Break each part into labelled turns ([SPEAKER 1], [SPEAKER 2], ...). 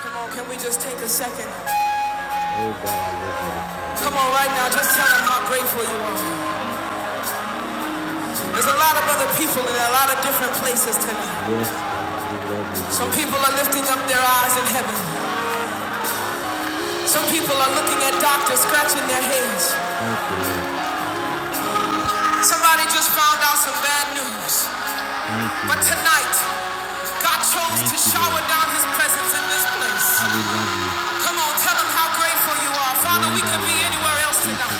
[SPEAKER 1] Come on, can we just take a second? Come on, right now, just tell them how grateful you are. There's a lot of other people in a lot of different places tonight. Some people are lifting up their eyes in heaven. Some people are looking at doctors scratching their heads. Somebody just found out some bad news. But tonight, God chose to shower down his presence in this place. Come on, tell them how grateful you are. Father, we could be anywhere else tonight.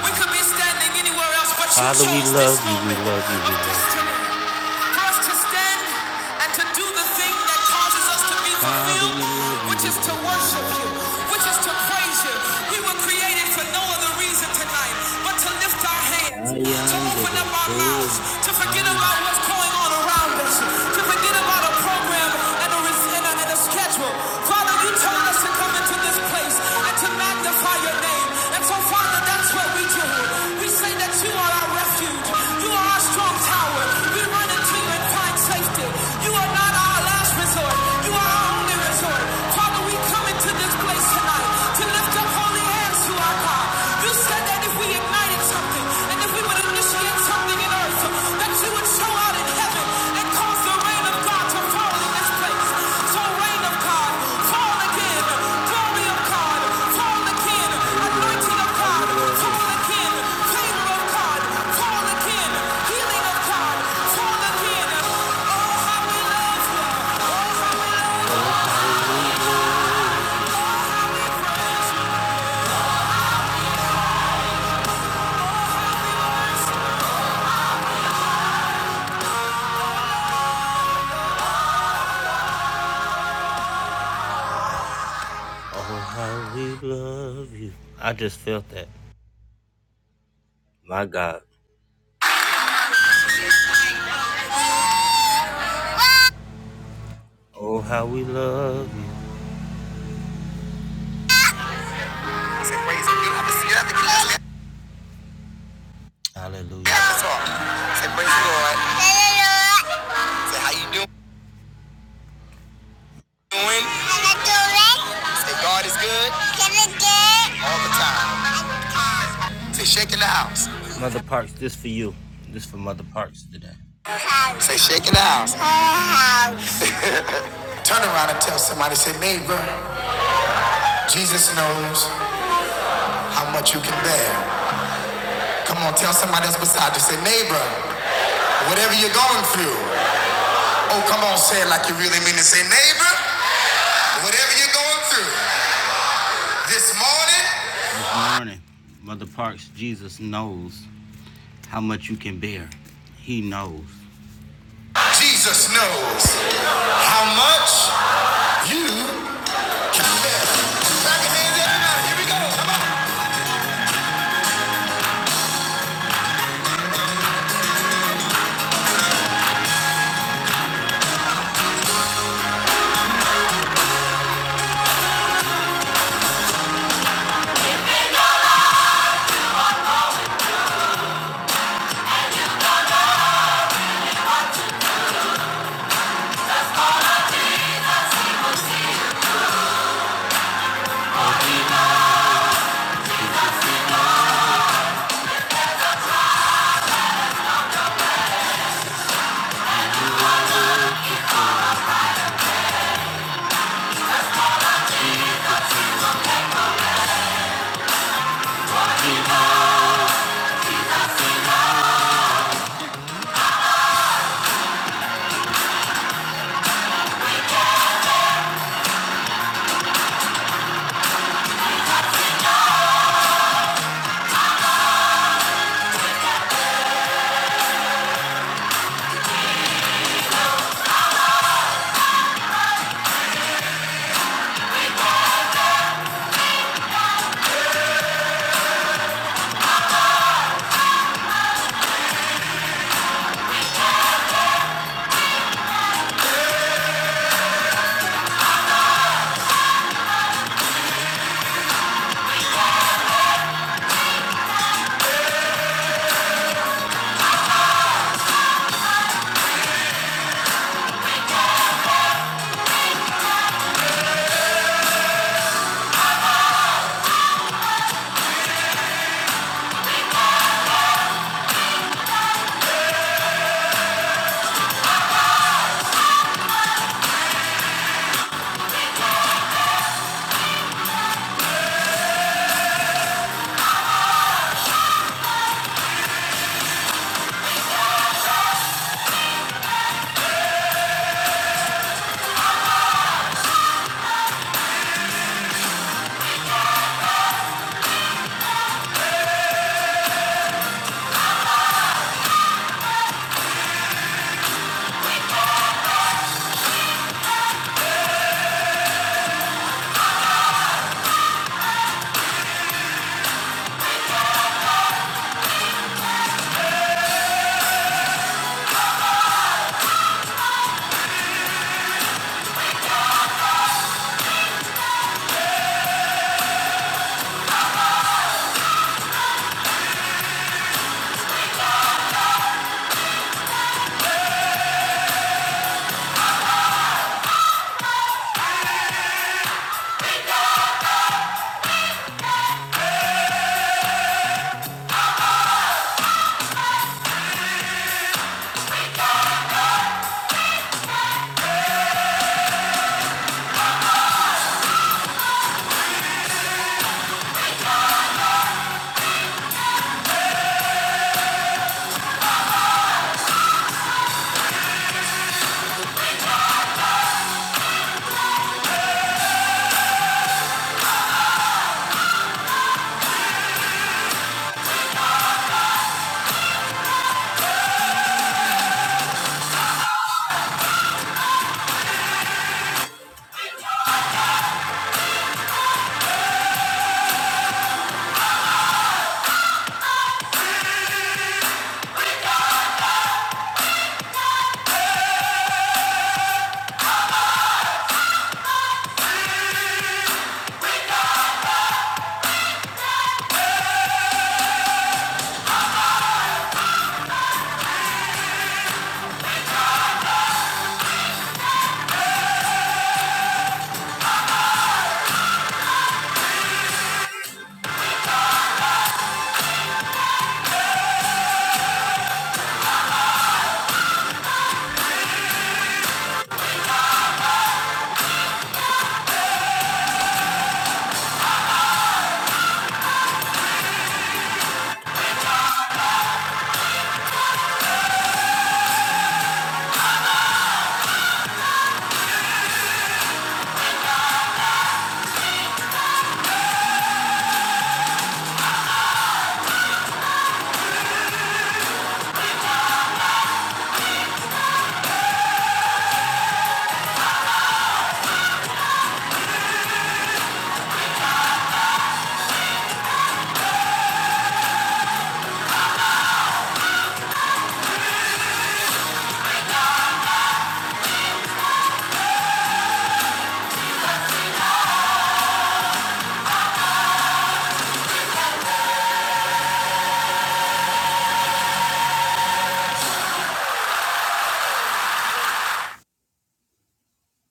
[SPEAKER 1] We could be standing anywhere else, but you Father, we chose this love this you, moment. we love you, we love you. for us to stand and to do the thing that causes us to be Father, fulfilled, we which is to worship you, which is to praise you. We were created for no other reason tonight but to lift our hands, I to open up our mouths, to forget about what's going on around us, to forget about a program and a, res- and a, and a schedule. Father, you told us to come into into this place and to magnify your name. And so, Father, that's what we do. We say that you are our refuge. You are our strong tower. We run into you and find safety. You are not our last resort. You are our only resort. Father, we come into this place tonight to lift up holy hands to our God. You said that if we ignited something and if we would initiate something in earth that you So Oh, how we love you. Oh, how we love Oh, how we love you. I just felt that. My God. Oh, how we love you. Hallelujah. Say praise the Lord. Say how you doing? Doing. Say God is good all the time. Say shaking the house. Mother Parks, this for you. This for Mother Parks today. Say shaking the house. Turn around and tell somebody, say neighbor, Jesus knows how much you can bear. Come on, tell somebody else beside you, say neighbor, whatever you're going through, Oh, come on, say it like you really mean it. Say, neighbor, whatever you're going through this morning. This morning, Mother Parks, Jesus knows how much you can bear. He knows. Jesus knows how much you. can bear.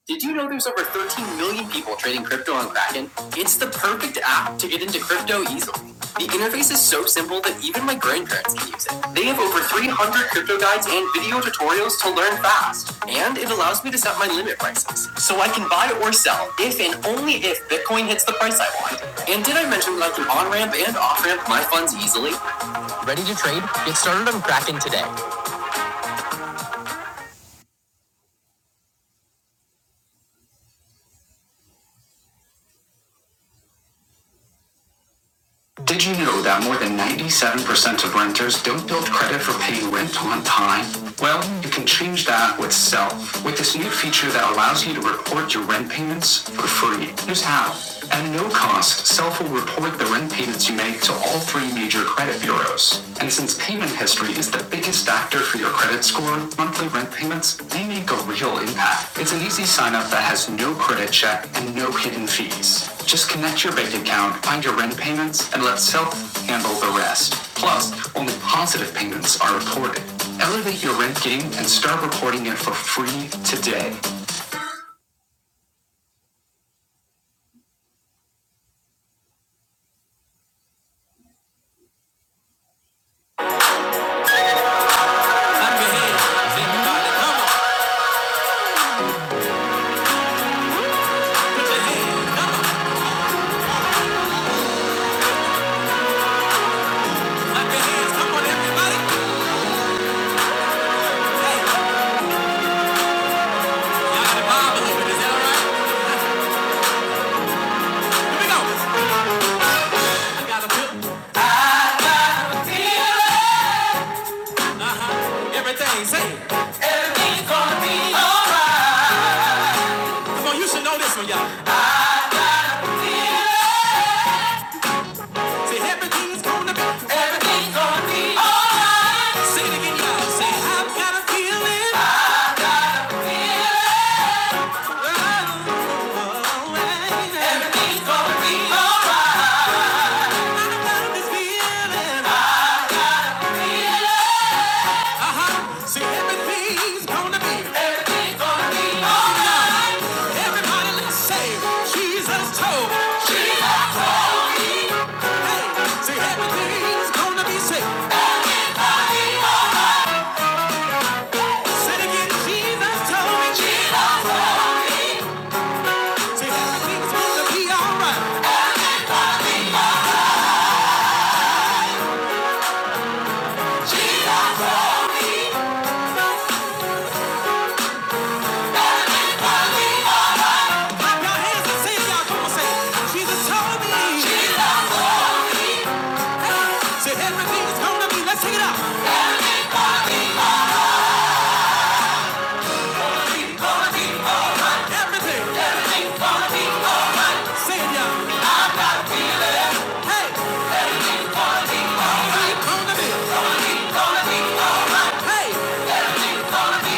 [SPEAKER 1] Did you know there's over 13 million people trading crypto on Kraken? It's the perfect app to get into crypto easily. The interface is so simple that even my grandparents can use it. They have over 300 crypto guides and video tutorials to learn fast. And it allows me to set my limit prices. So I can buy or sell if and only if Bitcoin hits the price I want. And did I mention that I can on ramp and off ramp my funds easily? Ready to trade? Get started on Kraken today. Did you know that more than 97% of renters don't build credit for paying rent on time? Well, you can change that with Self, with this new feature that allows you to report your rent payments for free. Here's how. At no cost, Self will report the rent payments you make to all three major credit bureaus. And since payment history is the biggest Factor for your credit score, monthly rent payments, they make a real impact. It's an easy sign up that has no credit check and no hidden fees. Just connect your bank account, find your rent payments, and let self handle the rest. Plus, only positive payments are reported. Elevate your rent game and start reporting it for free today. Say So you should know this one, y'all. Say everything's gonna be, everything's gonna be alright. Sing it again, y'all. Say I've got a feeling. I've got a feeling. oh, alright. Everything's gonna be alright. I got this feeling. Uh-huh. Say everything's gonna be, everything's gonna be alright. Everybody, let's say Jesus told, Jesus told me. Hey, say everything's gonna be safe. Said again, Jesus told me. Jesus told me. Said everything's gonna be alright. Jesus told me. Clap your hands and sing y'all. Come on, say. Jesus told me. Jesus told everything's gonna be. Let's sing it out. Everything. Yes. y'all. Hey. Gonna be. Hey. Gonna be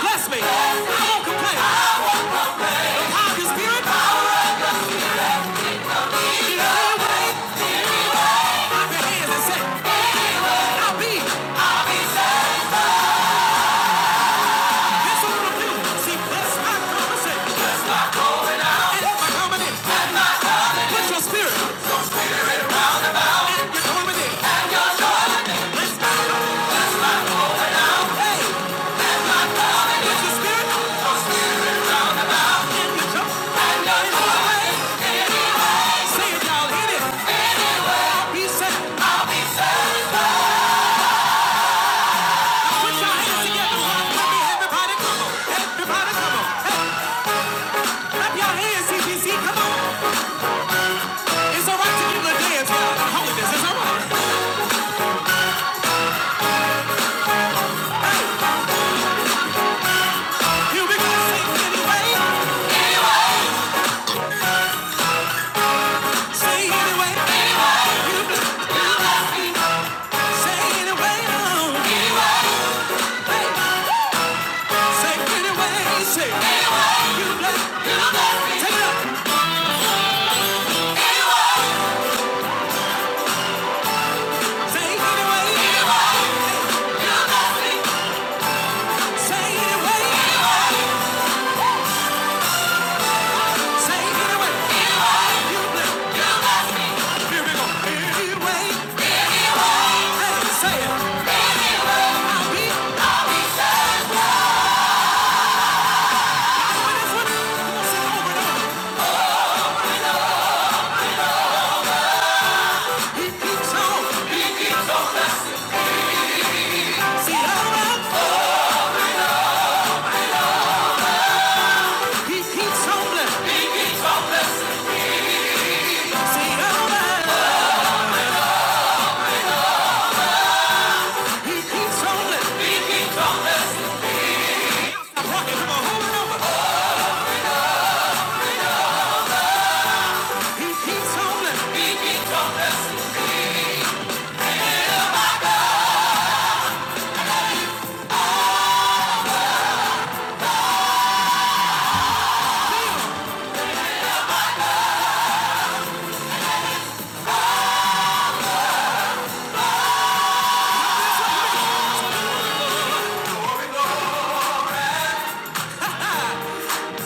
[SPEAKER 1] Bless me. Yes. I won't complain. I'll be. That's what i and that's my comedy. That's spirit and your comedy. and your joke. And your Say it, y'all. Hit it. I'll be set. I'll be set. Put your hands together. Let me everybody come on. Everybody come on. Clap your hands, CPC. Come on. It's all right to give a dance. y'all. Holiness is all right. Here we go. Sing anyway. Say anyway. Anyway. You bless- you bless Say anyway. Oh. Anyway. He keeps on blessing. He keeps on blessing. Say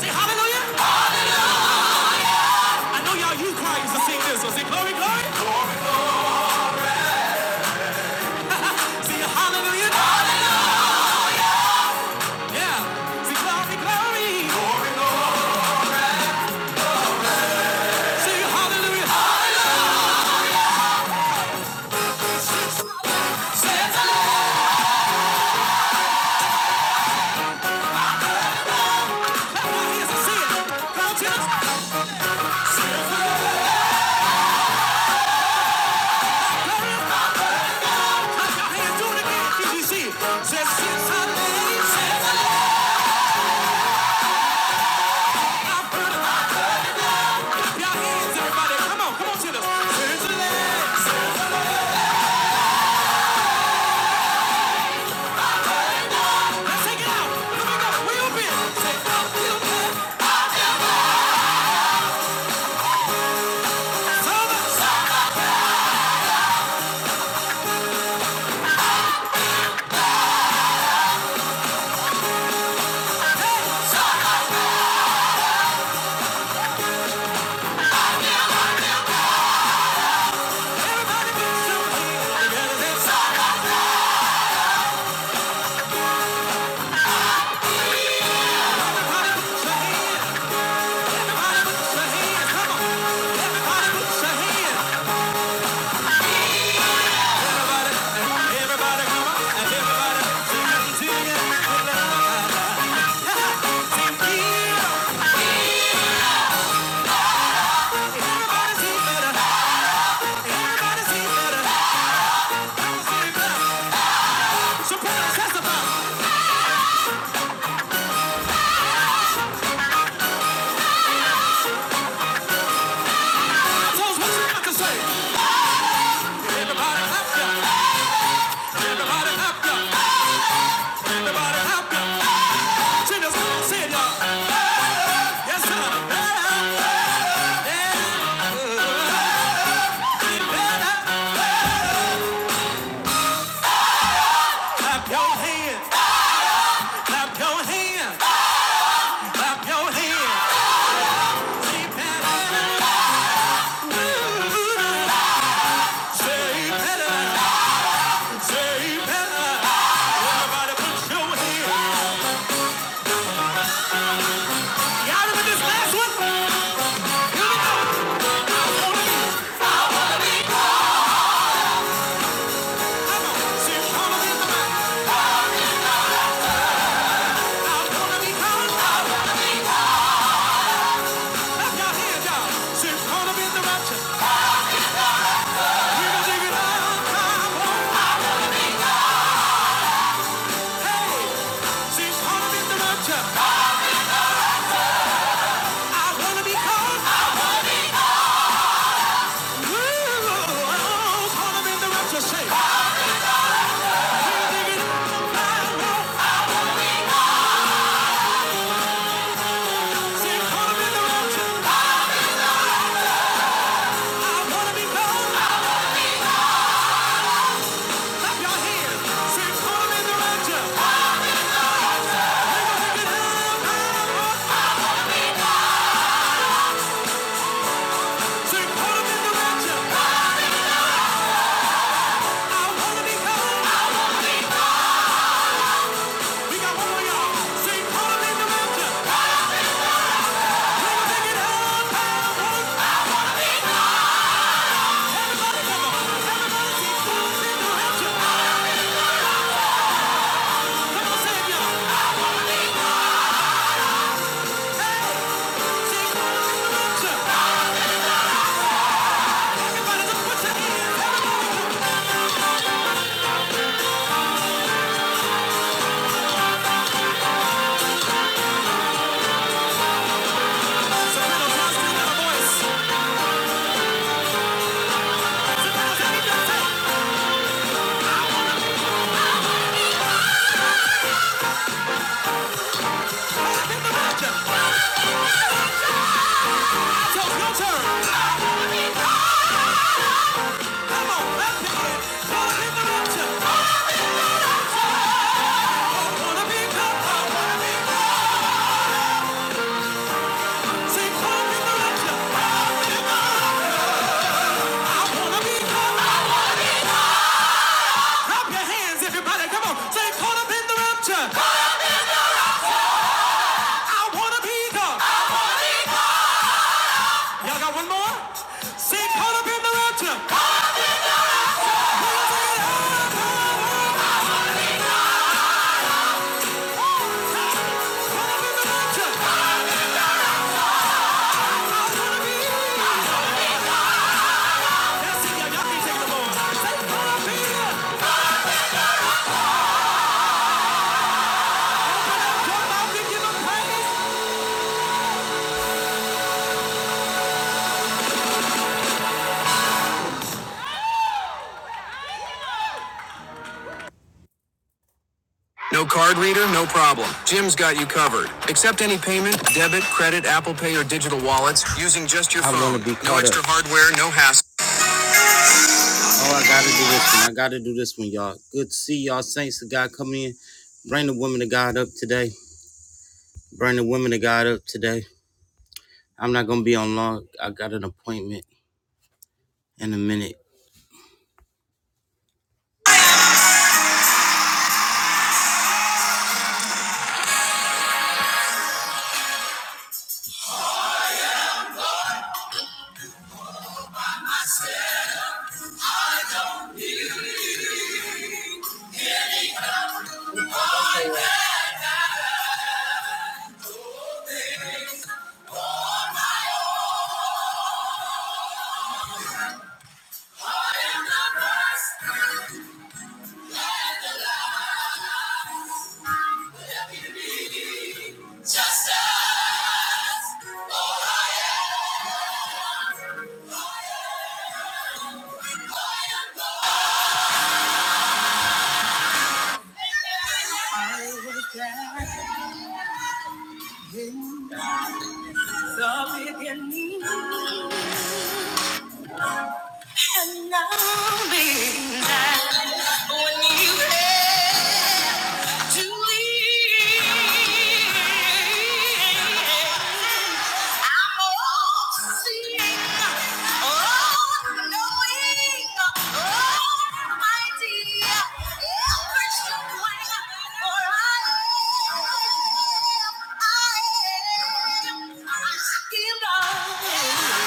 [SPEAKER 1] hallelujah. I know y'all you choirs to sing this. So say glory, glory. Say hallelujah. Yeah. Say glory, glory. Say hallelujah. Say it. Clap your hands and say it. Come on, church. Glory. Clap your hands. Do it again. Did you see it? Say since I it. Clap your hands, everybody. Come on, come on, church. Since I Clap your hands, clap your hands, clap your hands. Say, Turn. Come on, left hand. Pull it in the rapture. I wanna be good. I wanna be No card reader, no problem. Jim's got you covered. Accept any payment, debit, credit, Apple Pay, or digital wallets using just your phone. no extra hardware, no hassle. Oh, I gotta do this one. I gotta do this one, y'all. Good to see y'all, saints of God coming in. Bring the women of God up today. Bring the women of God up today. I'm not gonna be on long. I got an appointment in a minute. I'm all seeing, all knowing, almighty, everything, for I am, I am, I still know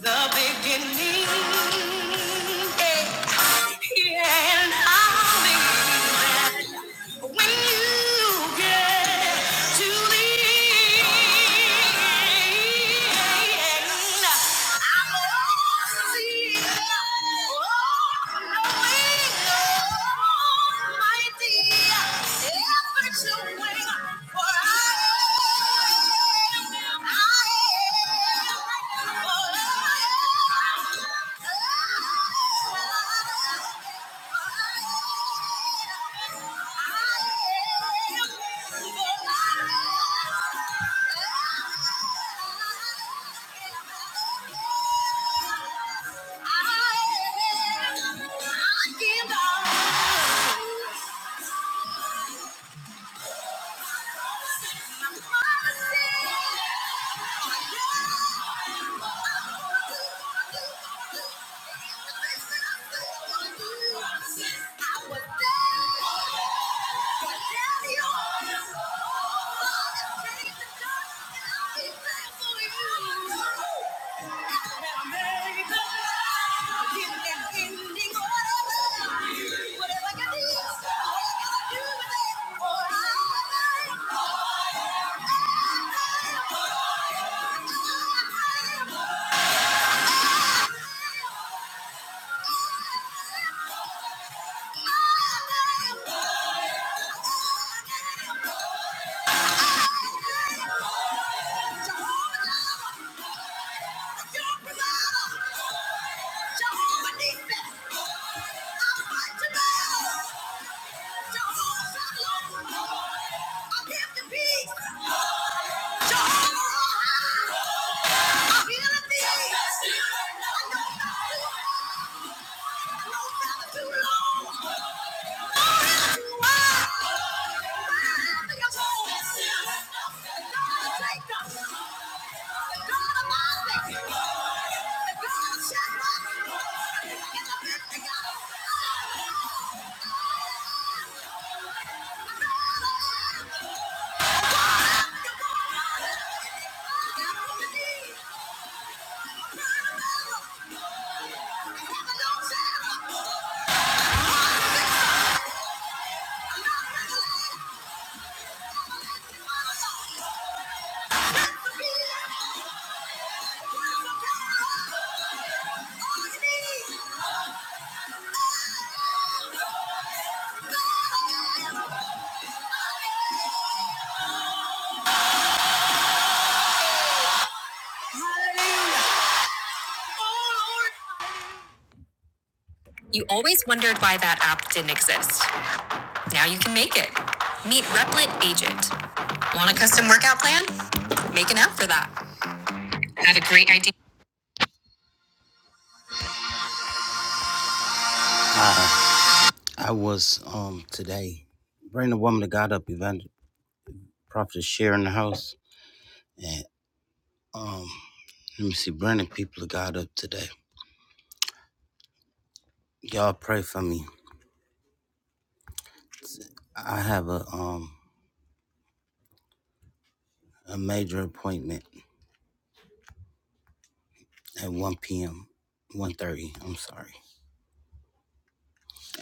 [SPEAKER 1] the beginning. Yeah, and I'm will When you get to the I give up. Oh, yeah. too long. Wow! You always wondered why that app didn't exist. Now you can make it. Meet Replit Agent. Want a custom workout plan? Make an app for that. I Had a great idea. Hi, I was um today bringing a woman of God up, Evangel Prophet Share in the house, and um Let me see, burning people of God up today. Y'all pray for me. I have a um a major appointment at 1 p.m. 1.30, I'm sorry.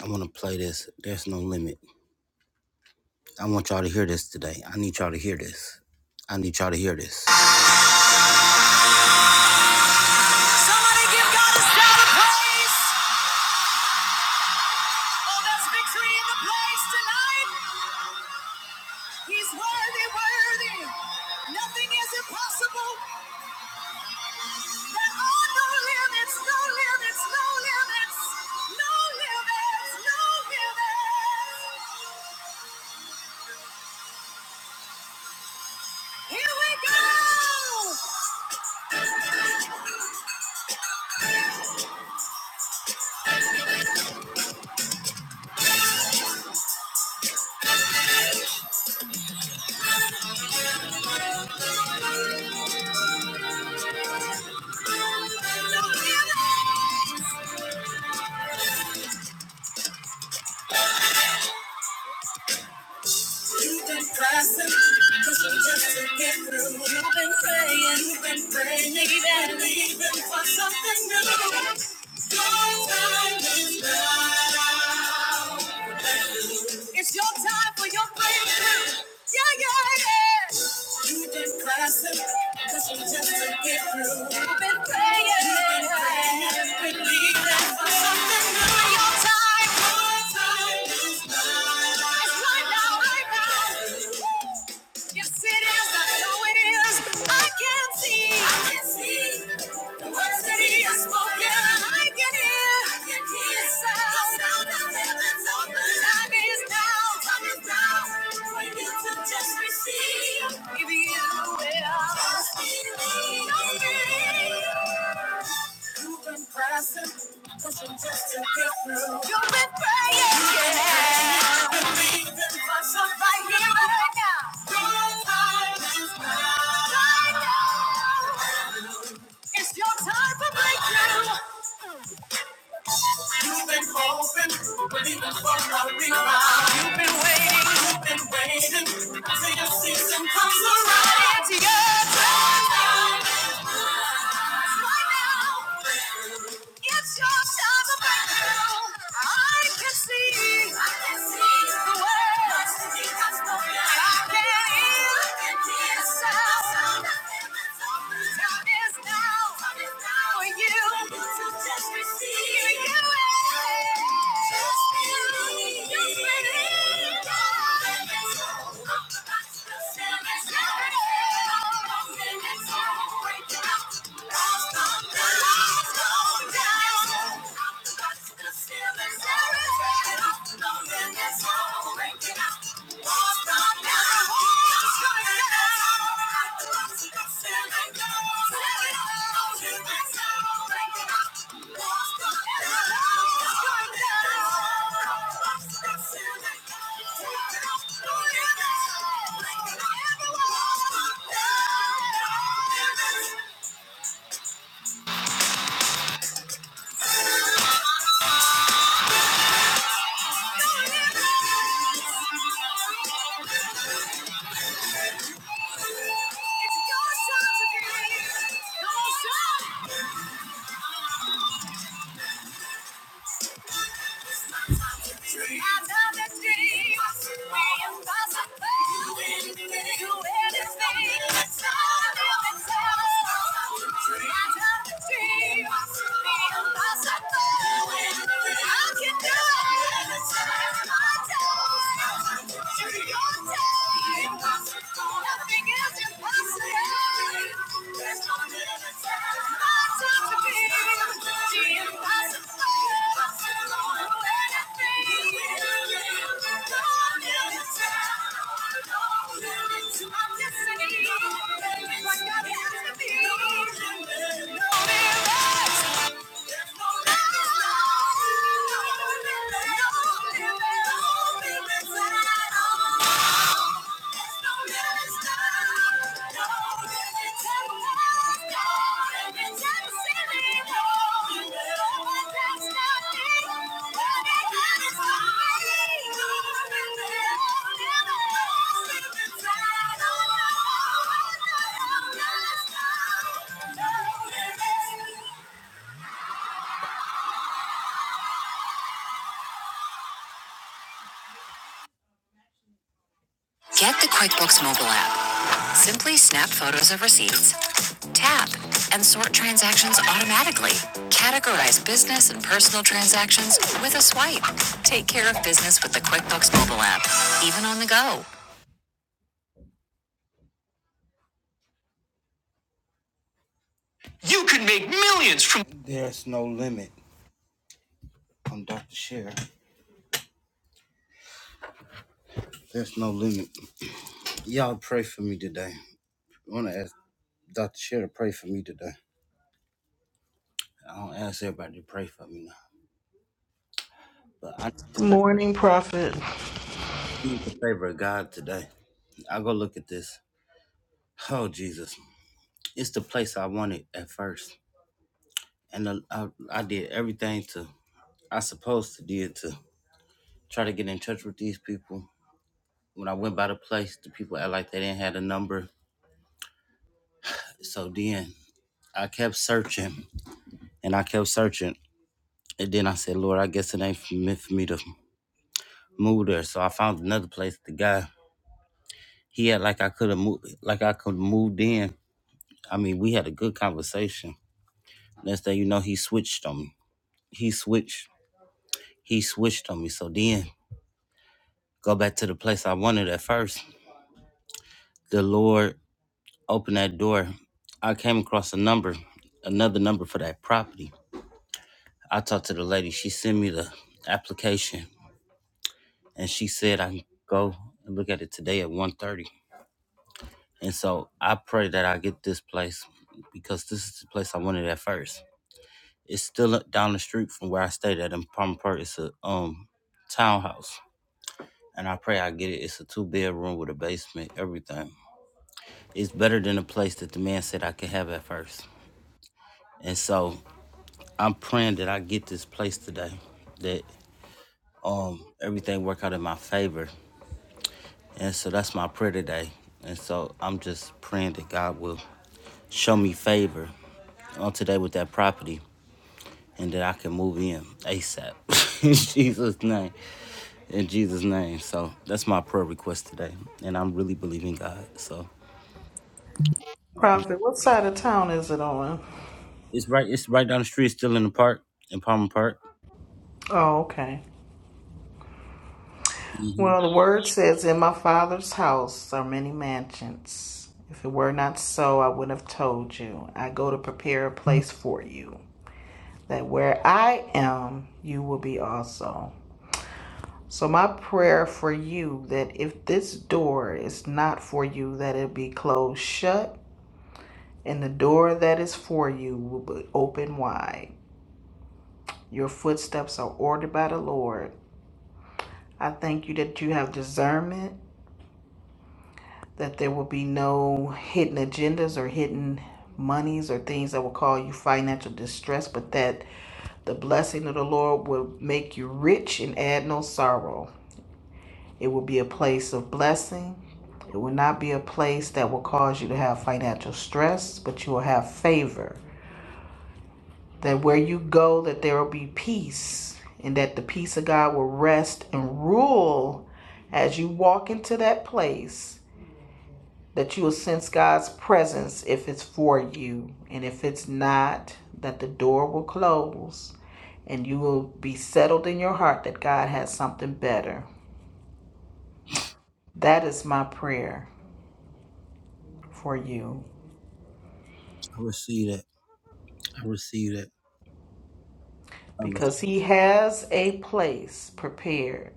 [SPEAKER 1] I want to play this. There's no limit. I want y'all to hear this today. I need y'all to hear this. I need y'all to hear this. Somebody give God a shout of praise. Oh, there's victory in the place tonight. He's worthy, worthy. Nothing is impossible You've been pressing, 'cause you just to through. You've been praying, you've been praying, and believing for something new. Your time is now. It's your time for your breakthrough. Yeah, yeah, yeah. You've been classic, cause you just to get through. You've been praying, You've been praying, You've been believing for something new. Your time, your time is now. It's right now, right now. Yes, it is. I know it is. I can see. I can see the words that he has spoken. I can hear. I can hear the sound of heaven's open. Time is now. Time is now for you to just receive. If you will just believe. You've been pressing, pushing just to get through. You've been praying, yeah. You've been Believing for somebody right now. Your time is now. Right now. It's your time for breakthrough. You've been hoping, believing for a rebound. You've been waiting, you've been waiting until your season comes around. It's your time. Right now. It's your time of breakthrough. I can see. I can see the way. And I can hear the sound. Time is now time is now for you. to Just receive For you. Just believe. Just believe. Just believe. Thank you. It's your time to be. Come on, shout. I love this dream. We impossible. You and me. You and me. It's I love this dream. We impossible. I can do it. It's my time. It's your time. Nothing is impossible. There's no limits. Get the QuickBooks mobile app Simply snap photos of receipts, tap, and sort transactions automatically. Categorize business and personal transactions with a swipe. Take care of business with the QuickBooks mobile app, even on the go. There's no limit. I'm Dr. Shear. There's no limit. Y'all pray for me today. I want to ask Dr. Shear to pray for me today. I don't ask everybody to pray for me now, but I need the fa-
[SPEAKER 2] Morning, Prophet.
[SPEAKER 1] need the favor of God today. I go look at this. Oh, Jesus. It's the place I wanted at first. and I, I, I did everything to I supposed to did to try to get in touch with these people. When I went by the place, the people act like they didn't have a number. So then I kept searching and I kept searching, and then I said, Lord, I guess it ain't for me, for me to move there. So I found another place. The guy he had like I could have moved, like I could have moved in. I mean, we had a good conversation. Next thing you know, he switched on me. He switched. He switched on me. So then go back to the place I wanted at first. The Lord opened that door, I came across a number, another number for that property. I talked to the lady. She sent me the application, and she said I can go and look at it today at one thirty. And so I pray that I get this place because this is the place I wanted at first. It's still up down the street from where I stayed at in Palmer Park. It's a um townhouse, and I pray I get it. It's a two bedroom with a basement, everything. It's better than the place that the man said I could have at first. And so I'm praying that I get this place today, that um everything work out in my favor. And so that's my prayer today. And so I'm just praying that God will show me favor on today with that property and that I can move in ASAP. in Jesus' name. In Jesus' name. So that's my prayer request today. And I'm really believing God. So
[SPEAKER 2] Prophet, what side of town is it on?
[SPEAKER 1] it's right it's right down the street, still in the park, in Palmer Park.
[SPEAKER 2] Oh, okay. Well, the word says, In my father's house are many mansions. If it were not so, I would have told you. I go to prepare a place for you, that where I am, you will be also. So, my prayer for you that if this door is not for you, that it be closed shut, and the door that is for you will be open wide. Your footsteps are ordered by the Lord. I thank you that you have discernment, that there will be no hidden agendas or hidden monies or things that will cause you financial distress, but that the blessing of the Lord will make you rich and add no sorrow. It will be a place of blessing. It will not be a place that will cause you to have financial stress, but you will have favor. That where you go, that there will be peace, and that the peace of God will rest and rule as you walk into that place that you will sense God's presence if it's for you. And if it's not, that the door will close and you will be settled in your heart that God has something better. That is my prayer for you
[SPEAKER 1] I receive that. I receive that. I
[SPEAKER 2] because
[SPEAKER 1] receive
[SPEAKER 2] He has a place prepared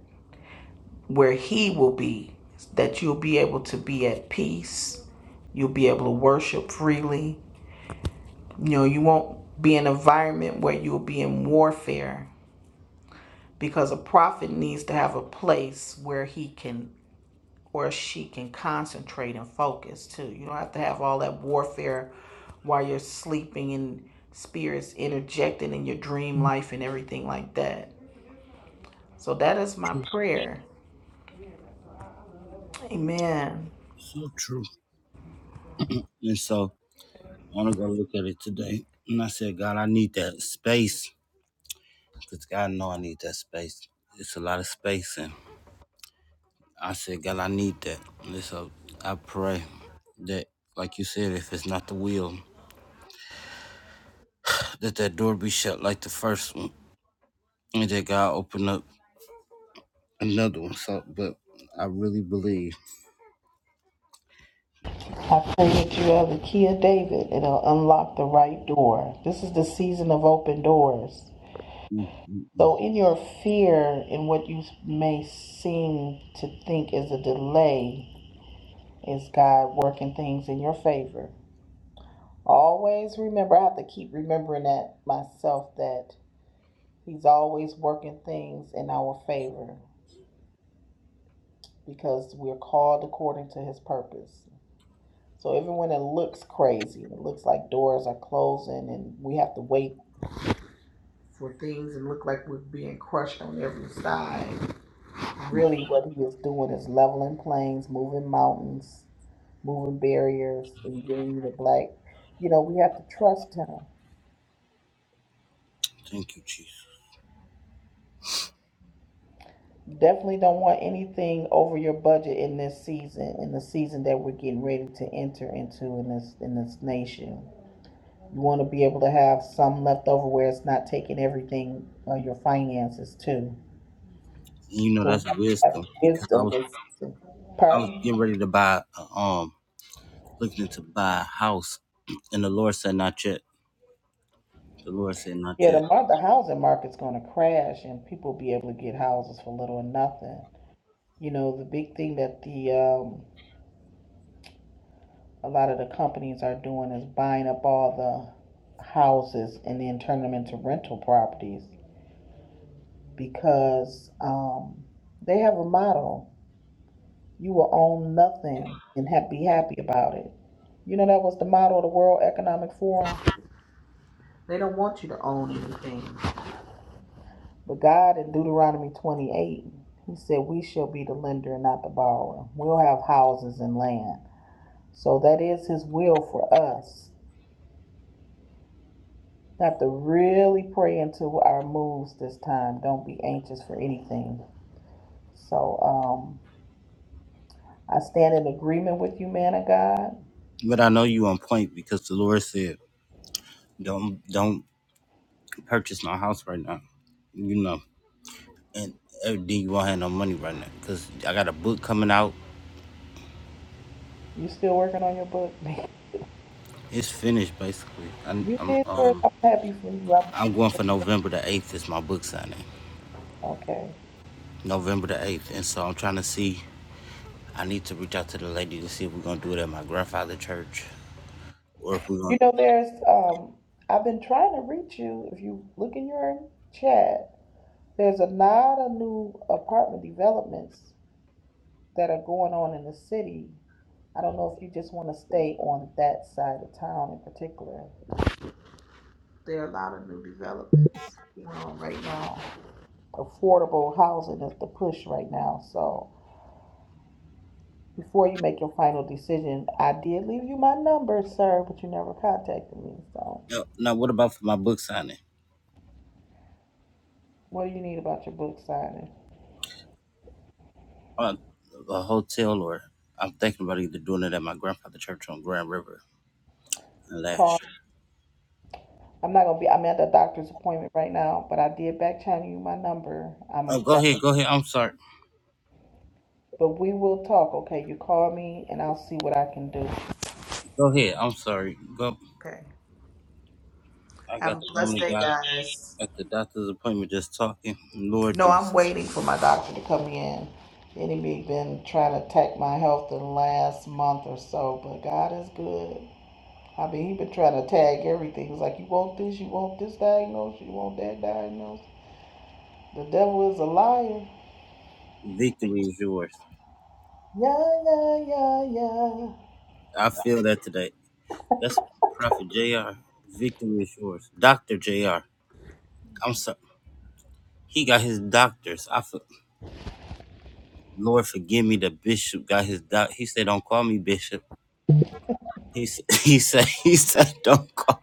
[SPEAKER 2] where He will be, that you'll be able to be at peace. You'll be able to worship freely. You know, you won't be in an environment where you'll be in warfare because a prophet needs to have a place where he can or she can concentrate and focus too. You don't have to have all that warfare while you're sleeping and spirits interjecting in your dream life and everything like that. So that is my prayer. Amen.
[SPEAKER 1] so true. And so I'm gonna go look at it today. And I said, God, I need that space. Because God know I need that space. It's a lot of space and I said, God, I need that. And so I pray that like you said, if it's not the will, that that door be shut like the first one. And that God open up another one. So but I really believe.
[SPEAKER 2] I pray that you have the key of David and it'll unlock the right door. This is the season of open doors. So, in your fear, and what you may seem to think is a delay, is God working things in your favor. Always remember, I have to keep remembering that myself that He's always working things in our favor because we're called according to His purpose. So even when it looks crazy, it looks like doors are closing and we have to wait for things and look like we're being crushed on every side. Really, what He is doing is leveling plains, moving mountains, moving barriers, and giving you the black. You know, we have to trust Him
[SPEAKER 1] Thank you, Jesus.
[SPEAKER 2] Definitely don't want anything over your budget in this season, in the season that we're getting ready to enter into in this in this nation. You want to be able to have some left over where it's not taking everything on your finances too.
[SPEAKER 1] You know
[SPEAKER 2] So we
[SPEAKER 1] that's
[SPEAKER 2] have to
[SPEAKER 1] wisdom
[SPEAKER 2] have
[SPEAKER 1] because I
[SPEAKER 2] wisdom
[SPEAKER 1] was
[SPEAKER 2] this season.
[SPEAKER 1] I was
[SPEAKER 2] Pardon?
[SPEAKER 1] getting ready to buy a, um looking to buy a house and the Lord said not yet. The Lord said not
[SPEAKER 2] Yeah, the
[SPEAKER 1] yet.
[SPEAKER 2] mar- the housing market's going to crash, and people will be able to get houses for little or nothing. You know, the big thing that the um, a lot of the companies are doing is buying up all the houses and then turning them into rental properties because um, they have a motto you will own nothing and ha- be happy about it. You know, that was the motto of the World Economic Forum. They don't want you to own anything. But God in Deuteronomy 28, He said, We shall be the lender and not the borrower. We'll have houses and land. So that is His will for us have to really pray into our moves this time. Don't be anxious for anything. So um, I stand in agreement with you, man of God.
[SPEAKER 1] But I know you on point because the Lord said, "Don't don't purchase no house right now." You know, and uh, then you won't have no money right now because I got a book coming out.
[SPEAKER 2] You still working on your book?
[SPEAKER 1] It's finished basically. I'm
[SPEAKER 2] you
[SPEAKER 1] I'm
[SPEAKER 2] did yours.
[SPEAKER 1] um
[SPEAKER 2] I'm happy for you. I'm,
[SPEAKER 1] I'm
[SPEAKER 2] I'm
[SPEAKER 1] going for November the eighth is my book signing.
[SPEAKER 2] okay.
[SPEAKER 1] November the eighth, and so I'm trying to see. I need to reach out to the lady to see if we're gonna do it at my grandfather church or if we're
[SPEAKER 2] You
[SPEAKER 1] gonna.
[SPEAKER 2] know, there's um, I've been trying to reach you. If you look in your chat, there's a lot of new apartment developments that are going on in the city. I don't know if you just want to stay on that side of town in particular. There are a lot of new developments going on right now. Affordable housing is the push right now. So before you make your final decision, I did leave you my number, sir, but you never contacted me. So
[SPEAKER 1] No, now what about for my book signing?
[SPEAKER 2] what do you need about your book signing?
[SPEAKER 1] Uh, a hotel or I'm thinking about either doing it at my grandfather church on Grand River in
[SPEAKER 2] Call.
[SPEAKER 1] Lash.
[SPEAKER 2] I'm not gonna be. I'm at the doctor's appointment right now, but I did back channel you my number. I'm
[SPEAKER 1] Oh,
[SPEAKER 2] in
[SPEAKER 1] go
[SPEAKER 2] back,
[SPEAKER 1] ahead, go ahead. I'm sorry.
[SPEAKER 2] but we will talk. Okay, you call me and I'll see what I can do.
[SPEAKER 1] Go ahead. I'm sorry. Go.
[SPEAKER 2] Okay.
[SPEAKER 1] I
[SPEAKER 2] Have a
[SPEAKER 1] got the woman
[SPEAKER 2] blessed
[SPEAKER 1] of
[SPEAKER 2] day,
[SPEAKER 1] God
[SPEAKER 2] guys.
[SPEAKER 1] at the doctor's appointment just talking. Lord
[SPEAKER 2] No, I'm
[SPEAKER 1] Jesus,
[SPEAKER 2] waiting for my doctor to come in. The enemy been trying to attack my health the last month or so, but God is good. I mean, he been trying to tag everything. He's like, you want this, you want this diagnosis, you want that diagnosis. The devil is a liar.
[SPEAKER 1] victory is yours.
[SPEAKER 2] Yeah, yeah, yeah, yeah.
[SPEAKER 1] I feel that today. That's Prophet Jr. Victory is yours. Doctor Jr. I'm sorry. He got his doctors. I feel, Lord forgive me. The bishop got his doc. He said, "Don't call me bishop." He said, he said he said don't call.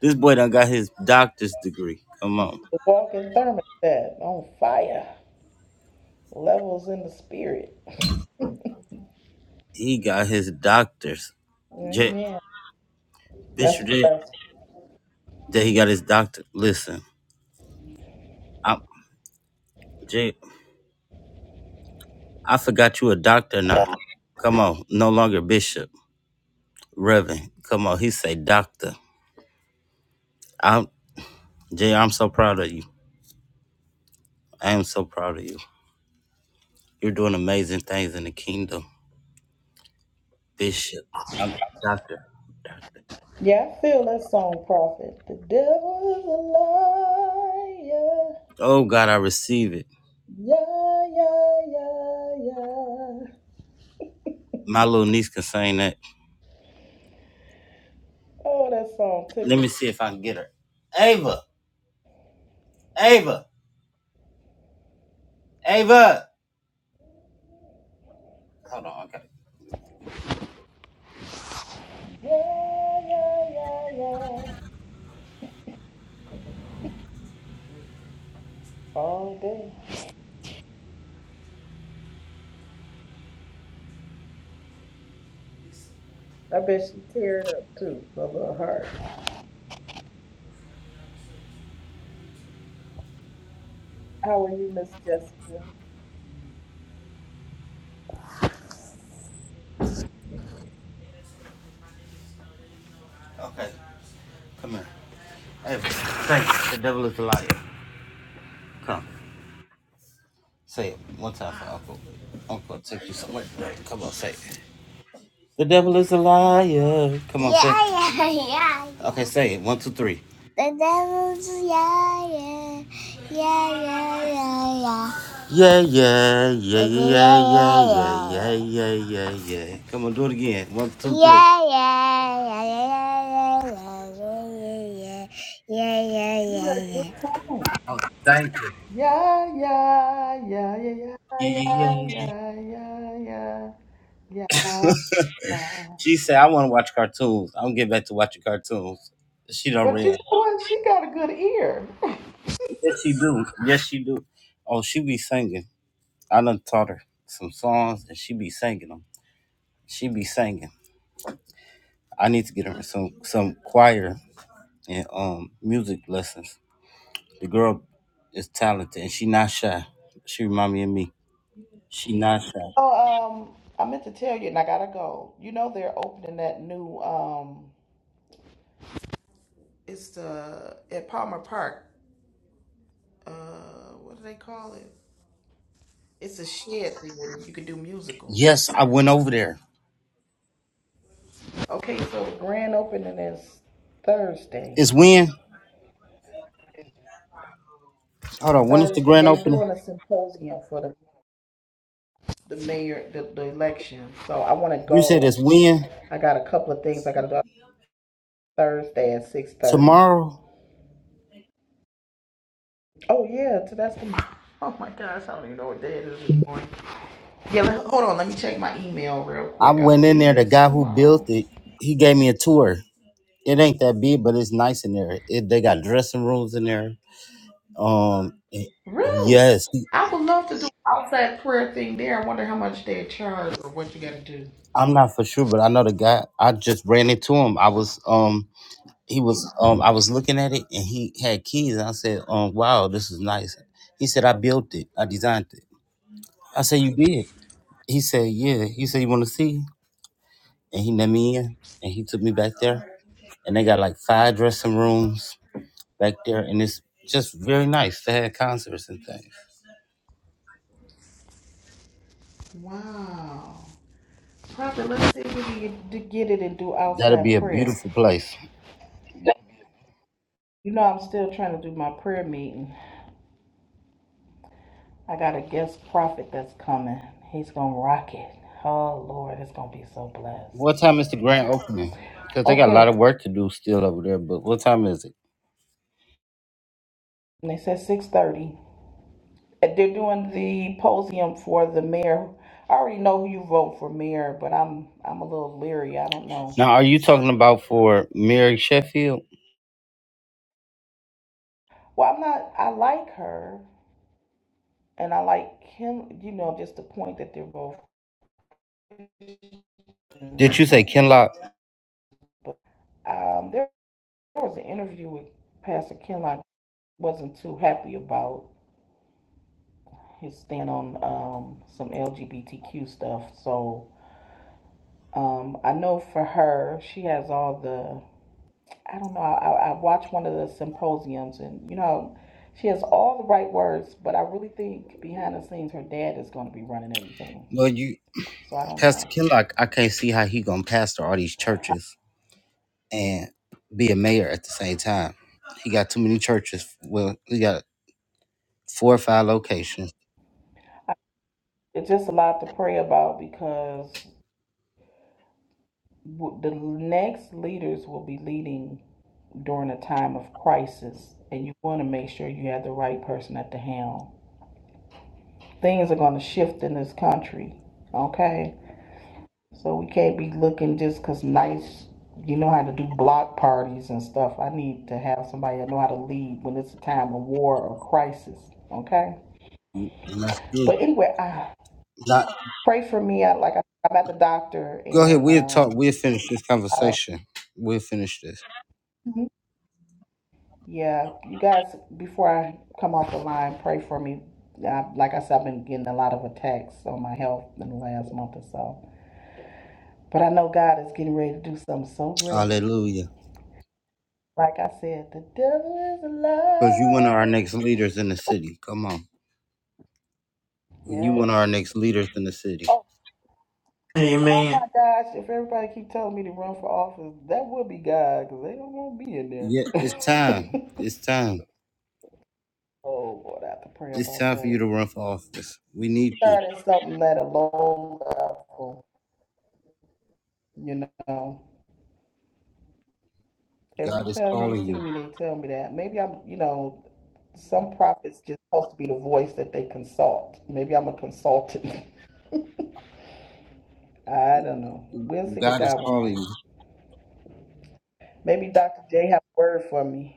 [SPEAKER 1] This boy done got his doctor's degree. Come on,
[SPEAKER 2] The walking thermostat on fire. Levels in the spirit.
[SPEAKER 1] he got his doctor's.
[SPEAKER 2] Amen. That's
[SPEAKER 1] Bishop J,
[SPEAKER 2] blessed.
[SPEAKER 1] that he got his doctor. Listen, I, J, I forgot you a doctor now. Come on, no longer bishop, Reverend. Come on, he say doctor. I'm Jay. I'm so proud of you. I am so proud of you. You're doing amazing things in the kingdom, Bishop. I'm doctor, doctor.
[SPEAKER 2] Yeah, I feel that song, prophet. The devil is a liar.
[SPEAKER 1] Oh God, I receive it.
[SPEAKER 2] Yeah, yeah, yeah, yeah.
[SPEAKER 1] My little niece can sing that.
[SPEAKER 2] Oh, that song
[SPEAKER 1] Let me
[SPEAKER 2] tickles.
[SPEAKER 1] see if I can get her. Ava, Ava, Ava. Hold on. Okay,
[SPEAKER 2] Yeah, yeah, yeah, yeah. All day. I bet she teared up too, a little hard. How are you, Miss Jessica?
[SPEAKER 1] okay. Come here. Ava. Thanks. The devil is a liar. Come say it one time for uncle. Uncle, take you somewhere. Come on, say. The devil is a liar. Come on, say. Yeah, yeah, yeah. Okay, say it. One, two, three. The devil is a liar. Yeah, yeah, yeah, yeah. Yeah, yeah, yeah, yeah, yeah, yeah, yeah, yeah, yeah. Come on, do it again. One, two, three. Yeah, yeah, yeah, yeah, yeah, yeah, yeah, yeah,
[SPEAKER 2] You got
[SPEAKER 1] yeah,
[SPEAKER 2] a
[SPEAKER 1] yeah,
[SPEAKER 2] good time. Yeah, yeah, yeah, yeah,
[SPEAKER 1] yeah,
[SPEAKER 2] yeah,
[SPEAKER 1] yeah, yeah.
[SPEAKER 2] yeah, yeah, yeah, yeah, yeah.
[SPEAKER 1] She said, "I want to watch cartoons. I'm getting back to watching cartoons." She done
[SPEAKER 2] But you
[SPEAKER 1] read.
[SPEAKER 2] know what? She got a good ear.
[SPEAKER 1] Yes, she do. Yes, she do. Oh, she be singing. I done taught her some songs, and she be singing them. She be singing. I need to get her some some choir and um music lessons. The girl is talented, and she not shy. She remind me of me. She not shy.
[SPEAKER 2] Oh, um, I meant to tell you, and I gotta go. You know they're opening that new um It's the at Palmer Park. Uh, what do they call it? It's a shed thing where you can do musicals.
[SPEAKER 1] Yes, I went over there.
[SPEAKER 2] Okay, so the grand opening is Thursday.
[SPEAKER 1] It's when. Hold on. When is the
[SPEAKER 2] Thursday,
[SPEAKER 1] grand
[SPEAKER 2] they're
[SPEAKER 1] opening?
[SPEAKER 2] doing a symposium for the the mayor the, the election. So I want to
[SPEAKER 1] You said it's
[SPEAKER 2] go.
[SPEAKER 1] when
[SPEAKER 2] I got a couple of things I got to do Thursday at six thirty.
[SPEAKER 1] tomorrow.
[SPEAKER 2] Oh yeah, so that's the. Oh my gosh, I don't even know what day it is this morning. Yeah, hold on. Let me check my email real
[SPEAKER 1] I
[SPEAKER 2] quick. I
[SPEAKER 1] went in there.
[SPEAKER 2] believe
[SPEAKER 1] The
[SPEAKER 2] it's
[SPEAKER 1] guy who built
[SPEAKER 2] tomorrow.
[SPEAKER 1] it, he gave me a tour. It ain't that big, but it's nice in there. It, they got dressing rooms in there. Um, it-
[SPEAKER 2] Really?
[SPEAKER 1] yes, he-
[SPEAKER 2] I would love to do outside prayer thing there. I wonder how much they charge or what you got to do.
[SPEAKER 1] I'm not for sure, but I know the guy. I just ran into him. I was um, he was um, I was looking at it, and he had keys. And I said, um, wow, this is nice. He said, I built it. I designed it. I said, you did. He said, yeah. He said, you want to see? And he let me in, and he took me back there, and they got like five dressing rooms back there, and it's just very nice. They had concerts and things.
[SPEAKER 2] Wow. Prophet, let's see if we can get, to get it and do
[SPEAKER 1] That'll be
[SPEAKER 2] outside
[SPEAKER 1] a
[SPEAKER 2] prayer.
[SPEAKER 1] beautiful place.
[SPEAKER 2] You know, I'm still trying to do my prayer meeting. I got a guest prophet that's coming. He's going to rock it. Oh, Lord, it's going to be so blessed.
[SPEAKER 1] What time is the grand opening? Because they got a lot
[SPEAKER 2] Okay.
[SPEAKER 1] of work to do still over there. But what time is it?
[SPEAKER 2] And they said 6.30. They're doing the posium for the mayor. I already know who you vote for mayor, but I'm I'm a little leery. I don't know.
[SPEAKER 1] Now, are you talking about for Mary Sheffield?
[SPEAKER 2] Well, I'm not. I like her, and I like him, you know, just the point that they're both. Christians.
[SPEAKER 1] Did you say Kenlock?
[SPEAKER 2] But um, there, there was an interview with Pastor Ken I wasn't too happy about his stand on um, some LGBTQ stuff. So um, I know for her, she has all the. I don't know. I, I watched one of the symposiums, and you know, she has all the right words, but I really think behind the scenes, her dad is going to be running everything.
[SPEAKER 1] Well, you
[SPEAKER 2] So I don't
[SPEAKER 1] Pastor
[SPEAKER 2] know.
[SPEAKER 1] Kenlock. I can't see how he gonna pastor all these churches and be a mayor at the same time. He got too many churches. Well, he got four or five locations.
[SPEAKER 2] It's just a lot to pray about because the next leaders will be leading during a time of crisis, and you want to make sure you have the right person at the helm. Things are going to shift in this country, okay? So we can't be looking just because nice, you know how to do block parties and stuff. I need to have somebody that know how to lead when it's a time of war or crisis, okay?
[SPEAKER 1] And that's good.
[SPEAKER 2] But anyway, I
[SPEAKER 1] Not
[SPEAKER 2] pray for me. I like I, I'm at the doctor
[SPEAKER 1] Go ahead.
[SPEAKER 2] and
[SPEAKER 1] We'll talk.
[SPEAKER 2] um,
[SPEAKER 1] We'll finish this
[SPEAKER 2] I,
[SPEAKER 1] conversation. We'll finish this.
[SPEAKER 2] Yeah, you guys, before I come off the line, pray for me. I, like I said, I've been getting a lot of attacks on my health in the last month or so. But I know God is getting ready to do something so great.
[SPEAKER 1] Hallelujah.
[SPEAKER 2] Like I said, the devil is a
[SPEAKER 1] Because you one of our
[SPEAKER 2] liar.
[SPEAKER 1] next leaders in the city. Come on. You one of
[SPEAKER 2] Yes.
[SPEAKER 1] our next leaders in the city.
[SPEAKER 2] Oh, oh
[SPEAKER 3] Amen.
[SPEAKER 2] my gosh, if everybody keep telling me to run for office, that would be God because they don't want to be in
[SPEAKER 1] Yeah, it's time.
[SPEAKER 2] there.
[SPEAKER 1] It's time.
[SPEAKER 2] oh, Lord, I have to pray
[SPEAKER 1] It's
[SPEAKER 2] about
[SPEAKER 1] time for you
[SPEAKER 2] that.
[SPEAKER 1] to run for office. We need you.
[SPEAKER 2] Starting something at a low level, you know. Every
[SPEAKER 1] God is
[SPEAKER 2] time they
[SPEAKER 1] calling
[SPEAKER 2] see
[SPEAKER 1] you.
[SPEAKER 2] me, they tell me that. Maybe I'm, you know, some prophets just supposed to be the voice that they consult. Maybe I'm a consultant. I don't know. We'll see what
[SPEAKER 1] God is
[SPEAKER 2] God want to
[SPEAKER 1] calling
[SPEAKER 2] do.
[SPEAKER 1] you.
[SPEAKER 2] Maybe Dr. J have a word for me.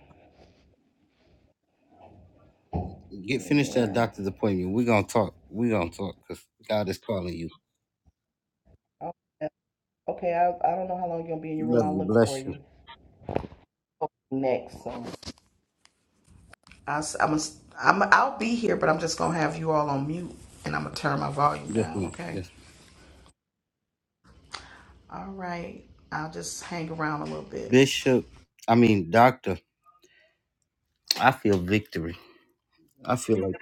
[SPEAKER 1] Get finished that
[SPEAKER 2] Amen.
[SPEAKER 1] doctor's appointment. We're gonna talk. We're gonna talk because God is calling you.
[SPEAKER 2] Okay, Okay, I, I don't know how long you're gonna be in your room.
[SPEAKER 1] Love
[SPEAKER 2] I'll
[SPEAKER 1] you.
[SPEAKER 2] look for
[SPEAKER 1] Bless you.
[SPEAKER 2] you Okay, next. So I, am a, I'm a, I'll be here, but I'm just gonna have you all on mute, and I'm gonna turn my volume
[SPEAKER 1] Yes,
[SPEAKER 2] down.
[SPEAKER 1] ma'am.
[SPEAKER 2] Okay.
[SPEAKER 1] Yes, ma'am.
[SPEAKER 2] All right. I'll just hang around a little bit.
[SPEAKER 1] Bishop. I mean, doctor. I feel victory. I feel like.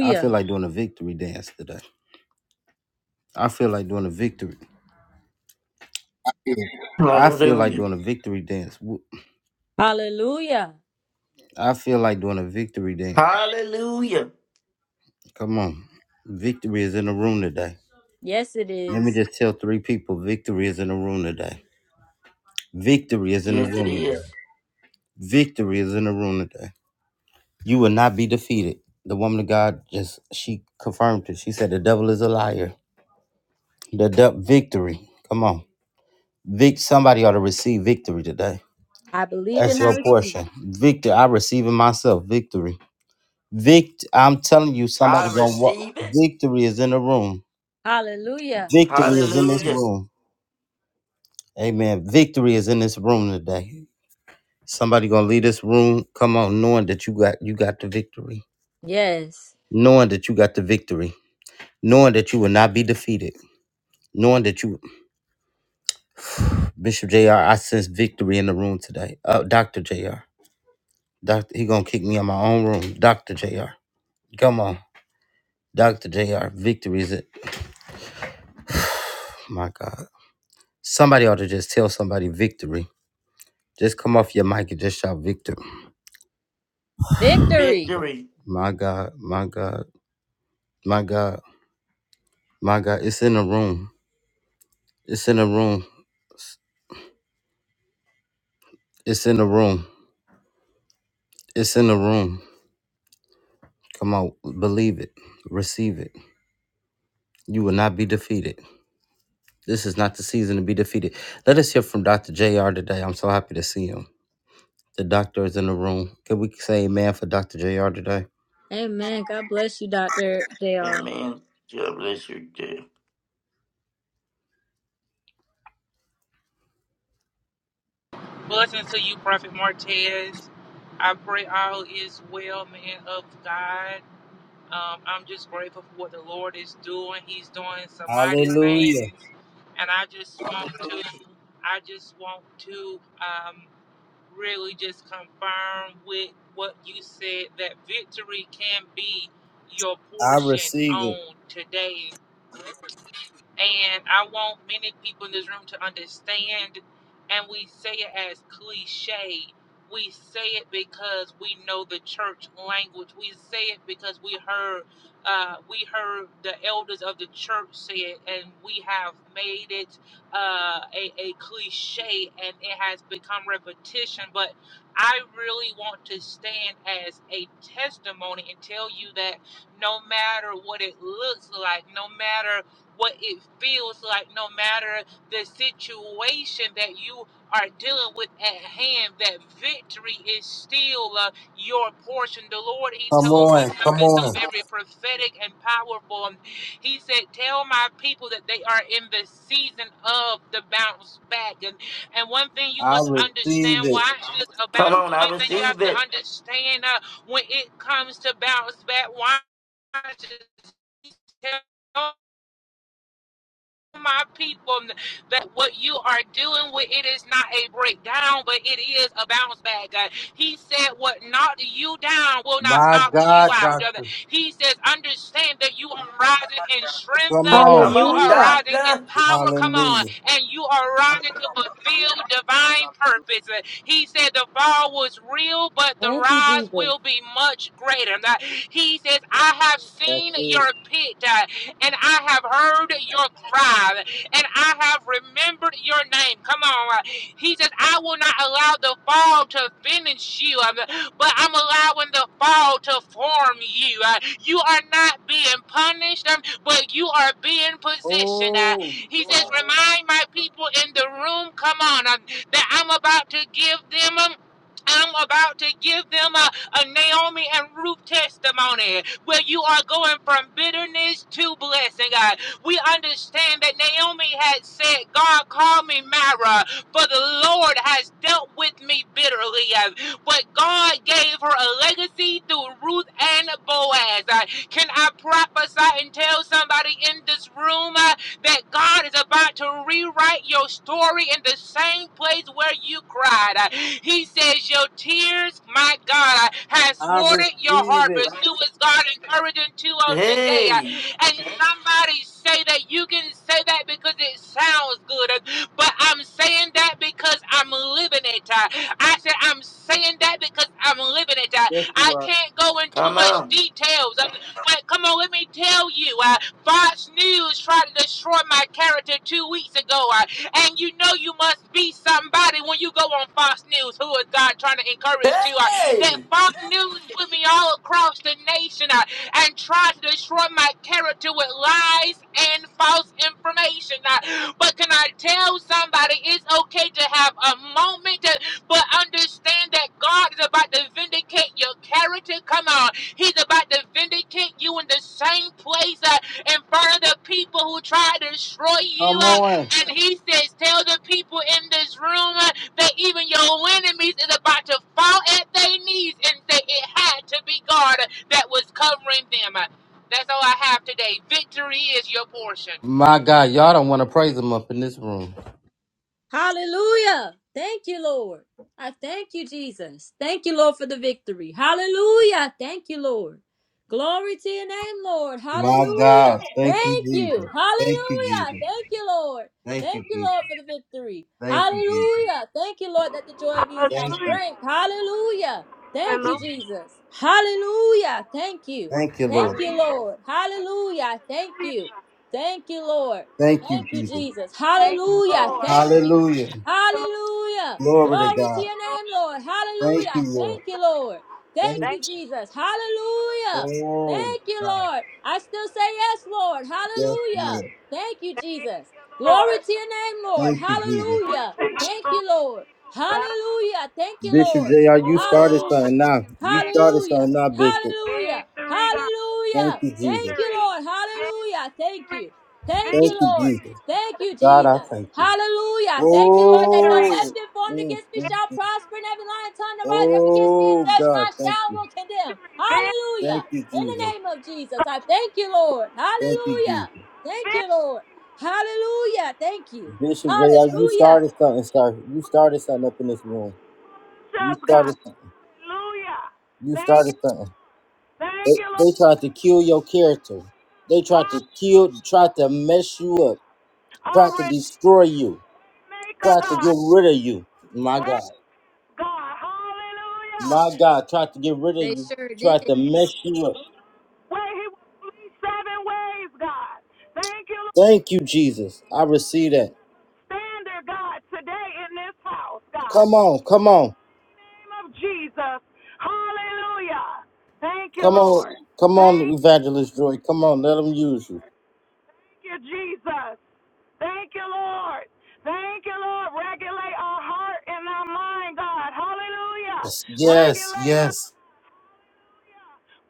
[SPEAKER 1] I feel like doing a victory dance today. I feel like doing a victory. I feel like
[SPEAKER 3] Hallelujah.
[SPEAKER 1] doing a victory dance. Woo-
[SPEAKER 4] Hallelujah.
[SPEAKER 1] I feel like doing a victory dance.
[SPEAKER 3] Hallelujah.
[SPEAKER 1] Come on. Victory is in the room today.
[SPEAKER 4] Yes, it
[SPEAKER 1] Let me
[SPEAKER 4] is.
[SPEAKER 1] just tell three people victory is in the room today. Victory is in the
[SPEAKER 3] Yes, it
[SPEAKER 1] room today.
[SPEAKER 3] is.
[SPEAKER 1] Victory is in the room today. You will not be defeated. The woman of God just, she confirmed it. She said, the devil is a liar. The de- victory. Come on. Vic, somebody ought to receive victory today.
[SPEAKER 4] I believe
[SPEAKER 1] That's
[SPEAKER 4] and I
[SPEAKER 1] your
[SPEAKER 4] receive.
[SPEAKER 1] portion. Victor, I receive it myself. Victory. Vict I'm telling you, somebody
[SPEAKER 3] I
[SPEAKER 1] gonna walk.
[SPEAKER 3] receive it.
[SPEAKER 1] Victory is in the room.
[SPEAKER 4] Hallelujah.
[SPEAKER 1] Victory is in this
[SPEAKER 3] Hallelujah.
[SPEAKER 1] room. Amen. Victory is in this room today. Somebody gonna leave this room. Come on, knowing that you got you got the victory.
[SPEAKER 4] Yes.
[SPEAKER 1] Knowing that you got the victory. Knowing that you will not be defeated. Knowing that you Bishop JR, I sense victory in the room today. Uh Dr. JR. Doctor he gonna kick me in my own room. Dr. JR. Come on. Dr. JR, victory is it. My God. Somebody ought to just tell somebody victory. Just come off your mic and just shout victory.
[SPEAKER 4] Victory.
[SPEAKER 3] Victory.
[SPEAKER 1] My God, my God, my God, my God. It's in the room. It's in the room. It's in the room. It's in the room. Come on, believe it. Receive it. You will not be defeated. This is not the season to be defeated. Let us hear from Dr. JR today. I'm so happy to see him. The doctor is in the room. Can we say amen for Dr. JR today?
[SPEAKER 4] Amen. God bless you, Dr. JR.
[SPEAKER 3] Amen. God bless you, dear.
[SPEAKER 5] Blessings to you, Prophet Martez. I pray all is well, man of God. Um, I'm just grateful for what the Lord is doing. He's doing some mighty
[SPEAKER 1] Hallelujah.
[SPEAKER 5] things, and I just want to, I just want to um, really just confirm with what you said that victory can be your
[SPEAKER 1] I
[SPEAKER 5] portion
[SPEAKER 1] receive it.
[SPEAKER 5] on today. And I want many people in this room to understand, and we say it as cliche. We say it because we know the church language. We say it because we heard, uh, we heard the elders of the church say it, and we have made it uh, a, a cliche, and it has become repetition. But I really want to stand as a testimony and tell you that no matter what it looks like, no matter what it feels like no matter the situation that you are dealing with at hand that victory is still uh, your portion the lord he told me something so very prophetic and powerful Um, he said tell my people that they are in the season of the bounce back and and one thing you must
[SPEAKER 1] Receive
[SPEAKER 5] understand
[SPEAKER 1] it.
[SPEAKER 5] watch this
[SPEAKER 3] Come
[SPEAKER 5] about
[SPEAKER 3] on, I
[SPEAKER 5] one thing you
[SPEAKER 3] receive
[SPEAKER 5] have to
[SPEAKER 3] it.
[SPEAKER 5] understand uh, when it comes to bounce back watch this Tell my people that what you are doing with it is not a breakdown, but it is a bounce back. God. He said, What knocked you down will not
[SPEAKER 1] My
[SPEAKER 5] knock you
[SPEAKER 1] God,
[SPEAKER 5] out. God.
[SPEAKER 1] Dr.
[SPEAKER 5] He says, Understand that you are rising in strength,
[SPEAKER 1] Come
[SPEAKER 5] uh,
[SPEAKER 1] on.
[SPEAKER 3] Come
[SPEAKER 5] you
[SPEAKER 3] on,
[SPEAKER 5] are
[SPEAKER 4] Hallelujah.
[SPEAKER 5] rising in
[SPEAKER 3] doctor.
[SPEAKER 5] power. Come on,
[SPEAKER 1] Hallelujah.
[SPEAKER 5] and you are rising to fulfill divine purpose. Uh, He said, The fall was real, but the
[SPEAKER 4] Thank you,
[SPEAKER 5] rise
[SPEAKER 4] Jesus.
[SPEAKER 5] will be much greater. God. He says, I have
[SPEAKER 1] That's
[SPEAKER 5] seen
[SPEAKER 1] it.
[SPEAKER 5] your pit. uh, and I have heard your cry, and I have remembered your name. Come on. He says, I will not allow the fall to finish you, um, but I'm allowing the fall to form you. Uh, You are not being punished, um, but you are being
[SPEAKER 1] Oh,
[SPEAKER 5] positioned. Uh, He says, Remind my people in the room, come on, um, that I'm about to give them. um, I'm about to give them a, a Naomi and Ruth testimony where you are going from bitterness to blessing, God. We understand that Naomi had said, God, call me Mara, for the Lord has dealt with me bitterly. Uh, But God gave her a legacy through Ruth and Boaz. Uh, Can I prophesy and tell somebody in this room? uh, that God is about to rewrite your story in the same place where you cried. Uh, He says, Your tears, my God, uh, has watered your harvest. Who is God encouraging to on today. Uh,
[SPEAKER 3] Hey,
[SPEAKER 5] And somebody say that you can say that because it sounds good. Uh, But I'm saying that because I'm living it. Uh, I said I'm saying that because I'm living it. Uh, I can't go into
[SPEAKER 3] come
[SPEAKER 5] much
[SPEAKER 3] on.
[SPEAKER 5] details. Uh, But come on, let me tell you. uh, Fox News tried to destroy my character two weeks ago. Uh, and you know you must be somebody when you go on Fox News. Who is God trying to encourage to? Uh, that
[SPEAKER 3] Hey.
[SPEAKER 5] Fox News put me all across the nation uh, and tried to destroy my character with lies and false information. Uh, but can I tell somebody it's okay to have a moment, uh, but understand that God is about to vindicate your character? Come on. He's about to vindicate you in the same place. uh, and further people who try to destroy you.
[SPEAKER 1] come
[SPEAKER 5] Uh,
[SPEAKER 1] on.
[SPEAKER 5] and he says, Tell the people in this room uh, that even your enemies is about to fall at their knees and say it had to be God uh, that was covering them. Uh, That's all I have today. Victory is your portion.
[SPEAKER 1] My God, y'all don't want to praise him up in this room.
[SPEAKER 4] Hallelujah. Thank you, Lord. I thank you, Jesus. Thank you, Lord, for the victory. Hallelujah. Thank you, Lord. Glory to your name, Lord.
[SPEAKER 1] My
[SPEAKER 4] Hallelujah.
[SPEAKER 1] God. Thank you,
[SPEAKER 4] Thank you.
[SPEAKER 1] Jesus. Thank you,
[SPEAKER 4] Hallelujah.
[SPEAKER 1] Jesus.
[SPEAKER 4] Thank you, Lord.
[SPEAKER 1] Thank you,
[SPEAKER 4] Thank you, Lord,
[SPEAKER 1] Jesus.
[SPEAKER 4] for the victory.
[SPEAKER 1] Thank you, Jesus.
[SPEAKER 4] Hallelujah. Thank you, Lord, that the joy of you is my
[SPEAKER 1] Thank
[SPEAKER 6] Hallelujah.
[SPEAKER 1] you.
[SPEAKER 4] strength. Hallelujah. Thank you,
[SPEAKER 6] Hallelujah.
[SPEAKER 4] Jesus. Hallelujah. Thank you.
[SPEAKER 1] Thank you,
[SPEAKER 6] I
[SPEAKER 4] Thank
[SPEAKER 1] Lord.
[SPEAKER 6] need
[SPEAKER 4] you,
[SPEAKER 6] you.
[SPEAKER 4] Lord. Hallelujah. Thank
[SPEAKER 6] Hallelujah.
[SPEAKER 4] you. Thank you, Lord.
[SPEAKER 1] Thank you,
[SPEAKER 4] Thank you,
[SPEAKER 1] Jesus.
[SPEAKER 4] Jesus.
[SPEAKER 6] Thank you,
[SPEAKER 4] Hallelujah.
[SPEAKER 6] Lord.
[SPEAKER 4] Thank
[SPEAKER 6] Thank
[SPEAKER 4] you.
[SPEAKER 1] Hallelujah.
[SPEAKER 6] you, Lord.
[SPEAKER 4] Hallelujah.
[SPEAKER 1] Glory to
[SPEAKER 4] Glory to
[SPEAKER 1] God.
[SPEAKER 4] your name, Lord.
[SPEAKER 1] Thank
[SPEAKER 4] Hallelujah.
[SPEAKER 1] you, Lord.
[SPEAKER 4] Thank you, Lord.
[SPEAKER 1] Thank
[SPEAKER 4] Thank
[SPEAKER 6] Thank
[SPEAKER 4] you,
[SPEAKER 6] you.
[SPEAKER 1] you.
[SPEAKER 4] Jesus. Hallelujah.
[SPEAKER 1] Oh,
[SPEAKER 4] Thank you,
[SPEAKER 1] God.
[SPEAKER 4] Lord. I still say yes, Lord.
[SPEAKER 1] Yes,
[SPEAKER 4] Hallelujah.
[SPEAKER 1] Lord.
[SPEAKER 4] Thank you,
[SPEAKER 6] Thank
[SPEAKER 4] Jesus.
[SPEAKER 6] you,
[SPEAKER 4] Glory
[SPEAKER 6] Lord.
[SPEAKER 4] to your name, Lord.
[SPEAKER 1] Thank you, Jesus.
[SPEAKER 4] Hallelujah.
[SPEAKER 6] Anointing
[SPEAKER 4] Thank
[SPEAKER 6] strong.
[SPEAKER 4] you, Lord.
[SPEAKER 6] God.
[SPEAKER 4] Hallelujah. Thank you,
[SPEAKER 1] Bishop
[SPEAKER 4] Lord.
[SPEAKER 1] JR, you started
[SPEAKER 6] Oh,
[SPEAKER 4] Hallelujah.
[SPEAKER 1] something now. You
[SPEAKER 6] thank
[SPEAKER 1] started
[SPEAKER 4] Hallelujah.
[SPEAKER 1] something now, Bishop.
[SPEAKER 6] you.
[SPEAKER 4] Hallelujah.
[SPEAKER 6] victory, God.
[SPEAKER 1] Thank
[SPEAKER 4] Hallelujah.
[SPEAKER 1] you, Jesus.
[SPEAKER 4] Thank you,
[SPEAKER 6] Victory.
[SPEAKER 4] Lord.
[SPEAKER 6] Victory.
[SPEAKER 4] Hallelujah. Thank you. Thank
[SPEAKER 1] Thank
[SPEAKER 4] you,
[SPEAKER 1] you,
[SPEAKER 4] Lord.
[SPEAKER 1] Jesus.
[SPEAKER 4] Thank you,
[SPEAKER 1] God, I
[SPEAKER 4] Jesus.
[SPEAKER 1] thank you.
[SPEAKER 4] Hallelujah. Thank you, Lord, that no
[SPEAKER 6] Victory.
[SPEAKER 1] Oh,
[SPEAKER 4] weapon formed
[SPEAKER 1] mm,
[SPEAKER 4] against me
[SPEAKER 1] mm,
[SPEAKER 4] shall
[SPEAKER 1] mm.
[SPEAKER 4] prosper, and every lying tongue that rises up against me in
[SPEAKER 1] oh,
[SPEAKER 4] judgment
[SPEAKER 1] God,
[SPEAKER 4] I
[SPEAKER 1] thank
[SPEAKER 4] shall and
[SPEAKER 1] you.
[SPEAKER 4] will condemn.
[SPEAKER 6] Victory. Vic-
[SPEAKER 4] Hallelujah.
[SPEAKER 1] Thank you,
[SPEAKER 4] In the
[SPEAKER 1] Jesus.
[SPEAKER 4] name of Jesus, I thank you, Lord.
[SPEAKER 1] Thank you, Jesus.
[SPEAKER 4] Hallelujah. Thank you, Lord. Hallelujah. Thank you.
[SPEAKER 1] Bishop JR, you
[SPEAKER 4] Hallelujah.
[SPEAKER 1] started something, sir. You started something up in this room. You
[SPEAKER 6] Victors, God.
[SPEAKER 1] started something.
[SPEAKER 6] Hallelujah.
[SPEAKER 1] You
[SPEAKER 6] Thank
[SPEAKER 1] started
[SPEAKER 6] you.
[SPEAKER 1] something. They,
[SPEAKER 6] Thank you,
[SPEAKER 1] they
[SPEAKER 6] Lord.
[SPEAKER 1] tried to kill your character. They tried to
[SPEAKER 6] Ha-
[SPEAKER 1] kill, tried to mess you up,
[SPEAKER 6] Our
[SPEAKER 1] tried to
[SPEAKER 6] Redeemer,
[SPEAKER 1] destroy you,
[SPEAKER 6] God.
[SPEAKER 1] tried to get
[SPEAKER 6] Our
[SPEAKER 1] rid of you. My God.
[SPEAKER 6] record, God. Hallelujah.
[SPEAKER 1] My God tried to get rid of
[SPEAKER 4] They
[SPEAKER 1] you,
[SPEAKER 4] sure
[SPEAKER 1] tried
[SPEAKER 4] did.
[SPEAKER 1] to mess you up.
[SPEAKER 6] Where he was flee seven ways, God. Thank you, Lord.
[SPEAKER 1] Thank you, Jesus. I receive that.
[SPEAKER 6] Stand there, God, today in this house, God.
[SPEAKER 1] Come
[SPEAKER 6] In
[SPEAKER 1] on, come on,
[SPEAKER 6] the name of Jesus. Hallelujah. Thank you,
[SPEAKER 1] come on,
[SPEAKER 6] Lord.
[SPEAKER 1] come on,
[SPEAKER 6] Thank
[SPEAKER 1] Evangelist Joy. Come on, let them use you.
[SPEAKER 6] you, Jesus. Thank you, Lord. Thank you, Lord. Regulate our heart and our mind, God. Hallelujah.
[SPEAKER 1] Yes, yes,
[SPEAKER 6] Regulate us.
[SPEAKER 1] yes.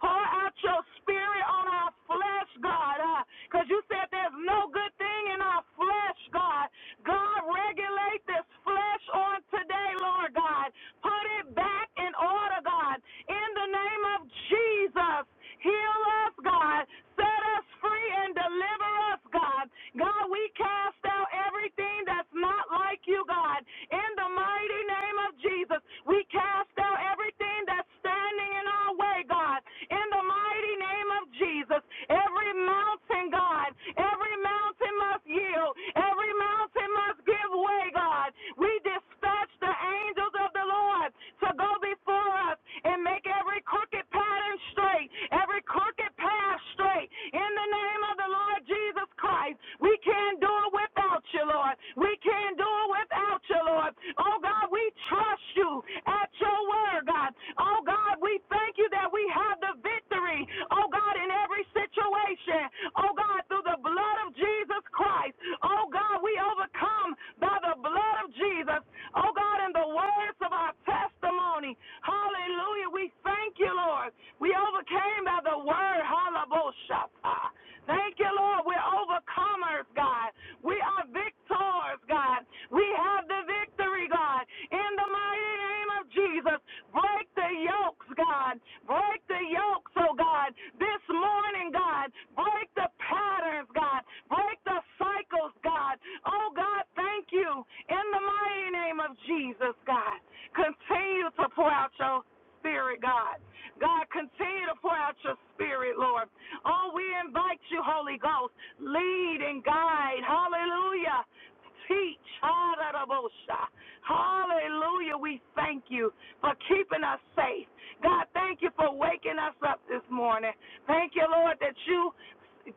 [SPEAKER 6] Pour out your spirit on our flesh, God, because uh, you said there's no good thing in our flesh, God. God, regulate this flesh on today, Lord God. Put it back in order, God. In the name of Jesus, heal us, God. Set us free and deliver us, God. God, we cast out everything that's not like you, God. In the mighty name of Jesus, we cast out everything that's standing in our way, God. In the mighty name of Jesus, every mountain, God, every mountain must yield, every mountain must give way, God. We dispatch the angels of the Lord to go before us and make every crooked path pattern straight, every crooked path straight. In the name of the Lord Jesus Christ, we can't do it without you, Lord. We can't do it without you, Lord. Oh God, we trust you at your word, God. Oh God, we thank you that we have the victory. Oh God, in every situation. Oh God, through the blood of Jesus Christ. Oh God, we overcome by the blood of Jesus. Oh God, in the words of our testimony. Hallelujah. We thank you, Lord. We overcame by the word. Halaboshata. Thank you, Lord. We're overcomers, God. We are victors, God. We have the victory, God. In the mighty name of Jesus, break the yokes, God. Break the yokes, oh God. This morning, God. Break the patterns, God. Break the cycles, God. Oh God, thank you. In the mighty name of Jesus, God. Continue to pour out your spirit, God. God, continue to pour out your spirit, Lord. Oh, we invite you, Holy Ghost. Lead and guide. Hallelujah. Teach. ha da Hallelujah. We thank you for keeping us safe. God, thank you for waking us up this morning. Thank you, Lord, that you,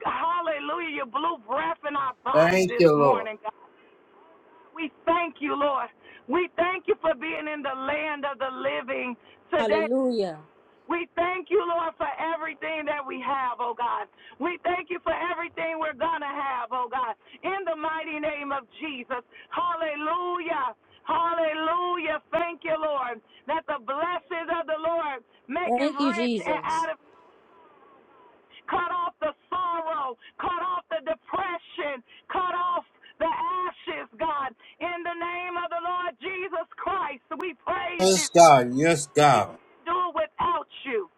[SPEAKER 6] hallelujah, you blew breath in our body
[SPEAKER 1] Thank
[SPEAKER 6] this
[SPEAKER 1] you, Lord.
[SPEAKER 6] morning, God. We thank you, Lord. We thank you for being in the land of the living today.
[SPEAKER 4] Hallelujah.
[SPEAKER 6] We thank you, Lord, for everything that we have, oh God. We thank you for everything we're going to have, oh God. In the mighty name of Jesus. Hallelujah. Hallelujah. Thank you, Lord, that the blessings of the Lord make it
[SPEAKER 4] Thank you,
[SPEAKER 6] rich and out
[SPEAKER 4] Jesus.
[SPEAKER 6] of cut off the sorrow, cut off the depression, cut off the ashes, God. In the name of the Lord Jesus Christ, we praise
[SPEAKER 1] Yes,
[SPEAKER 6] you.
[SPEAKER 1] God. Yes,
[SPEAKER 6] We
[SPEAKER 1] God.
[SPEAKER 6] can't do it without you.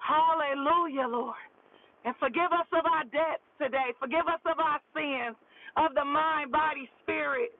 [SPEAKER 6] Hallelujah, Lord. And forgive us of our debts today. Forgive us of our sins of the mind, body, spirit.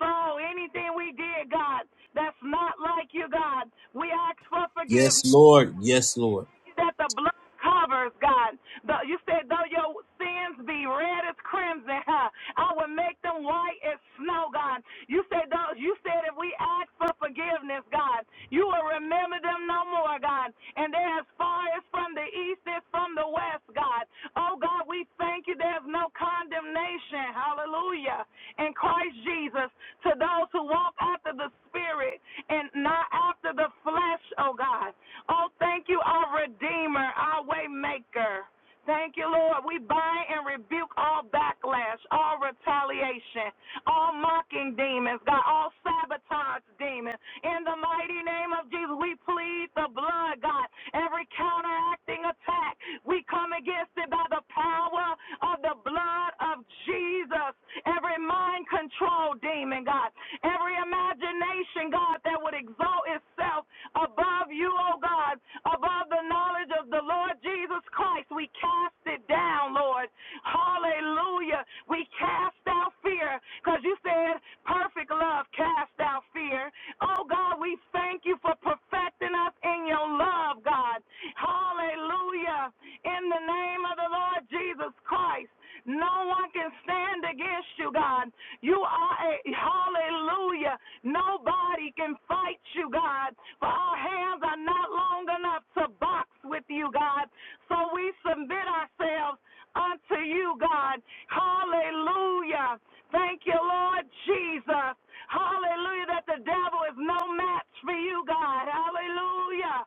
[SPEAKER 6] So anything we did, God, that's not like you, God, we ask for forgiveness.
[SPEAKER 1] Yes, Lord. Yes, Lord.
[SPEAKER 6] you that the blood covers, God. Though- you said, though your sins be red as crimson, huh, I will make them white as snow, God. You said, though, you said if we ask for forgiveness, God, you will remember them no more, God. And they're as far as from the east as from the west, God. Oh, God, we thank you. There's no condemnation, hallelujah, in Christ Jesus to those who walk after the Spirit and not after the flesh, oh God. Oh, thank you, our Redeemer, our Waymaker. Thank you, Lord. We bind and rebuke all backlash, all retaliation, all mocking demons, God, all sabotage demons. In the mighty name of Jesus, we plead the blood, God. Every counteracting attack, we come against it by the power of the blood of Jesus. Every mind control demon, God. Every imagination, God, that would exalt itself above you, O God, above the knowledge of the Lord Jesus Christ. We cast it down, Lord. Hallelujah. We cast out fear because you said perfect love cast out fear. Oh God, we thank you for perfecting us in your love, God. Hallelujah. In the name of the Lord Jesus Christ. No one can stand against you, God. You are a hallelujah. Nobody can fight you, God, for our hands are not long enough to box with you, God. So we submit ourselves unto you, God. Hallelujah. Thank you, Lord Jesus. Hallelujah, that the devil is no match for you, God. Hallelujah.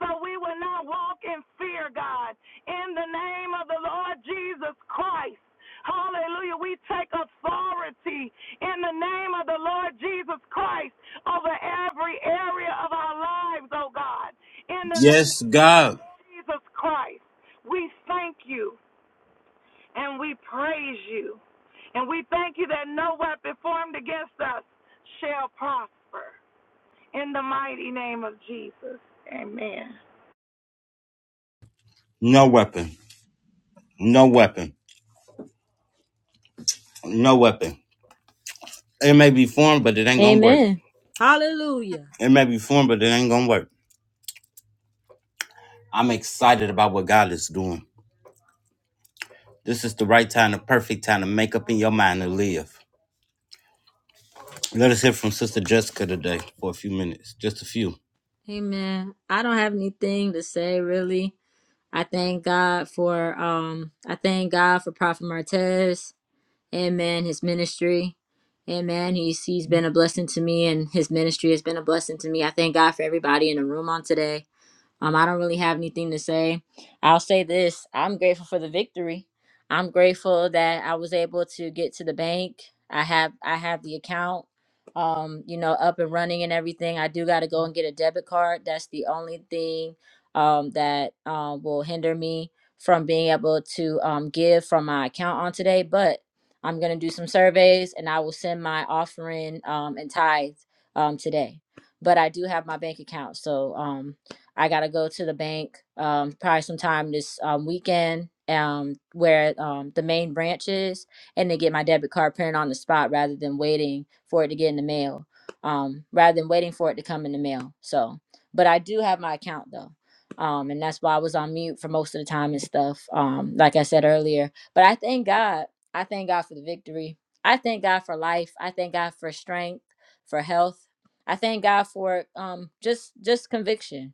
[SPEAKER 6] So we will not walk in fear, God. In the name of the Lord Jesus Christ. Hallelujah. We take authority in the name of the Lord Jesus Christ over every area of our lives, oh God. In the name
[SPEAKER 1] Yes, God.
[SPEAKER 6] of Jesus Christ, we thank you and we praise you. And we thank you that no weapon formed against us shall prosper. In the mighty name of Jesus. Amen.
[SPEAKER 1] No weapon. No weapon. No weapon. It may be formed, but it ain't gonna work.
[SPEAKER 4] Amen. Hallelujah.
[SPEAKER 1] It may be formed, but it ain't gonna work. I'm excited about what God is doing. This is the right time, the perfect time to make up in your mind to live. Let us hear from Sister Jessica today for a few minutes. Just a few.
[SPEAKER 4] Amen. I don't have anything to say, really. I thank God for um I thank God for Prophet Martez. Amen. His ministry. Amen. He's he's been a blessing to me and his ministry has been a blessing to me. I thank God for everybody in the room on today. Um, I don't really have anything to say. I'll say this I'm grateful for the victory. I'm grateful that I was able to get to the bank. I have I have the account um, you know, up and running and everything. I do gotta go and get a debit card. That's the only thing um that um will hinder me from being able to um give from my account on today. But I'm gonna do some surveys and I will send my offering um and tithes um today. But I do have my bank account. So um I gotta go to the bank um, probably sometime this um, weekend um, where um, the main branch is, and to get my debit card printed on the spot rather than waiting for it to get in the mail, um, rather than waiting for it to come in the mail. So, but I do have my account though. Um, and that's why I was on mute for most of the time and stuff. Um, like I said earlier, but I thank God. I thank God for the victory. I thank God for life. I thank God for strength, for health. I thank God for um just just conviction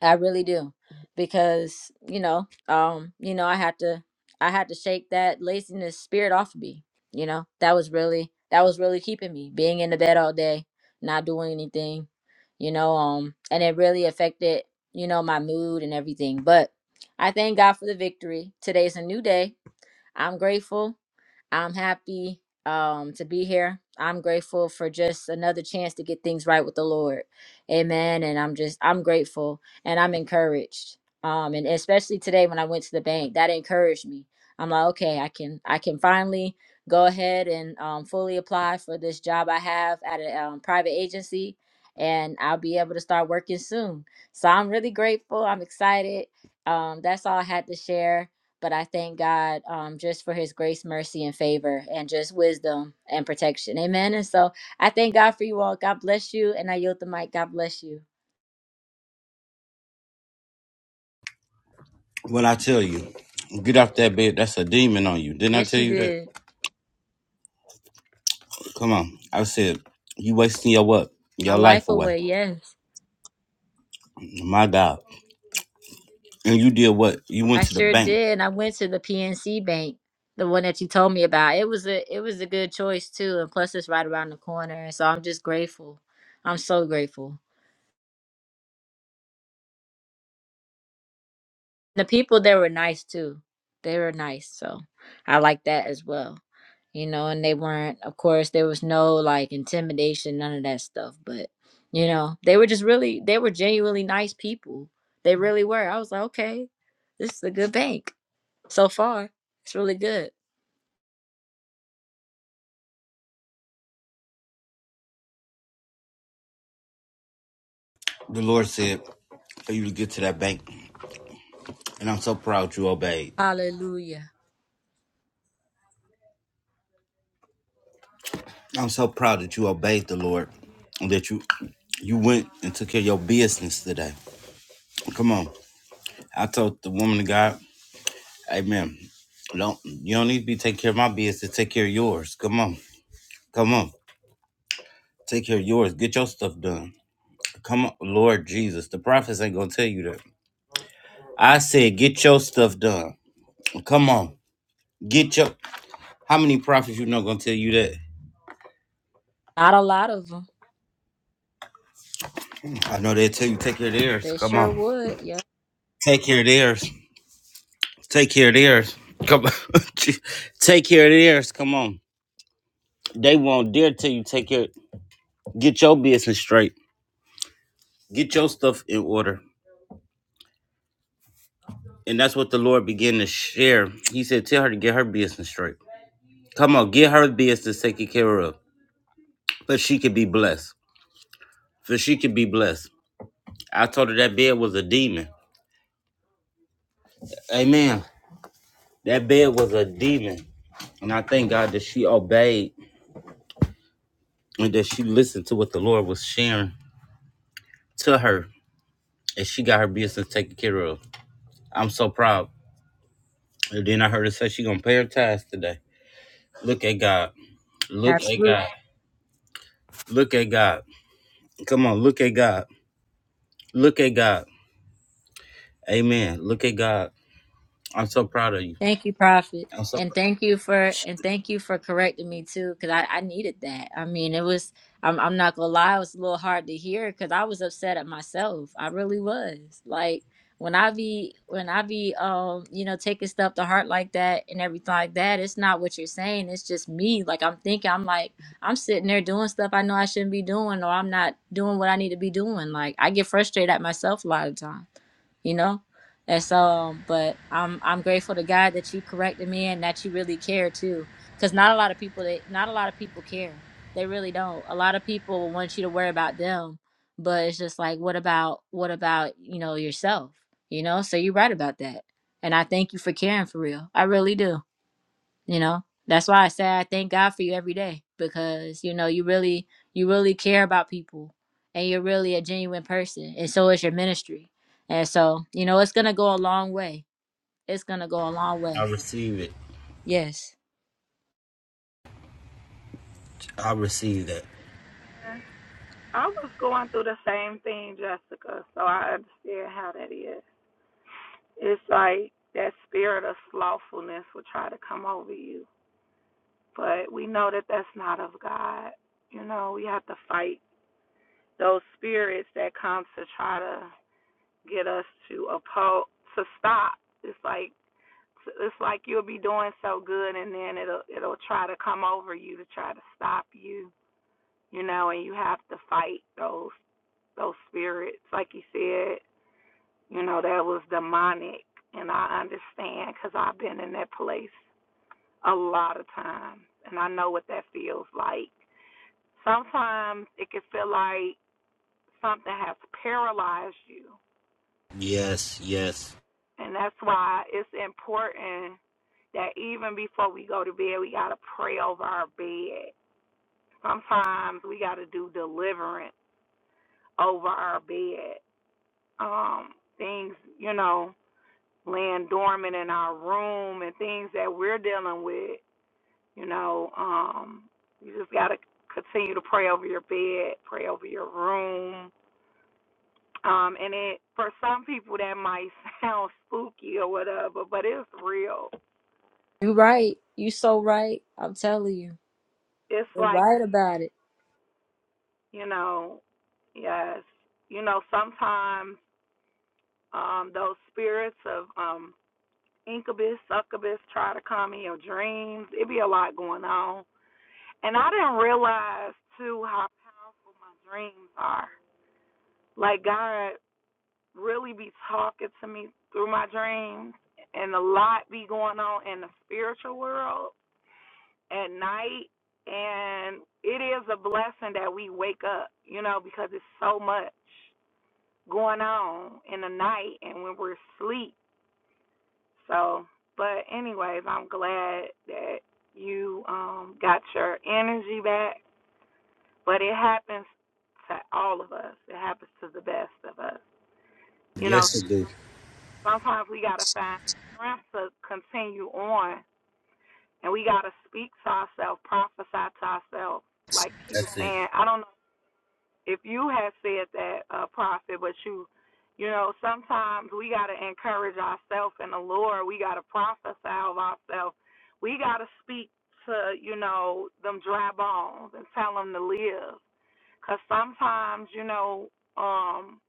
[SPEAKER 4] I really do. Because, you know, um, you know, I had to I had to shake that laziness spirit off of me. You know, that was really that was really keeping me being in the bed all day, not doing anything, you know, um and it really affected, you know, my mood and everything. But I thank God for the victory. Today's a new day I'm grateful. I'm happy um, to be here. I'm grateful for just another chance to get things right with the Lord. Amen. And I'm just, I'm grateful and I'm encouraged. Um, and especially today when I went to the bank, that encouraged me. I'm like, okay, I can, I can finally go ahead and um, fully apply for this job I have at a um, private agency and I'll be able to start working soon. So I'm really grateful. I'm excited. Um, that's all I had to share but I thank God um, just for his grace, mercy, and favor, and just wisdom and protection. Amen. And so I thank God for you all. God bless you. And I yield the mic. God bless you.
[SPEAKER 1] What I tell you, get off that bed. That's a demon on you. Didn't I
[SPEAKER 4] Yes,
[SPEAKER 1] tell
[SPEAKER 4] you
[SPEAKER 1] you that?
[SPEAKER 4] did.
[SPEAKER 1] Come on. I said you wasting your what?
[SPEAKER 4] My
[SPEAKER 1] Your
[SPEAKER 4] life
[SPEAKER 1] life away.
[SPEAKER 4] away. Yes,
[SPEAKER 1] My God. And you did what? You went
[SPEAKER 4] I
[SPEAKER 1] to the
[SPEAKER 4] sure
[SPEAKER 1] bank.
[SPEAKER 4] did. And I went to the PNC bank, the one that you told me about. It was a it was a good choice too. And plus, it's right around the corner. And so I'm just grateful. I'm so grateful. The people there were nice too. They were nice, so I like that as well. You know, and they weren't, of course, there was no like intimidation, none of that stuff. But, you know, they were just really, they were genuinely nice people. They really were. I was like, okay, this is a good bank so far. It's really good.
[SPEAKER 1] The Lord said for you to get to that bank, and I'm so proud you obeyed.
[SPEAKER 4] Hallelujah.
[SPEAKER 1] I'm so proud that you obeyed the Lord and that you you went and took care of your business today. Come on. I told the woman of God, Amen. Don't you don't need to be taking care of my business, take care of yours. Come on. Come on. Take care of yours. Get your stuff done. Come on, Lord Jesus. The prophets ain't gonna tell you that. I said, get your stuff done. Come on. Get your how many prophets you know gonna tell you that?
[SPEAKER 4] Not a lot of them.
[SPEAKER 1] I know they'll tell you take care of theirs.
[SPEAKER 4] They
[SPEAKER 1] Come
[SPEAKER 4] sure
[SPEAKER 1] on.
[SPEAKER 4] would. Yeah.
[SPEAKER 1] Take care of theirs. Take care of theirs. Come on. take care of theirs. Come on. They won't dare tell you take care. Get your business straight. Get your stuff in order. And that's what the Lord began to share. He said, Tell her to get her business straight. Come on, get her business taken care of. But she could be blessed. For she could be blessed. I told her that bed was a demon. Amen. That bed was a demon. And I thank God that she obeyed and that she listened to what the Lord was sharing to her. And she got her business taken care of. I'm so proud. And then I heard her say she gonna pay her tithes today. Look at God. Look at
[SPEAKER 4] Absolutely.
[SPEAKER 1] God. Look at God. Come on, look at God. Look at God. Amen. Look at God. I'm so proud of you.
[SPEAKER 4] Thank you, Prophet.
[SPEAKER 1] I'm so
[SPEAKER 4] And
[SPEAKER 1] proud.
[SPEAKER 4] thank you for and thank you for correcting me too, because I, I needed that. I mean, it was I'm I'm not gonna lie, it was a little hard to hear because I was upset at myself. I really was. Like when I be when I be um, you know, taking stuff to heart like that and everything like that, it's not what you're saying. It's just me. Like I'm thinking, I'm like, I'm sitting there doing stuff I know I shouldn't be doing, or I'm not doing what I need to be doing. Like I get frustrated at myself a lot of times you know and so um, but i'm i'm grateful to god that you corrected me and that you really care too because not a lot of people they not a lot of people care they really don't a lot of people want you to worry about them but it's just like what about what about you know yourself you know so you're right about that and i thank you for caring for real i really do you know that's why i say i thank god for you every day because you know you really you really care about people and you're really a genuine person and so is your ministry and so you know it's gonna go a long way it's gonna go a long way
[SPEAKER 1] I receive it.
[SPEAKER 4] yes
[SPEAKER 1] I receive that.
[SPEAKER 6] I was going through the same thing, Jessica, so I understand how it is. It's like that spirit of slothfulness will try to come over you. But if that's not of God, you have to fight those times to try to get us to oppose to stop. It's like it's like you'll be doing so good, and then it'll it'll try to come over you to try to stop you, you know. And you have to fight those those spirits, like you said, you know, that was demonic, and I understand because I've been in that place a lot of times, and I know what that feels like. Sometimes it can feel like something has paralyzed you.
[SPEAKER 1] Yes, yes.
[SPEAKER 6] And that's why it's important that even before we go to bed, we got to pray over our bed. Sometimes we got to do deliverance over our bed. Um, things, you know, laying dormant in our room and things that we're dealing with, you know, um, you just got to continue to pray over your bed, pray over your room, Um, and it for some people that might sound spooky or whatever, but it's real.
[SPEAKER 4] you right you so right i'm telling you
[SPEAKER 6] It's
[SPEAKER 4] you're
[SPEAKER 6] like
[SPEAKER 4] right about it
[SPEAKER 6] you know, yes, you know sometimes um those spirits of um incubus, succubus try to come in your dreams. It be a lot going on, and I didn't realize too how my dreams are. Like God really be talking to me through my dreams, and a lot be going on in the spiritual world at night and it is a blessing that we wake up, you know, because it's so much going on in the night and when we're asleep. So, but anyways, I'm glad that you um got your energy back, but it happens to all of us. It happens to the best of us. You know,
[SPEAKER 1] Yes, it do.
[SPEAKER 6] sometimes we got to find the strength to continue on and we got to speak to ourselves, prophesy to ourselves like he was
[SPEAKER 1] That's it.
[SPEAKER 6] saying, I don't know. if you have said that, uh, prophet, but you, you know, sometimes we got to encourage ourselves in the Lord. We got to prophesy of ourselves. We got to speak to, you know, them dry bones and tell them to live. Because sometimes, you know, um,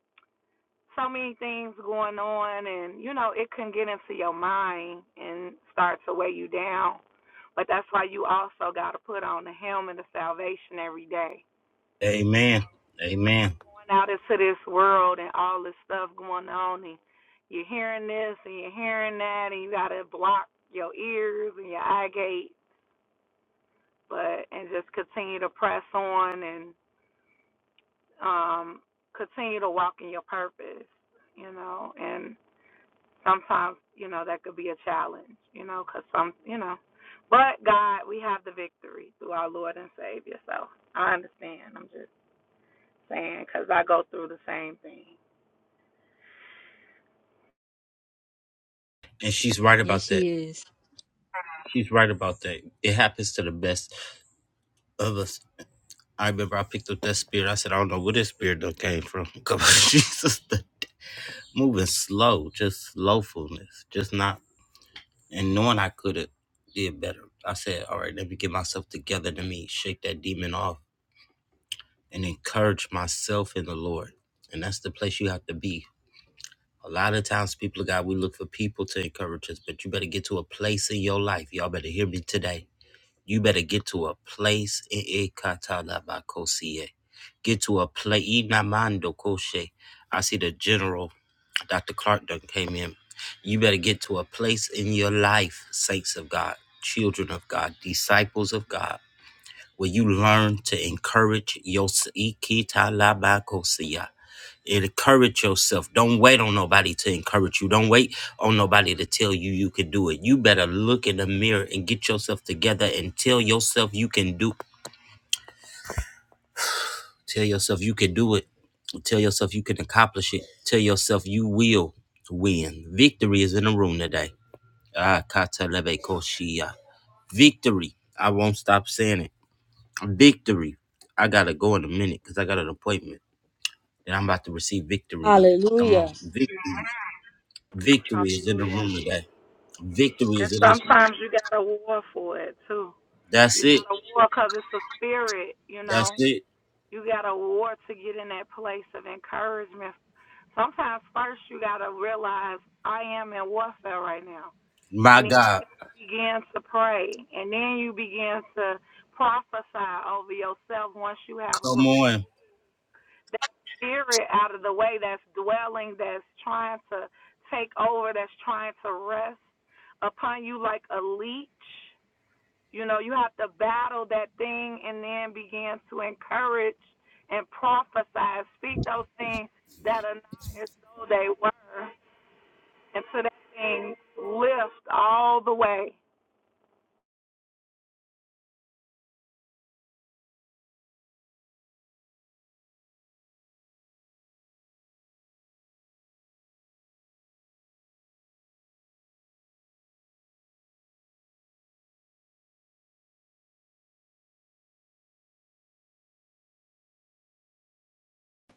[SPEAKER 6] so many things going on and, you know, it can get into your mind and start to weigh you down. But that's why you also got to put on the helmet of salvation every day
[SPEAKER 1] Amen. Amen.
[SPEAKER 6] out into this world and all this stuff going on and you're hearing this and you're hearing that and you gotta block your ears and your eye gate but and just continue to press on and um continue to walk in your purpose, you know, and sometimes, you know, that could be a challenge, you know, 'cause some you know. But God, we have the victory through our Lord and Savior. So I understand. I'm just saying 'cause I go through the same thing.
[SPEAKER 1] And she's right
[SPEAKER 4] yes
[SPEAKER 1] about that.
[SPEAKER 4] she is
[SPEAKER 1] She's right about that. It happens to the best of us. I remember I picked up that spirit. I said, I don't know where this spirit done came from. Come on, Jesus. Moving slow, just slowfulness, just not, and knowing I could have did better. I said, all right, let me get myself together. Let me shake that demon off and encourage myself in the Lord. And that's the place you have to be A lot of times, people of God, we look for people to encourage us, but you better get to a place in your life. Y'all better hear me today. You better get to a place in Ikatalabakosie. Get to a place. Inamando Koshe. I see the general, Dr. Clark, done came in. You better get to a place in your life, saints of God, children of God, disciples of God, where you learn to encourage your encourage yourself. Don't wait on nobody to encourage you. Don't wait on nobody to tell you you can do it. You better look in the mirror and get yourself together and tell yourself you can do. Tell yourself you can do it. Tell yourself you can accomplish it. Tell yourself you will win. Victory is in the room today. Ah, katalebe koshia. Victory. I won't stop saying it. Victory. I gotta go in a minute because I got an appointment that I'm about to receive victory in. Come
[SPEAKER 4] hallelujah
[SPEAKER 1] on. Victory. Victory is in the room today. Victory
[SPEAKER 6] And
[SPEAKER 1] is in this.
[SPEAKER 6] sometimes you got to war for it too.
[SPEAKER 1] That's
[SPEAKER 6] You
[SPEAKER 1] it.
[SPEAKER 6] got to war because it's a spirit, you
[SPEAKER 1] That's
[SPEAKER 6] know.
[SPEAKER 1] it.
[SPEAKER 6] You got to war to get in that place of encouragement. Sometimes first you got to realize I am in warfare right now,
[SPEAKER 1] My
[SPEAKER 6] and then
[SPEAKER 1] God.
[SPEAKER 6] you begin to pray, and then you begin to prophesy over yourself once you have
[SPEAKER 1] Come on.
[SPEAKER 6] that spirit out of the way that's dwelling, that's trying to take over, that's trying to rest upon you like a leech You know, you have to battle that thing and then begin to encourage and prophesy. Speak those things that are not as though they were until that thing lifts all the way.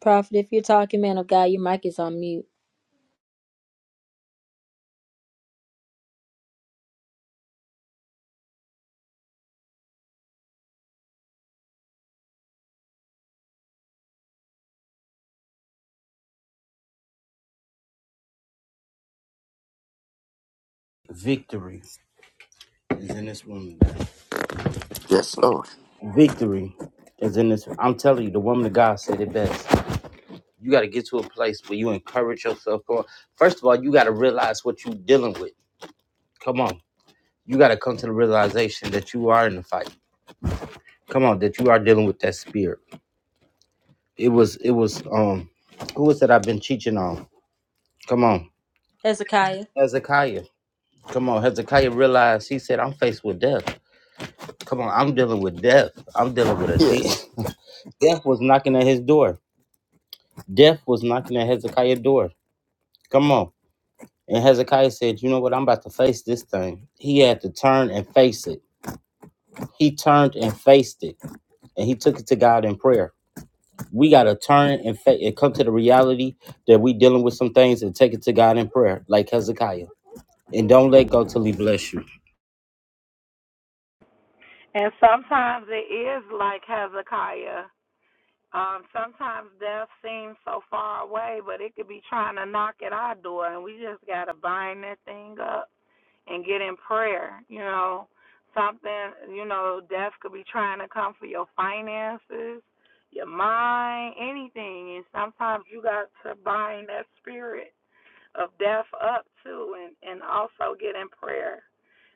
[SPEAKER 4] prophet if you're talking man of god your mic is on mute
[SPEAKER 1] Victory is in this woman.
[SPEAKER 3] Yes, Lord.
[SPEAKER 1] Victory is in this. I'm telling you, the woman of God said it best. You got to get to a place where you encourage yourself. Come on. First of all, you got to realize what you're dealing with. Come on. You got to come to the realization that you are in the fight. Come on, that you are dealing with that spirit. It was, it was, um, who was that I've been teaching on? Come on.
[SPEAKER 4] hezekiah
[SPEAKER 1] Hezekiah. Come on. Hezekiah realized, he said, I'm faced with death. Come on, I'm dealing with death. I'm dealing with a
[SPEAKER 3] Yes.
[SPEAKER 1] death. Death was knocking at his door. Death was knocking at Hezekiah's door. Come on. And Hezekiah said, You know what? I'm about to face this thing. He had to turn and face it. He turned and faced it. And he took it to God in prayer. We gotta turn and fa- and come to the reality that we dealing with some things and take it to God in prayer, like Hezekiah. And don't let go till he bless you.
[SPEAKER 6] And sometimes it is like Hezekiah. Um, sometimes death seems so far away, but it could be trying to knock at our door, and we just got to bind that thing up and get in prayer, you know. Something, you know, death could be trying to come for your finances, your mind, anything. And sometimes you got to bind that spirit of death up too and, and also get in prayer.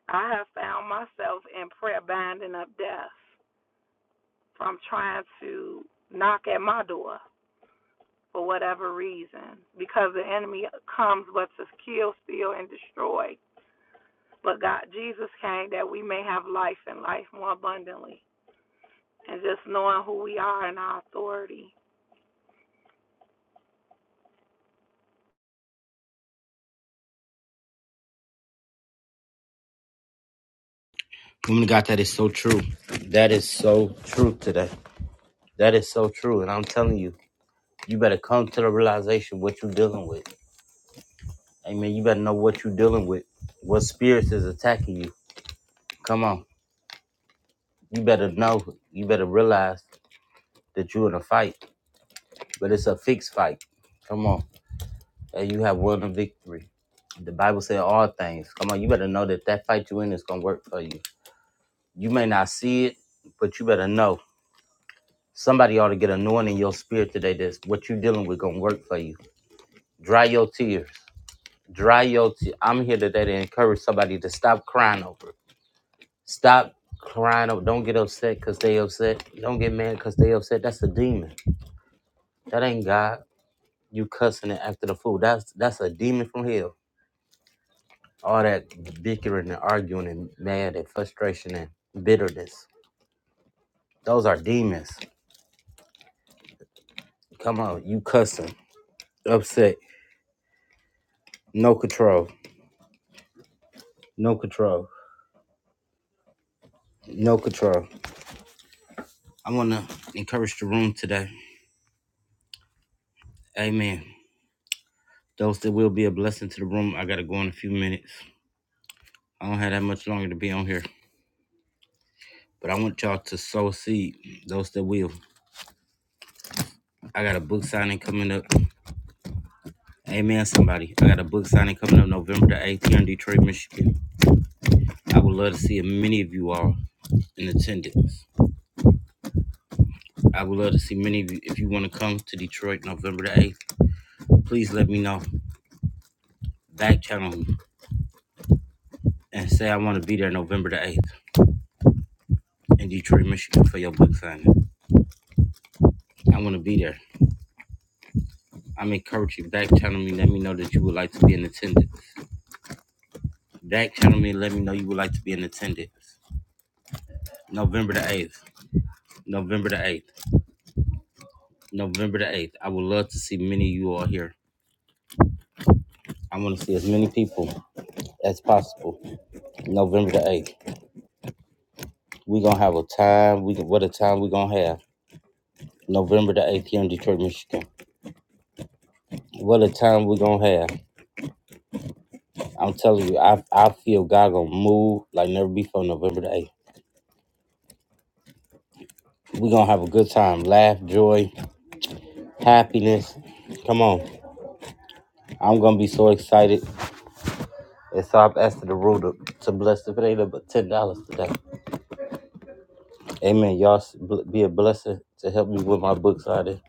[SPEAKER 6] I have found myself in prayer binding up death from trying to knock at my door for whatever reason because the enemy comes but to kill, steal, and destroy. But God, Jesus came that we may have life and life more abundantly. And just knowing who we are and our authority.
[SPEAKER 1] Woman of God, that is so true. That is so true today. That is so true. And I'm telling you. You better come to the realization what you're dealing with. Amen. You better know what you're dealing with. What spirits is attacking you. Come on. You better know. You better realize that you're in a fight. But it's a fixed fight. Come on. And you have won a victory. The Bible said all things. Come on. You better know that that fight you're in is going to work for you. You may not see it, but you better know. Somebody ought to get anointed in your spirit today that's what you're dealing with going to work for you. Dry your tears. Dry your tears. I'm here today to encourage somebody to stop crying over it. Stop crying up. Don't get upset because they upset. Don't get mad because they upset. That's a demon. That ain't God. You cussing it after the fool. That's that's a demon from hell. All that bickering and arguing and mad and frustration and bitterness. Those are demons. Come on, you cussing, upset, no control, no control, no control. I want to encourage the room today. Amen. Those that will be a blessing to the room. I gotta go in a few minutes. I don't have that much longer to be on here. But I want y'all to sow seed, those that will. I got a book signing coming up. Amen, somebody. I got a book signing coming up November the 8th here in Detroit, Michigan. I would love to see many of you all in attendance. I would love to see many of you. If you want to come to Detroit November the 8th, please let me know. Back channel me and say I want to be there November the 8th in Detroit, Michigan for your book signing. I want to be there. I'm encouraging back channel me. Let me know that you would like to be in attendance. Back channel me. Let me know you would like to be in attendance. November the 8th. November the 8th. November the 8th. I would love to see many of you all here. I want to see as many people as possible. November the 8th. We're going to have a time. We What a time we're going to have. November the 8th here in Detroit, Michigan. What a time we're going to have. I'm telling you, I, I feel God going to move like never before November the 8th. We're going to have a good time. Laugh, joy, happiness. Come on. I'm going to be so excited. And so I've asked the rule to, to bless if it ain't up but $10 today. Amen. Y'all s- bl- be a blessing to help me with my books out there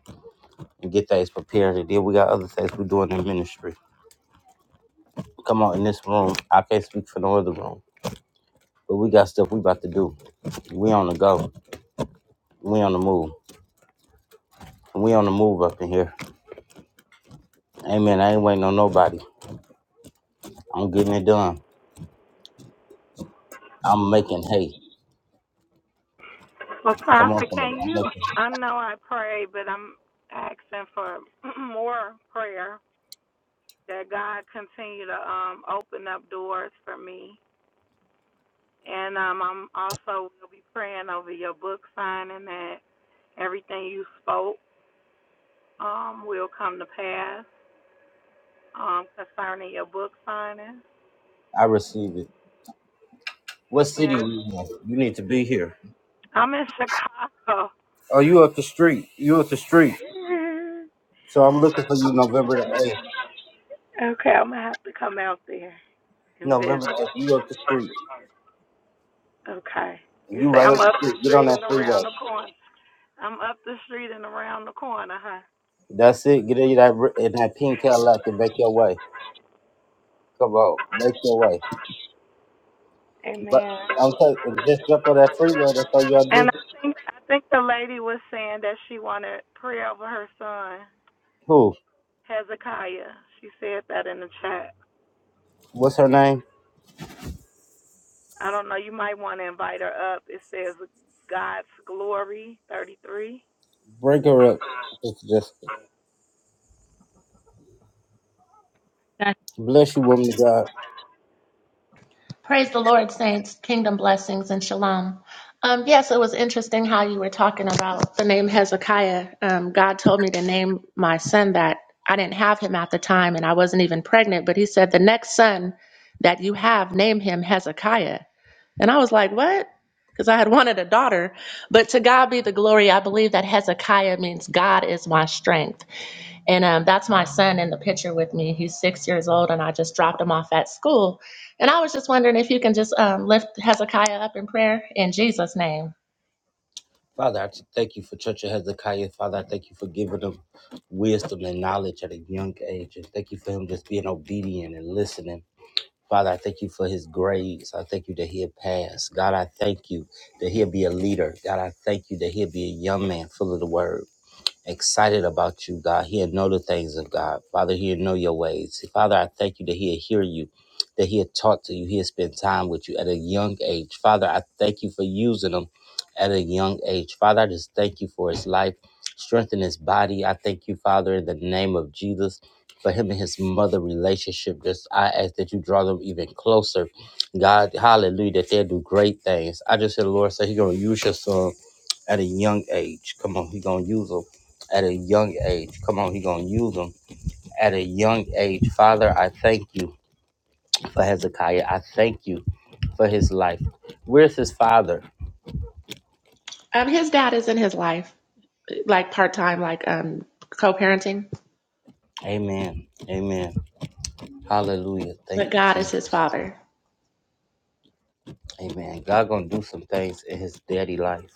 [SPEAKER 1] and get things prepared. And then we got other things we're doing in ministry. Come on in this room. I can't speak for no other room, but we got stuff we about to do. We on the go. We on the move. We on the move up in here. Amen. I ain't waiting on nobody. I'm getting it done. I'm making hay.
[SPEAKER 6] Well,
[SPEAKER 1] Come
[SPEAKER 6] Pastor,
[SPEAKER 1] on, somebody.
[SPEAKER 6] can
[SPEAKER 1] I'm
[SPEAKER 6] you?
[SPEAKER 1] making.
[SPEAKER 6] I know I pray, but I'm asking for more prayer that God continue to um, open up doors for me. And um, I'm also will be praying over your book signing that everything you spoke um, will come to pass um, concerning your book signing.
[SPEAKER 1] I receive it. What city
[SPEAKER 6] Amen.
[SPEAKER 1] you in? You need to be here.
[SPEAKER 6] I'm in Chicago.
[SPEAKER 1] Oh, you up the street. You up the street. So I'm looking for you November the 8th.
[SPEAKER 6] okay, I'm gonna have to come out there and visit.
[SPEAKER 1] November the 8th. You up the street.
[SPEAKER 6] Okay. You
[SPEAKER 1] You
[SPEAKER 6] say
[SPEAKER 1] right up
[SPEAKER 6] I'm
[SPEAKER 1] the
[SPEAKER 6] up the
[SPEAKER 1] street. Get on
[SPEAKER 6] street
[SPEAKER 1] that
[SPEAKER 6] and around
[SPEAKER 1] freeway.
[SPEAKER 6] the corner. I'm up the street and around the corner, huh?
[SPEAKER 1] That's it. Get in that r- in that pink Cadillac and make your way. Come on, make your way. But
[SPEAKER 6] Amen.
[SPEAKER 1] I'm telling you, just jump on that freeway. That's all you gotta
[SPEAKER 6] And
[SPEAKER 1] do.
[SPEAKER 6] I think the lady was saying that she wanted prayer over her son,
[SPEAKER 1] Who?
[SPEAKER 6] Hezekiah. She said that in the chat.
[SPEAKER 1] What's her name?
[SPEAKER 6] I don't know, you might want to invite her up. It says God's glory 33.
[SPEAKER 1] Break her up. Sister Jessica.
[SPEAKER 4] That's
[SPEAKER 1] Bless you, woman of God.
[SPEAKER 7] Praise the Lord, saints, kingdom blessings, and shalom. Um, yes, it was interesting how you were talking about the name Hezekiah. Um, God told me to name my son that. I didn't have him at the time, and I wasn't even pregnant, but he said, The next son that you have, name him Hezekiah. And I was like, What? Because I had wanted a daughter. But to God be the glory, I believe that Hezekiah means God is my strength. And um, that's my son in the picture with me. He's six years old, and I just dropped him off at school. And I was just wondering if you can just um, lift Hezekiah up in prayer in Jesus' name.
[SPEAKER 1] Father, I just thank you for Church of Hezekiah. Father, I thank you for giving them wisdom and knowledge at a young age. And thank you for him just being obedient and listening Father, I thank you for his grades. I thank you that he'll pass. God, I thank you that he'll be a leader. God, I thank you that he'll be a young man full of the word excited about you, God. He'll know the things of God. Father, he'll know your ways. Father, I thank you that he'll hear you, that he'll talk to you, he'll spend time with you at a young age. Father, I thank you for using him at a young age. Father, I just thank you for his life. Strengthen his body. I thank you, Father, in the name of Jesus, for him and his mother relationship. Just I ask that you draw them even closer. God, hallelujah, that they'll do great things. I just hear the Lord say, He's going to use your son at a young age. Come on, He's going to use them at a young age. Come on, he gonna use them at a young age. Father, I thank you for Hezekiah. I thank you for his life. Where's his father?
[SPEAKER 7] Um, his dad is in his life, like part time, like um, co parenting,
[SPEAKER 1] Amen. Amen. Hallelujah.
[SPEAKER 7] but
[SPEAKER 1] Thank you,
[SPEAKER 7] God is his
[SPEAKER 1] Jesus.
[SPEAKER 7] father.
[SPEAKER 1] Amen. God gonna do some things in his daddy life.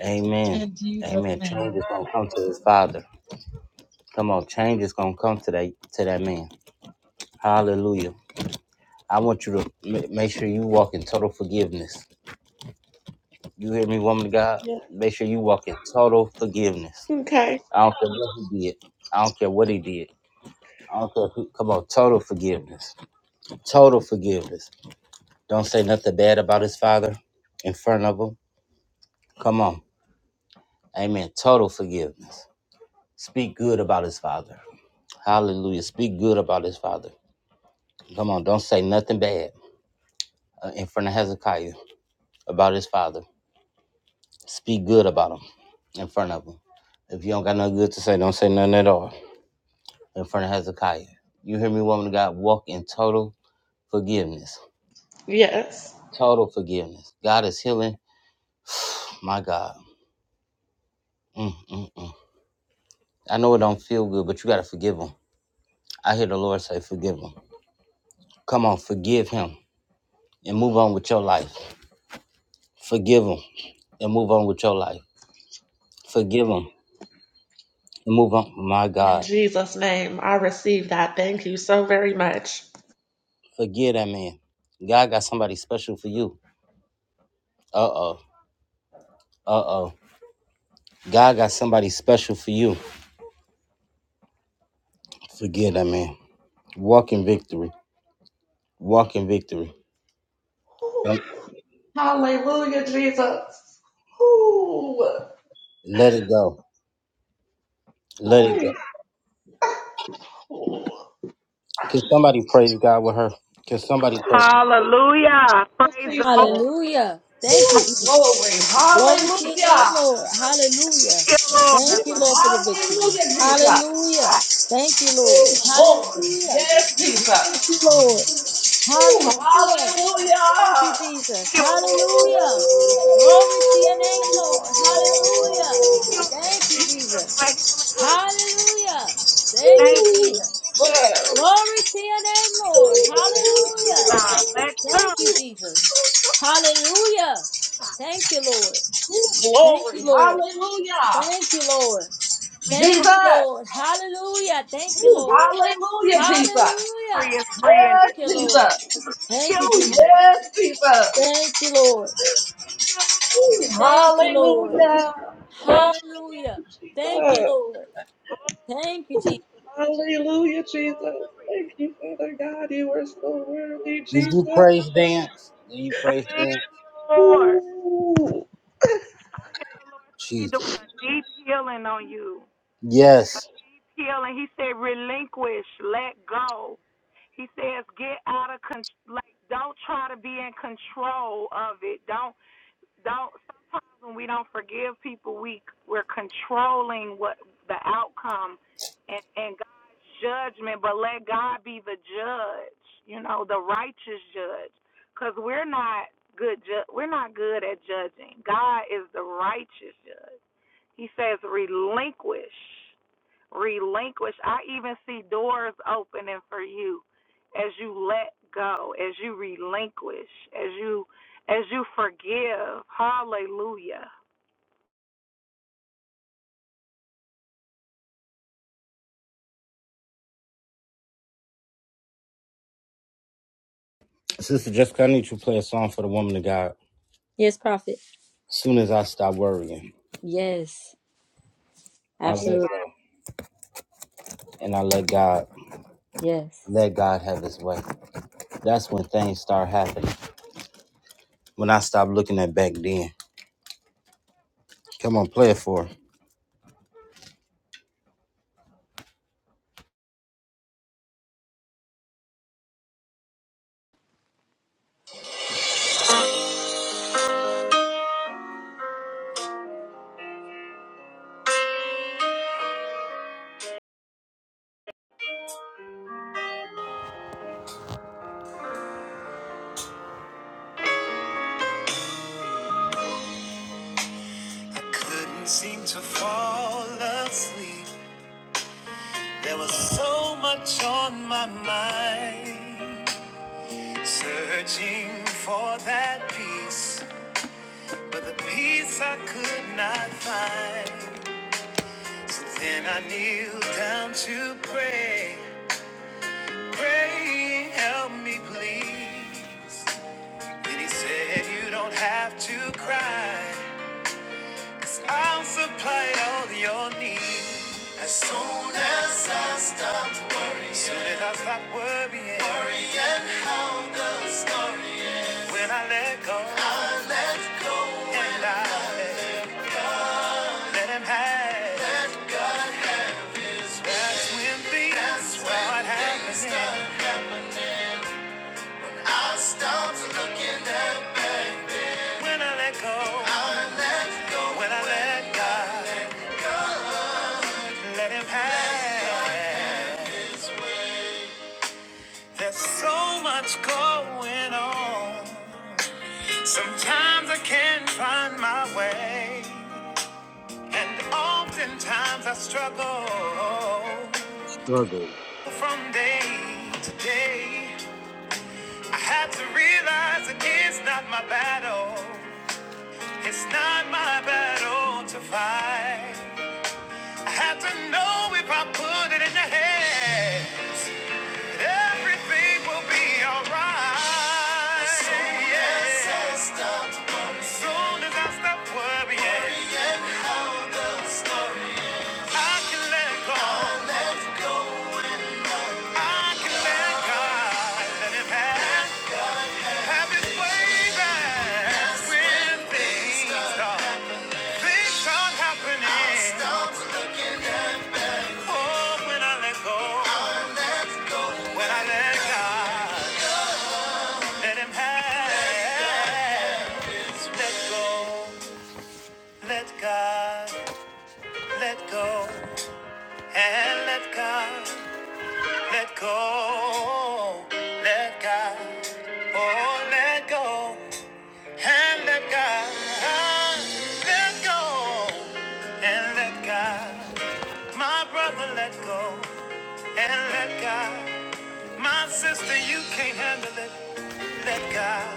[SPEAKER 1] Amen.
[SPEAKER 7] In Jesus'
[SPEAKER 1] Amen. Change
[SPEAKER 7] name.
[SPEAKER 1] is gonna come to his father. Come on, change is gonna come to that to that man. Hallelujah. I want you to ma- make sure you walk in total forgiveness. You hear me, woman of God?
[SPEAKER 7] Yeah.
[SPEAKER 1] Make sure you walk in total forgiveness.
[SPEAKER 7] Okay.
[SPEAKER 1] I don't care what he did. I don't care what he did. I don't care who. Come on, total forgiveness. Total forgiveness. Don't say nothing bad about his father in front of him. Come on. Amen. Total forgiveness. Speak good about his father. Hallelujah. Speak good about his father. Come on. Don't say nothing bad uh, in front of Hezekiah about his father. Speak good about him in front of him. If you don't got nothing good to say, don't say nothing at all. in front of Hezekiah. You hear me, woman of God? Walk in total forgiveness.
[SPEAKER 7] Yes.
[SPEAKER 1] Total forgiveness. God is healing. My God. Mm, mm, mm. I know it don't feel good, but you got to forgive him. I hear the Lord say, forgive him. Come on, forgive him and move on with your life. Forgive him and move on with your life. Forgive him and move on. My
[SPEAKER 7] In
[SPEAKER 1] God.
[SPEAKER 7] Jesus' name, I receive that. Thank you so very much.
[SPEAKER 1] Forgive that man. God got somebody special for you. Uh oh. Uh oh. God got somebody special for you. Forgive that man. Walk in victory. Walk in victory.
[SPEAKER 7] Ooh.
[SPEAKER 1] Don't
[SPEAKER 7] Hallelujah, Jesus. Ooh.
[SPEAKER 1] let it go. Let it go.
[SPEAKER 7] Ooh. Ooh.
[SPEAKER 1] Can somebody praise God with her? Can somebody praise?
[SPEAKER 6] Hallelujah.
[SPEAKER 7] Yes,
[SPEAKER 6] Praise the
[SPEAKER 7] Jesus.
[SPEAKER 6] Lord.
[SPEAKER 4] hallelujah thank you jesus
[SPEAKER 7] Ooh, glory.
[SPEAKER 4] Glory to your name,
[SPEAKER 7] Hallelujah.
[SPEAKER 4] Lord.
[SPEAKER 6] Thank
[SPEAKER 4] Hallelujah.
[SPEAKER 6] you, Lord.
[SPEAKER 4] Thank you,
[SPEAKER 7] Ooh,
[SPEAKER 4] Lord, for the victory.
[SPEAKER 7] hallelujah, Jesus.
[SPEAKER 4] Hallelujah. Thank you, Lord.
[SPEAKER 7] Ooh, glory.
[SPEAKER 4] Hallelujah.
[SPEAKER 7] Yes,
[SPEAKER 4] Thank
[SPEAKER 7] Jesus.
[SPEAKER 4] you, Lord.
[SPEAKER 7] Ooh,
[SPEAKER 4] Hallelujah.
[SPEAKER 7] hallelujah.
[SPEAKER 4] Thank you, Jesus. Hallelujah. Glory to your name, Lord. Hallelujah. Thank you, Jesus. Hallelujah. Thank you,
[SPEAKER 6] Thank
[SPEAKER 7] Ooh,
[SPEAKER 4] Jesus.
[SPEAKER 6] you.
[SPEAKER 7] well. Ooh,
[SPEAKER 4] Glory to your name, Lord. Hallelujah.
[SPEAKER 6] God. Let go.
[SPEAKER 4] Thank you, Jesus. Hallelujah. Thank you, Lord. Thank
[SPEAKER 7] Glory.
[SPEAKER 4] you, Lord.
[SPEAKER 7] Hallelujah.
[SPEAKER 4] Thank you, Lord.
[SPEAKER 6] We pray
[SPEAKER 4] Thank you,
[SPEAKER 7] Jesus.
[SPEAKER 4] Lord. Hallelujah. Thank you,
[SPEAKER 7] Ooh,
[SPEAKER 4] Lord.
[SPEAKER 7] hallelujah, Jesus.
[SPEAKER 6] free
[SPEAKER 4] Hallelujah.
[SPEAKER 6] is free
[SPEAKER 7] Yes,
[SPEAKER 4] Thank
[SPEAKER 6] indeed.
[SPEAKER 4] you, Lord.
[SPEAKER 7] Jesus.
[SPEAKER 6] Thank
[SPEAKER 4] Thank
[SPEAKER 6] you,
[SPEAKER 4] you,
[SPEAKER 7] Ooh,
[SPEAKER 4] Jesus.
[SPEAKER 7] yes, Jesus.
[SPEAKER 4] Thank you, Lord. Thank you, Lord.
[SPEAKER 7] Hallelujah.
[SPEAKER 6] Lord.
[SPEAKER 4] Hallelujah. Thank you,
[SPEAKER 7] Jesus.
[SPEAKER 4] Lord. Thank you, Jesus.
[SPEAKER 7] Hallelujah, Jesus. Thank you, Father God. You are so worthy,
[SPEAKER 1] Did you
[SPEAKER 7] Jesus.
[SPEAKER 1] praise dance? Did you praise
[SPEAKER 6] Thank
[SPEAKER 1] dance?
[SPEAKER 6] you, Lord.
[SPEAKER 7] Ooh.
[SPEAKER 6] I say He's
[SPEAKER 1] Jesus.
[SPEAKER 6] doing a deep healing on you. A
[SPEAKER 1] Yes.
[SPEAKER 6] healing. He said, relinquish, let go. He says, get out of control. Like, don't try to be in control of it. Don't don't sometimes when we don't forgive people we we're controlling what the outcome and and God's judgment but let God be the judge you know the righteous judge cuz we're not good ju- we're not good at judging God is the righteous judge he says relinquish relinquish. I even see doors opening for you as you let go, as you relinquish, as you as you forgive. Hallelujah.
[SPEAKER 1] Sister Jessica, I need you to play a song for the woman of God.
[SPEAKER 4] Yes, prophet.
[SPEAKER 1] As soon as I stop worrying,
[SPEAKER 4] Yes.
[SPEAKER 1] I let
[SPEAKER 4] Absolutely.
[SPEAKER 1] go. And I let God
[SPEAKER 4] Yes.
[SPEAKER 1] let God have his way. That's when things start happening. When I stop looking at back then. Come on, play it for her.
[SPEAKER 4] I couldn't seem to fall asleep. There was so much on my mind. Searching for that peace. But the peace I could not find. So then I kneeled down to pray. Pray, help me please. Then he said, You don't have to cry. Cause I'll supply all your needs. As soon as I stopped worrying. Soon as I stopped worrying. Worrying how the story ends. When I let go. I let go. And I let, let him have. That's when things That's when start happening. I stop When I let go, when I let God, let Him have. There's so much going on. Sometimes I can't find my way, and oftentimes I struggle
[SPEAKER 1] Struggle.
[SPEAKER 4] from day to day. I had to realize it is not my battle. It's not my battle to fight. I have to know if I put it in the hands. that Everything will be alright. As soon as yes. As soon as I stop worrying, worrying. I can let go. i I can let God let Him have, have His way back. When things start, things start happening. Oh, when I let go. When I let God, let Him have. Let go, let God, let go, and let God, let go, let God, oh let go, and let God, let go, and let God, my brother, let go, and let God, my sister, you can't handle it, let God.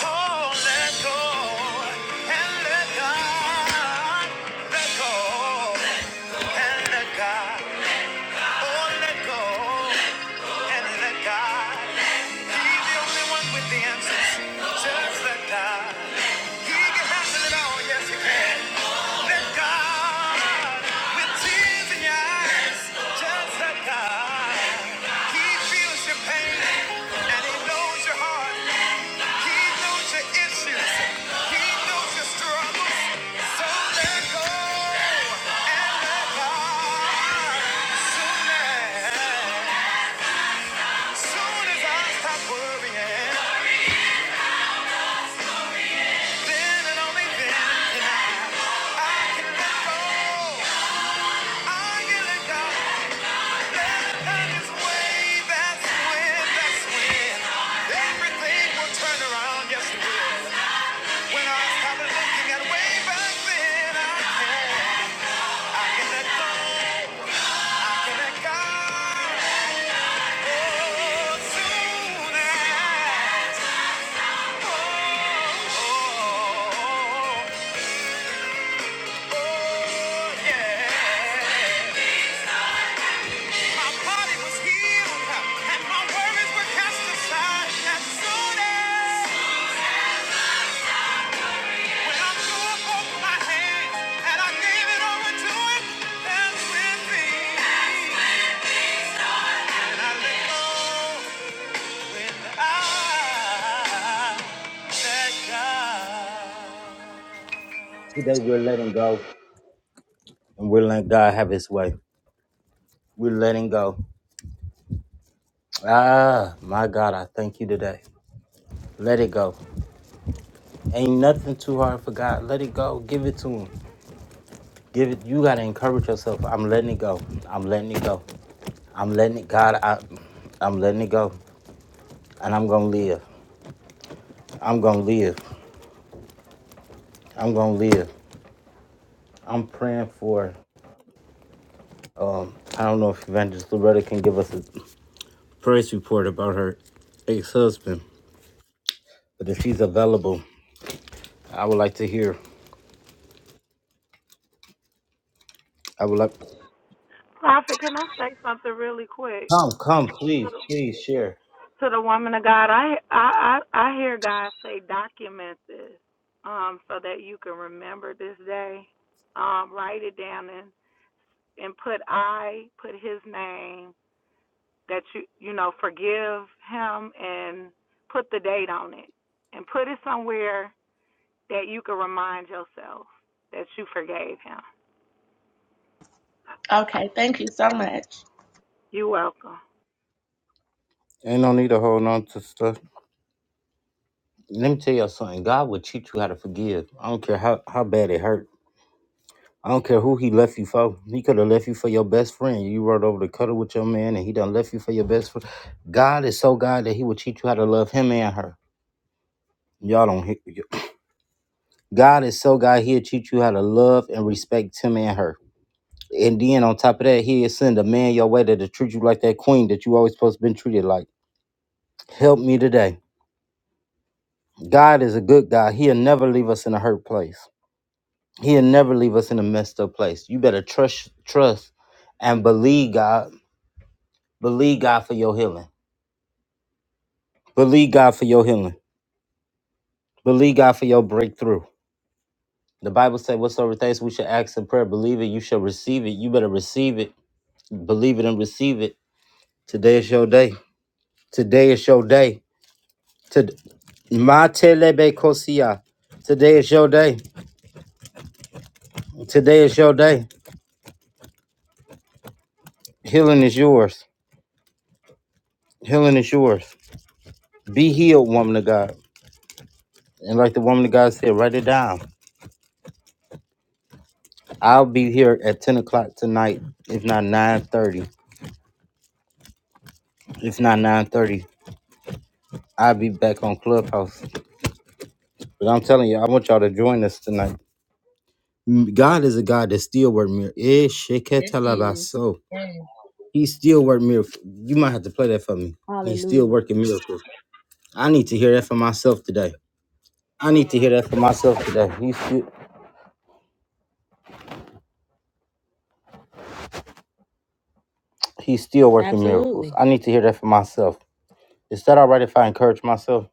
[SPEAKER 4] Oh, let go and let God. Let go and let God. Oh, let go and let God. He's the only one with the answers. Just let God. He can handle it all. Yes, he can. Let God. With tears in your eyes. Just let God. He feels your pain and he knows your heart. He knows your issues. He knows your struggles. So let go and let God. Soon as, soon as I stop worrying, then and only then can I, let go. I can let God. Let God His way. That's when, that's when everything will turn around. Yes, it will. When I stop looking at way back then, I can. My body was healed, and my worries were cast aside. As soon as When I
[SPEAKER 1] Today we're letting go. And we're letting God have his way. We're letting go. Ah, my God, I thank you today. Let it go. Ain't nothing too hard for God. Let it go. Give it to Him. Give it. You gotta encourage yourself. I'm letting it go. I'm letting it go. I'm letting it. God, I, I'm letting it go, and I'm gonna live. I'm gonna live. I'm gonna live. I'm praying for. Um, I don't know if Evangelist Loretta can give us a praise report about her ex-husband, but if she's available, I would like to hear. I would like.
[SPEAKER 6] Prophet, can I say something really quick
[SPEAKER 1] Come, come,
[SPEAKER 6] to
[SPEAKER 1] please, please share.
[SPEAKER 6] the, to the woman of God? I I I, I hear God say, document this, um, so that you can remember this day. Um, write it down and and put I put His name that you you know forgive him and put the date on it and put it somewhere that you can remind yourself that you forgave him.
[SPEAKER 7] Okay, thank you so much.
[SPEAKER 6] You're welcome.
[SPEAKER 1] Ain't no need to hold on to stuff. Let me tell you all something. God will teach you how to forgive. I don't care how, how bad it hurt. I don't care who he left you for. He could have left you for your best friend. You rode over the cutter with your man and he done left you for your best friend. God is so God that he will teach you how to love him and her. Y'all don't hear. God is so God, he'll teach you how to love and respect him and her. And then on top of that, he'll send a man your way that'll treat you like that queen that you always supposed to been treated like. Help me today. God is a good God. He'll never leave us in a hurt place. He'll never leave us in a messed up place. You better trust, trust, and believe God. Believe God for your healing. Believe God for your healing. Believe God for your breakthrough. The Bible says, "Whatsoever things we should ask in prayer, believe it, you shall receive it." You better receive it. Believe it and receive it. Today is your day. Today is your day. Today, Matelebe Kosia. Today is your day. Today is your day. Healing is yours. Healing is yours. Be healed, woman of God. And like the woman of God said, write it down. I'll be here at ten o'clock tonight, if not nine thirty. If not nine thirty, I'll be back on Clubhouse. But I'm telling you, I want y'all to join us tonight. Mm, God is a God that still works miracles.
[SPEAKER 4] It is. Amen.
[SPEAKER 1] He still work miracles. You might have to play that for me. He's still
[SPEAKER 4] Hallelujah.
[SPEAKER 1] working miracles. I need to hear that for myself today. I need to hear that for myself today. He's still, he's still working miracles.
[SPEAKER 4] Absolutely.
[SPEAKER 1] I need to hear that for myself. Is that all right if I encourage myself?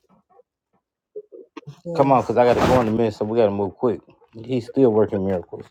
[SPEAKER 1] Come on,
[SPEAKER 4] Yes.
[SPEAKER 1] because I got to go in a minute, so we got to move quick. He's still working miracles.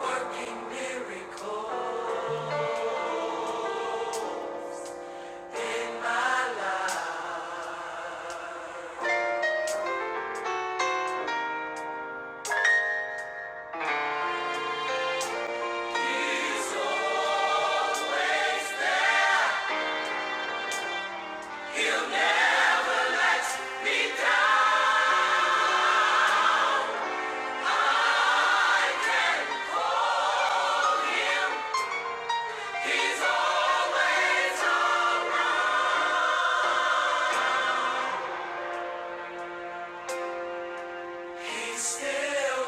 [SPEAKER 4] Working miracle in my life. He's always there. He'll never let me down. He's always around. He's still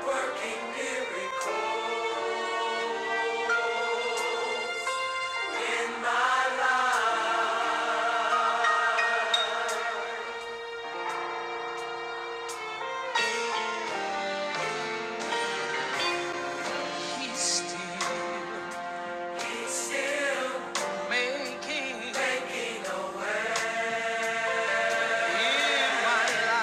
[SPEAKER 4] working miracles in my life. He's still making Never, I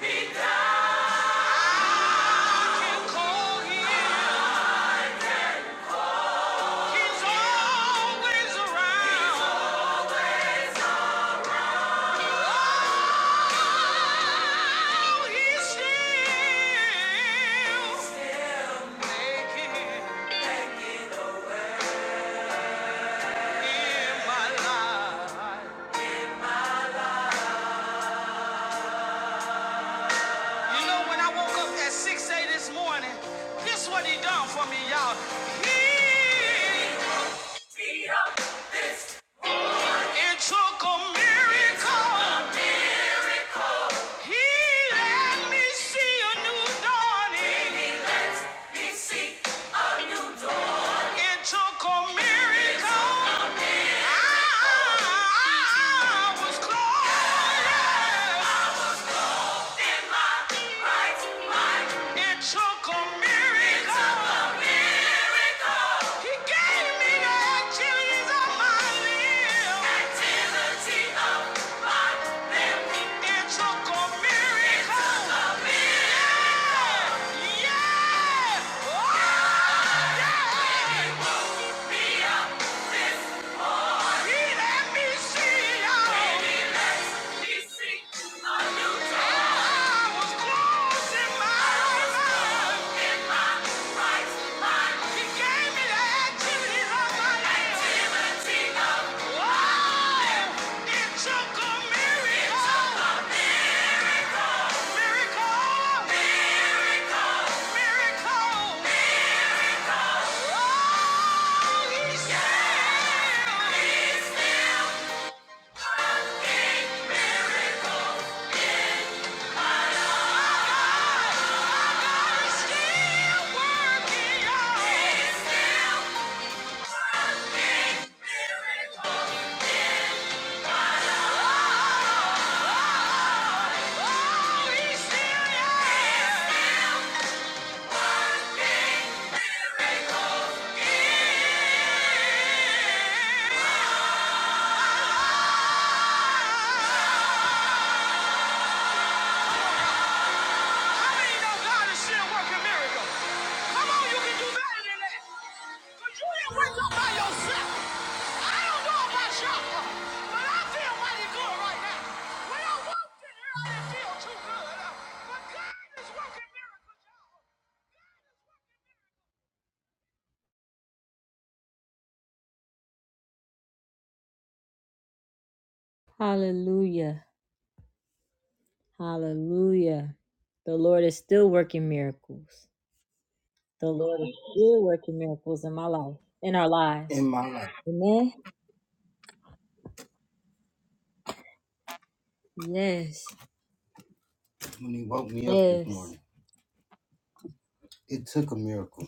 [SPEAKER 4] can call him. Oh, You know, when I woke up at 6 a.m. this morning, this what he done for me, y'all. He, it took a miracle. He let me see a new dawning. It took a miracle. I, was glorious. It took a miracle. He gave me the activities of my limbs. Activity of my limbs. It took a miracle. It took a miracle. Yeah. Yeah. Oh, yeah. He let me see, you Let me see a new dawn. I was closing my eyes. Miracle! Yeah. How many know God is still working miracles? Come on, you can do better than that. Because you didn't wake up by yourself. I don't know about y'all, but I feel mighty good right now. When I walked in here, I didn't feel too good. uh, But God is working miracles, y'all. Hallelujah. Hallelujah. The Lord is still working miracles. The Lord is still working miracles in my life, in our lives. Amen. Yes.
[SPEAKER 1] When he woke me up this
[SPEAKER 4] Yes.
[SPEAKER 1] morning, it took a miracle.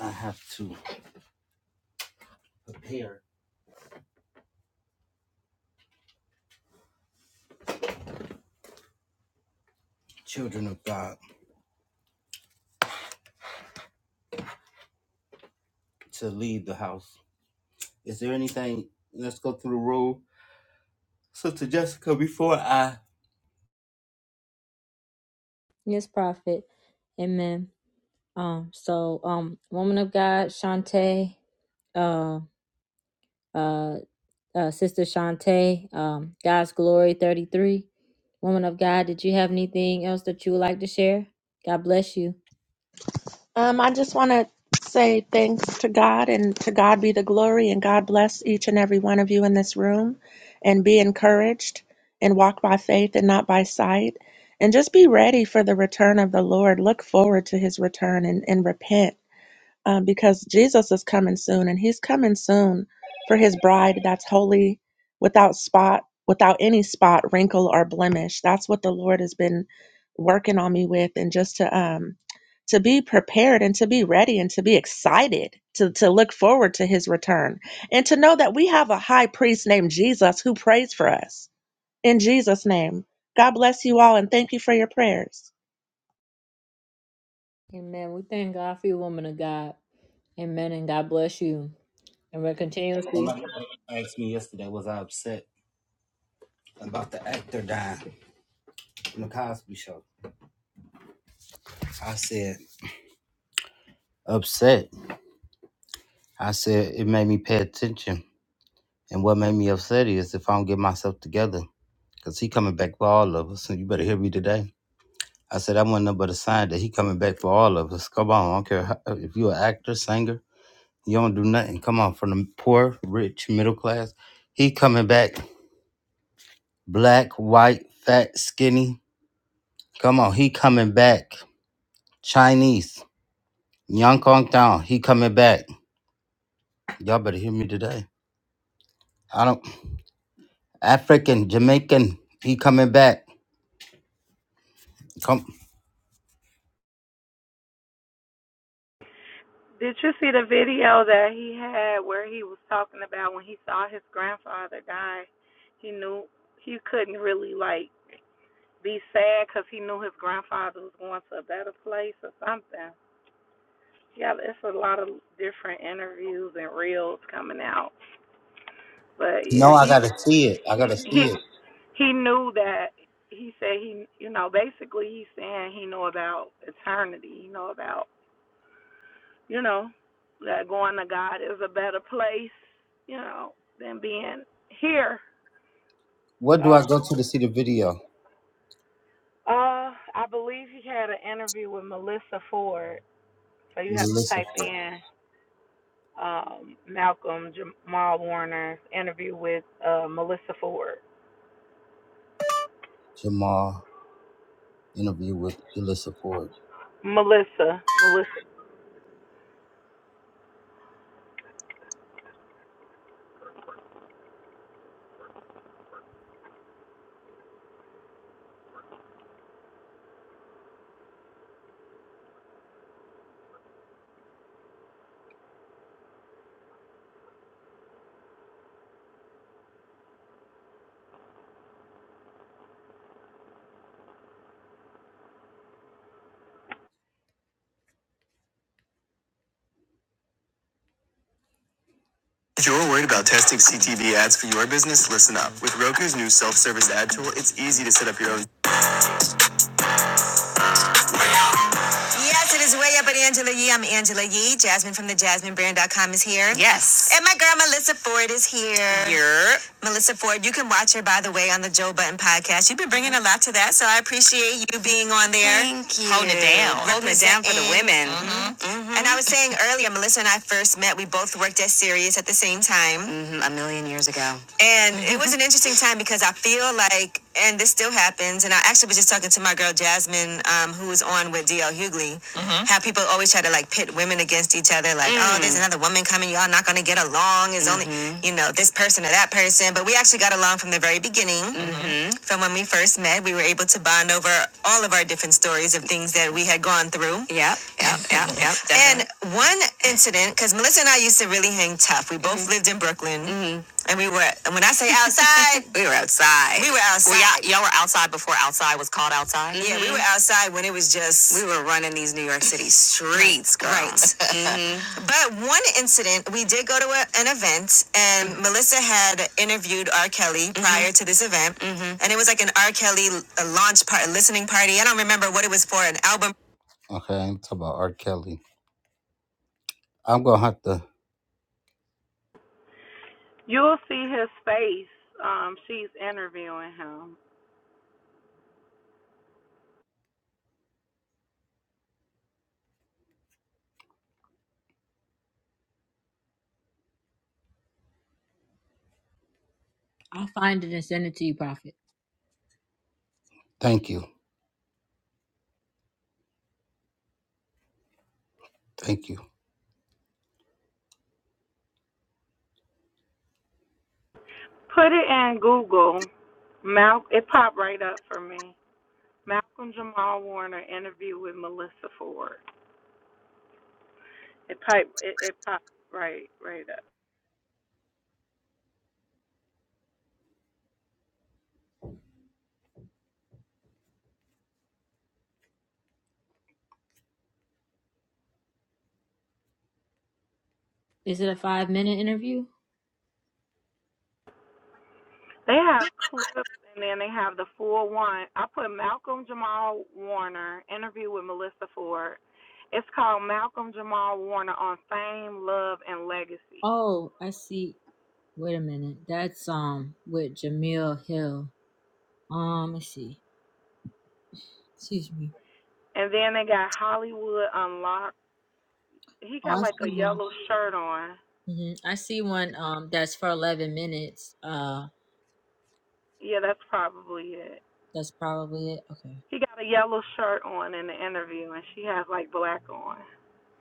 [SPEAKER 1] I have to prepare children of God to leave the house. Is there anything? Let's go through the rule. Sister Jessica, before I.
[SPEAKER 4] Yes, Prophet. Amen. Um, so um woman of God, Shantae, uh uh, uh sister Shantae, um, God's Glory 33. Woman of God, did you have anything else that you would like to share? God bless you.
[SPEAKER 7] Um, I just want to say thanks to God and to God be the glory and God bless each and every one of you in this room and be encouraged and walk by faith and not by sight. And just be ready for the return of the Lord. Look forward to his return and, and repent uh, because Jesus is coming soon, and He's coming soon for His bride that's holy, without spot, without any spot, wrinkle, or blemish. That's what the Lord has been working on me with, and just to um to be prepared and to be ready and to be excited to to look forward to His return and to know that we have a high priest named Jesus who prays for us in Jesus' name. God bless you all, and thank you for your prayers.
[SPEAKER 4] Amen. We thank God for you, woman of God. Amen. And God bless you. And we're continuously.
[SPEAKER 1] Somebody asked me yesterday, was I upset about the actor dying from the Cosby Show? I said, upset. I said, it made me pay attention. And what made me upset is if I don't get myself together. Cause he coming back for all of us. And you better hear me today. I said that wasn't nothing but a sign that he coming back for all of us. Come on, I don't care how, if you an actor, singer, you don't do nothing. Come on, from the poor, rich, middle class, he coming back. Black, white, fat, skinny. Come on, he coming back. Chinese, Young Kong Town, he coming back. Y'all better hear me today. I don't African, Jamaican, he coming back. Come,
[SPEAKER 6] Did you see the video that he had where he was talking about when he saw his grandfather die? He knew he couldn't really like be sad because he knew his grandfather was going to a better place or something. Yeah, it's a lot of different interviews and reels coming out. But yeah,
[SPEAKER 1] no, I
[SPEAKER 6] he
[SPEAKER 1] gotta see it. I
[SPEAKER 6] he
[SPEAKER 1] gotta
[SPEAKER 6] he
[SPEAKER 1] see it.
[SPEAKER 6] he knew that he said he you know basically he's saying he know about eternity he know about you know that going to god is a better place you know than being here
[SPEAKER 1] Where do I
[SPEAKER 6] so
[SPEAKER 1] go to to see the video?
[SPEAKER 6] uh i believe he had an interview with melissa ford so you have to
[SPEAKER 1] Melissa
[SPEAKER 6] type
[SPEAKER 1] Ford.
[SPEAKER 6] in um malcolm jamal warner's interview with uh melissa ford
[SPEAKER 1] Jamal interview with Melissa Ford.
[SPEAKER 6] melissa melissa
[SPEAKER 1] If you're worried about testing CTV ads for your business, listen up. With Roku's new self-service ad tool, it's easy to set up your own. Yes, it is way up at Angela Yee. I'm Angela Yee. Jasmine from the JasmineBrand.com is here. Yes. And my girl Melissa Ford is here. Melissa Ford, you can watch her, by the way, on the Joe Button podcast. You've been bringing a lot to that, so I appreciate you being on there. Thank you. Holding it down. Holding it down for the women. And I was saying earlier, Melissa and I first met. We both worked at Sirius at the same time. And it was an interesting time because I feel like, and this still happens, and I actually was just talking to my girl Jasmine, um, who was on with DL Hughley, mm-hmm. how people always try to like pit women against each other, like, mm. oh, there's another woman coming, y'all not gonna get along, it's mm-hmm. only, you know, this person or that person. But we actually got along from the very beginning, mm-hmm. from when we first met. We were able to bond over all of our different stories of things that we had gone through. Yeah. Yeah. Yeah. Yep. definitely. And one incident, because Melissa and I used to really hang tough. We both Mhm. lived in Brooklyn, Mhm. and we were. And when I say outside, we we were outside. Yeah, y'all were outside before outside was called outside. Mm-hmm. Yeah, we were Mhm. outside when it was just we were running these New York City streets, girl. Right. Mhm. But one incident, we did go to a, an event, and mm-hmm. Melissa had interviewed R. Kelly mm-hmm. prior Mhm. to this event, Mhm. and it was like an R. Kelly a launch party, listening party. I don't remember what it was for, an album Okay, I ain't talking about R. Kelly. I'm gonna have to
[SPEAKER 6] You'll see his face. Um, she's interviewing him.
[SPEAKER 4] I'll find it and send it to you, Prophet.
[SPEAKER 1] thank you. Thank you.
[SPEAKER 6] Put it in Google. Mal- it popped right up for me. Malcolm Jamal Warner interview with Melissa Ford. It pipe it, it popped right right up.
[SPEAKER 4] Is it a five minute interview?
[SPEAKER 6] They have clips and then they have the full one. I put Malcolm Jamal Warner interview with Melissa Ford. It's called Malcolm Jamal Warner on Fame, Love, and Legacy.
[SPEAKER 4] Oh, I see. Wait a minute. That's um with Jamil Hill. Um, let's see. Excuse me.
[SPEAKER 6] And then they got Hollywood Unlocked He
[SPEAKER 4] Oh,
[SPEAKER 6] got
[SPEAKER 4] I
[SPEAKER 6] like a
[SPEAKER 4] see one.
[SPEAKER 6] yellow shirt on.
[SPEAKER 4] hmm I see one. Um, that's for eleven minutes. Uh,
[SPEAKER 6] Yeah, that's probably it.
[SPEAKER 4] that's probably it. Okay,
[SPEAKER 6] He got a yellow shirt on in the interview, and she has like black on.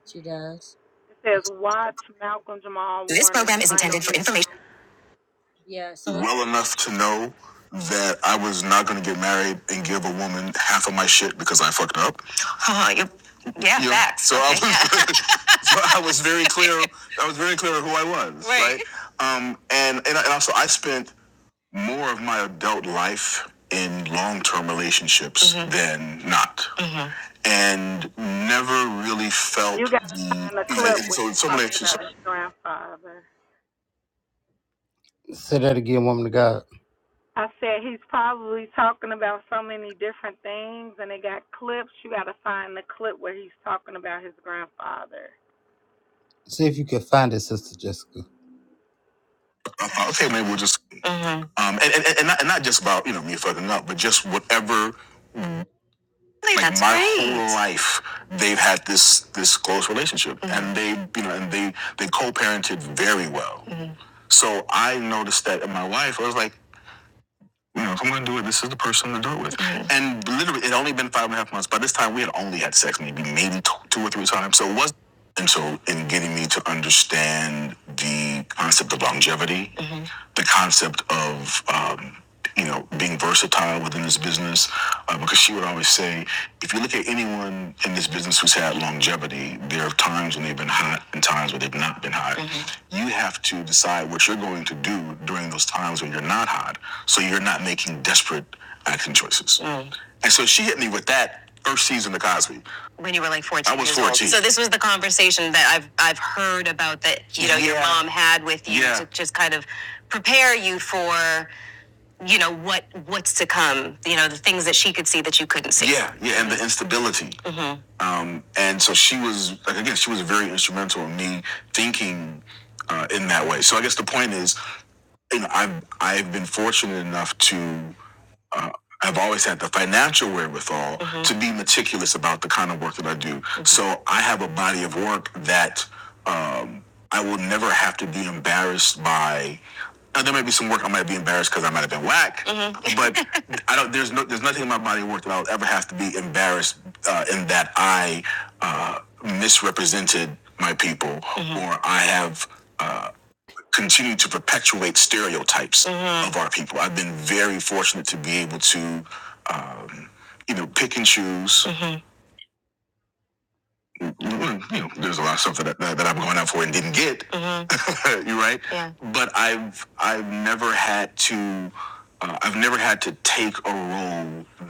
[SPEAKER 4] she does.
[SPEAKER 6] It says,
[SPEAKER 4] Okay.
[SPEAKER 6] "Watch Malcolm Jamal
[SPEAKER 1] This
[SPEAKER 6] Warner's
[SPEAKER 1] program is
[SPEAKER 6] final
[SPEAKER 1] intended for
[SPEAKER 6] video."
[SPEAKER 1] information.
[SPEAKER 4] Yeah. So it's
[SPEAKER 1] Oh, you yeah, yeah. facts. So I Okay, was yeah. right. right? Never
[SPEAKER 6] You gotta find a clip where he talks about his grandfather.
[SPEAKER 1] say that again, woman of God.
[SPEAKER 6] I said he's probably talking about so many different things, and they got clips. You gotta find the clip where he's talking about his grandfather.
[SPEAKER 1] See if you can find it, Sister Jessica. Like, That's my great. whole- so I noticed that in my wife, I was like, you know, if I'm gonna do it, this is the person to do it with. Mhm. And literally, it had only been five and a half months. By this time, we had only maybe maybe two, two or three times. So it was and so in getting me to understand the concept of longevity the concept of um, you know being versatile within this business uh, because she would always say if you look at anyone in this business who's had longevity there are times when they've been hot and times when they've not been hot Mm-hmm. you have to decide what you're going to do during those times when you're not hot so you're not making desperate acts and so when you were like 14 I was years old. 14 Old. so this was the conversation that I've I've heard you know yeah. your Yeah. mom had with you Yeah. to just kind of prepare you for you know what what's to come you know the things that she could see that you couldn't see yeah yeah and the instability Mm-hmm. um and so she was like again she was very instrumental in me thinking uh, in that way so i guess the point is you know i've i've been fortunate enough to i've always had the financial wherewithal It's about the kind of work that i do I have a body of work that um, I will never have to be embarrassed by. Now, there might be some work I might be embarrassed because I might have been whack, Mhm. but I don't. There's no. There's nothing in my body of work that I'll ever have to be embarrassed. Mhm. Wait, stare. Of, you know, mm-hmm. you know, there's a lot of that that I'm. Mm-hmm. you're right. Yeah. But I've I've never had to. Uh, I've never had to take on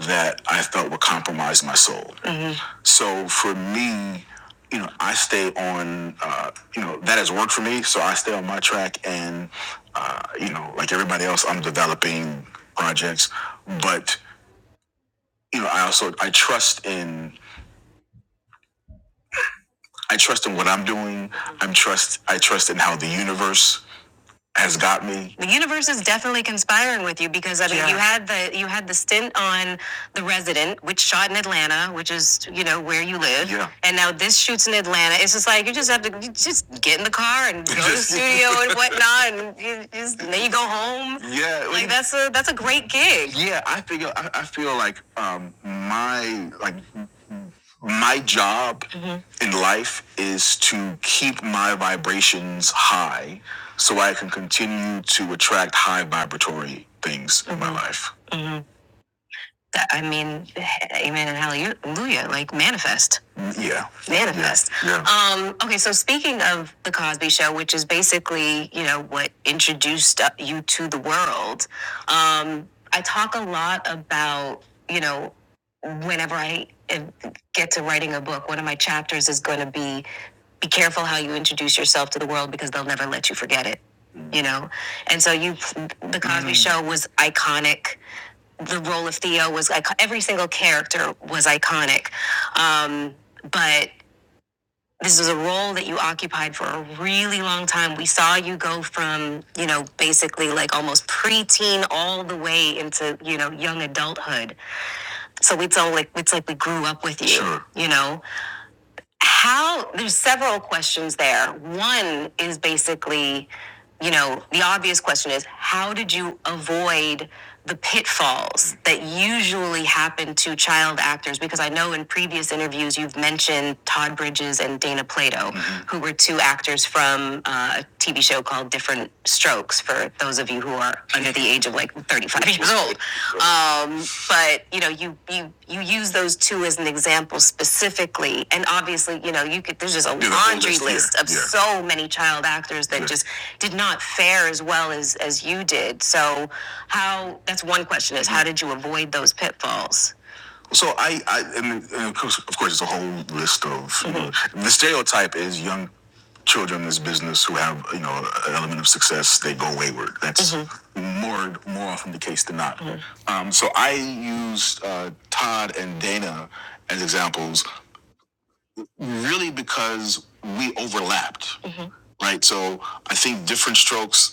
[SPEAKER 1] that I felt would compromise my soul. So for me, you know, I stay on, uh, you know, that has worked for me. I stay back and, uh, you know, like everybody else, I'm developing projects, but you know, I also I trust in I trust in what I'm doing. I'm trust I trust in how the universe has got me. The universe is definitely conspiring with you because I mean, yeah. you Yeah. had the you had the stint on The Resident, which shot in Atlanta, which is you know where you live, Yeah. and now this shoots in Atlanta. It's just like you just have to you just get in the car and go to the studio and whatnot, and you just and then you go home. Yeah. Like that's a that's a great gig. Yeah, I figure I, I feel like um, my like my job mm-hmm. in life is to vibrations high so I can continue to attract high vibratory things mm-hmm. in my life. Mm-hmm. I mean, amen and hallelujah, like manifest. Yeah. Manifest. Yeah. Yeah. Um, okay, so speaking of The Cosby Show, which is basically, you know, what introduced uh, you to the world, um, I talk a lot about, you know, whenever I uh, get to writing a book, one of my chapters is going to be be careful how you introduce yourself to the world because they'll never let you forget it, you know? And so you, The Cosby Mm. Show was iconic the role of Theo was ic- every single character was iconic, um, but this was a role that you occupied for a really long time. We saw you go from you know basically like almost preteen all the way into you know young adulthood. So it's all like it's like we grew up with you, Sure. you know how there's several questions there. One is basically, you know, the obvious question is how did you avoid the pitfalls that usually happen to child actors? Because I know in previous interviews you've mentioned Todd Bridges and Dana Plato, Mhm. who were two actors from uh, a TV show called Different Strokes, for those of you who are under the age of like 35 years old. Um, but you know, you you you use those two as an example specifically, and obviously, you know, you could there's just a Yeah, the laundry list, yeah, of yeah. so many child actors that yeah. just did not fare as well as as you did. So, how that's one question is how did you avoid those pitfalls? So I, I and, of course, of course, it's a whole list of mm-hmm. you know, the stereotype is young children in this business who have you know an element of success they go wayward that's Mhm. more more often the case than not Mhm. um, so i used uh, todd and dana as examples really because we overlapped Mhm. right so i think different strokes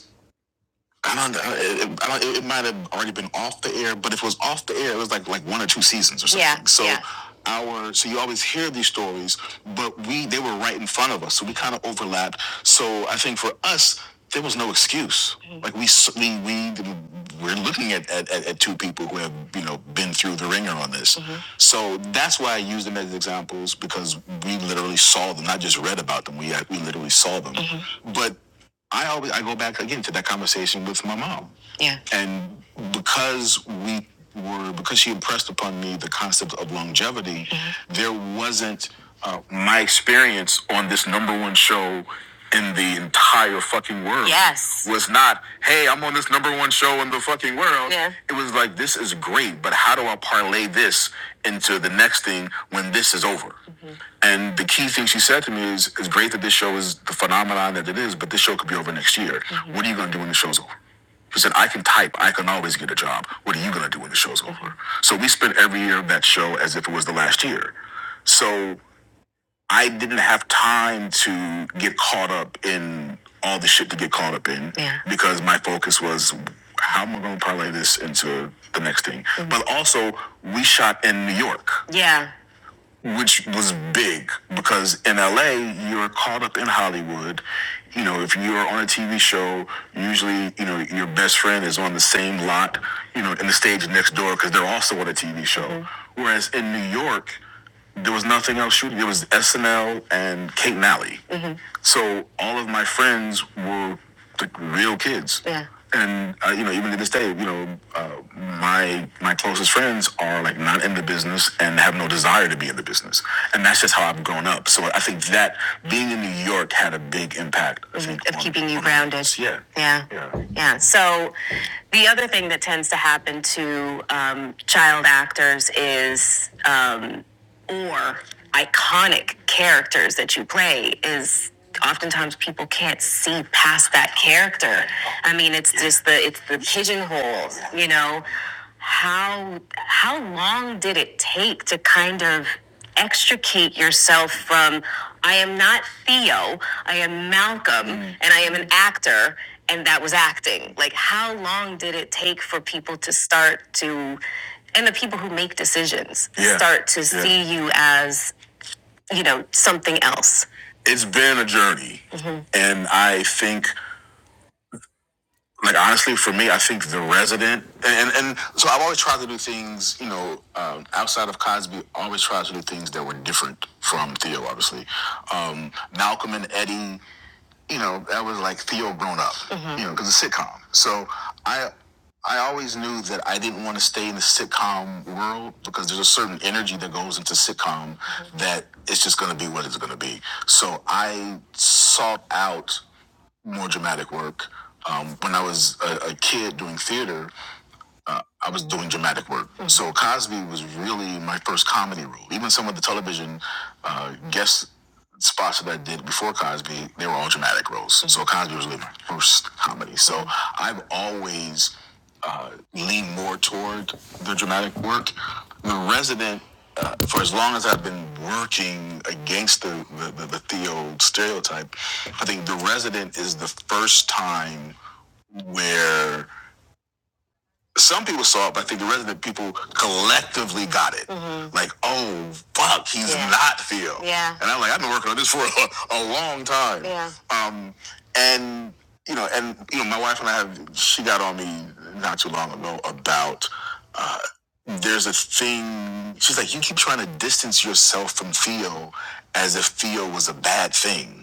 [SPEAKER 1] uh, I don't- know. it, it it might have already been off the air, but if it was off the air, it was like like one or two seasons or something. Yeah, so yeah. our so you always hear these stories, but we they were right in front of us, so we kind of overlapped. So I think for us, there was no excuse. Mhm. Like we we we we're looking at, at at two people who have you know been through the ringer on this. Mhm. So that's why I use them as examples because we literally saw them, not just read about them. We we literally saw them, Mhm. but. I always I go back again to that conversation with my mom. Yeah. And because we were, because she impressed upon me the concept of longevity, Mhm. there wasn't uh, my experience on this number one show in the entire fucking world. Yes. Was not, hey, I'm on this number one show in the fucking world. Yeah. It was like, this is great, but how do I parlay this into the next thing when this is over? Mm-hmm. And the key thing she said to me is, it's great that this show is the phenomenon that it is, but this show could be over next year. Mm-hmm. What are you going to do when the show's over? He said, I can type. I can always get a job. What are you going to do when the show's over? So we spent every year of that show as if it was the last year. So I didn't have time to get caught up in all the shit to get caught up in Yeah. because my focus was how am I going to parlay this into the next thing? Mhm. But also, we shot in New York. Yeah which was big because in LA you're caught up in Hollywood. You know, if you're on a TV show, usually you know your best friend is on the same lot, you know, in the stage next door because they're also on a TV show. Mm-hmm. Whereas in New York, there was nothing else shooting. It was SNL and Kate Nally. Mm-hmm. So all of my friends were the real kids. Yeah. And uh, you know, even to this day, you know, uh, my my closest friends are like not in the business and have no desire to be in the business, and that's just how I've grown up. So I think that being in New York had a big impact. I think, of on- keeping you on- grounded. Yeah. Yeah. Yeah. Yeah. So the other thing that tends to happen to um, child actors is um, or iconic characters that you play is oftentimes people can't see past that character. I mean, it's just the it's the pigeonhole, you know. How how long did it take to kind of extricate yourself from I am not Theo, I am Malcolm, Mm. and I am an actor, and that was acting. Like, how long did it take for people to start to, and the people who make decisions, Yeah. start to Yeah. see you as, you know, something else? It's been a journey. Mhm. And I think like honestly for me i think the resident and and, and so i've always tried to do things you know um, outside of cosby always tried to do things that were different from theo obviously um, malcolm and eddie you know that was like theo grown up Mhm. you know because it's a sitcom so i I always knew that I didn't want to stay in the sitcom world because there's a certain energy that goes into sitcom mm-hmm. that it's just going to be what it's going to be. So I sought out more dramatic work. Um, when I was a, a kid doing theater, I was doing dramatic work. Mm-hmm. So Cosby was really my first comedy role. Even some of the television uh, guest spots that I did before Cosby, they were all dramatic roles. Mm-hmm. So Cosby was really my first comedy. So I've always uh, leaned more toward the dramatic work. The resident, uh, for as long as I've been working against the, the, the, the Theo stereotype, I think The Resident is the first time where some people saw it, but I think the resident people collectively got it. Mhm. Like, oh fuck, he's Yeah. not Theo. Yeah. And I'm like, I've been working on this for a, a long time. Yeah. And you know, and you know, my wife and I have she got on me not too long ago about there's a thing she's like, You keep trying to distance yourself from Theo as if Theo was a bad thing.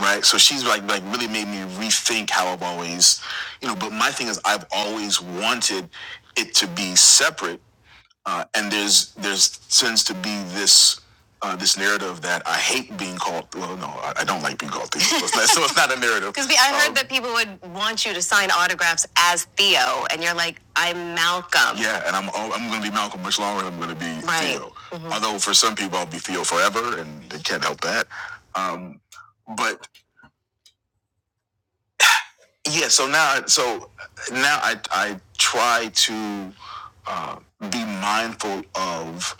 [SPEAKER 1] Right. So she's like like really made me rethink how I've always you know, but my thing is I've always wanted it to be separate uh, and there's there's tends to be this uh, this narrative that I hate being called. Well, no, I, I don't like being called Theo. So it's not, so it's not a narrative. Because I heard Um, that people would want you to sign autographs as Theo, and you're like, I'm Malcolm. Yeah, and I'm I'm going to be Malcolm much longer. than I'm going to be right. Theo. Mhm. Although for some people, I'll be Theo forever, and they can't help that. Um, but yeah, so now so now I I try to uh, be mindful of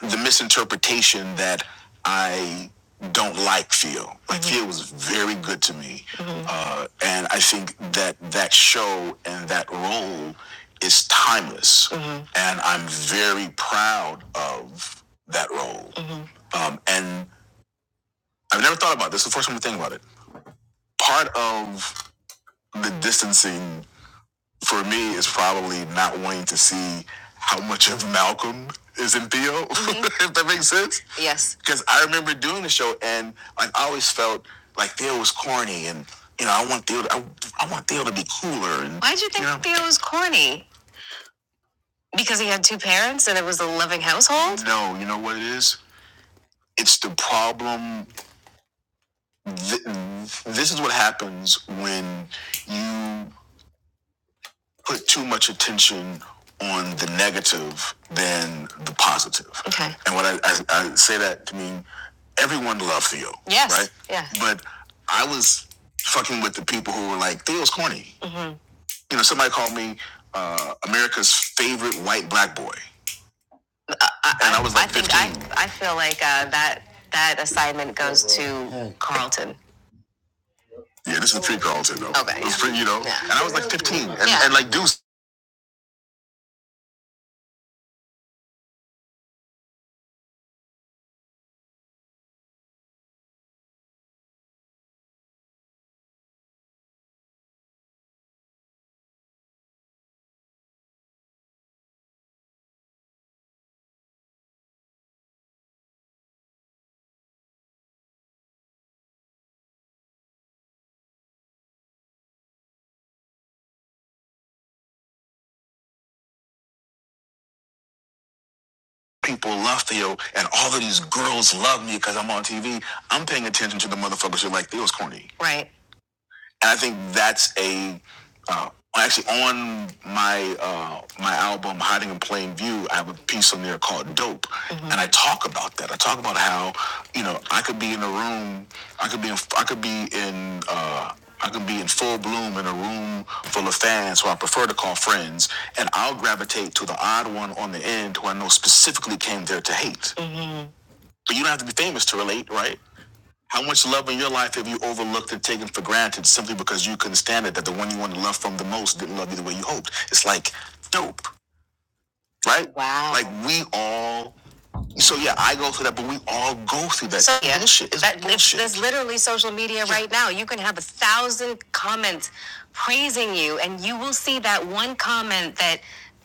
[SPEAKER 1] the misinterpretation that I don't like Feel. Like mm-hmm. Feel was very good to me, Mm-hmm. uh, and I think that that show and that role is timeless, Mm-hmm. and I'm very proud of that role. Mm-hmm. Um, and I've never thought about this. It's the first time to think about it. Part of the distancing for me is probably not wanting to see how much of Malcolm is in Theo, mm-hmm. if that makes sense. Yes. Because I remember doing the show and like I always felt like Theo was corny and you know I want Theo to, I, I want Theo to be cooler. And, Why'd you think you know? Theo was corny? Because he had two parents and it was a loving household. No, you know what it is. It's the problem. Th- this is what happens when you put too much attention on the negative than the positive. Okay. And what I, I, I say that to mean everyone loved Theo. Yes. Right? Yeah. But I was fucking with the people who were like, Theo's corny. Mm-hmm. You know, somebody called me uh, America's favorite white black boy. Uh, I, and I was like I fifteen. think I, I feel like uh, that that assignment goes to Carlton. Yeah, this is pre Carlton though. Okay. It was pre, you know, yeah. and I was like 15, and, Yeah. and like Deuce people love Theo and all of these girls love me because I'm on TV, I'm paying attention to the motherfuckers who are like Theo's corny. Right and I think that's a uh, well, actually on my uh, my album Hiding in Plain View. I have a piece on there called Dope, Mm-hmm. and I talk about that. I talk about how you know I could be in a room, I could be in, I could be in. Uh, I could be in full bloom in a room full of fans who I prefer to call friends, and I'll gravitate to the odd one on the end who I know specifically came there to hate. Mm-hmm. But you don't have to be famous to relate, right? How much love you overlooked and taken for granted simply because you couldn't stand it that the one you wanted to love from the most didn't love you the way you hoped. It's like dope, right? Wow. Like we all, I go through that, but we all go through that. So, yeah, bullshit. It's that, bullshit. There's literally social media yeah. right now. You can have a thousand comments praising you, and you will see that one comment that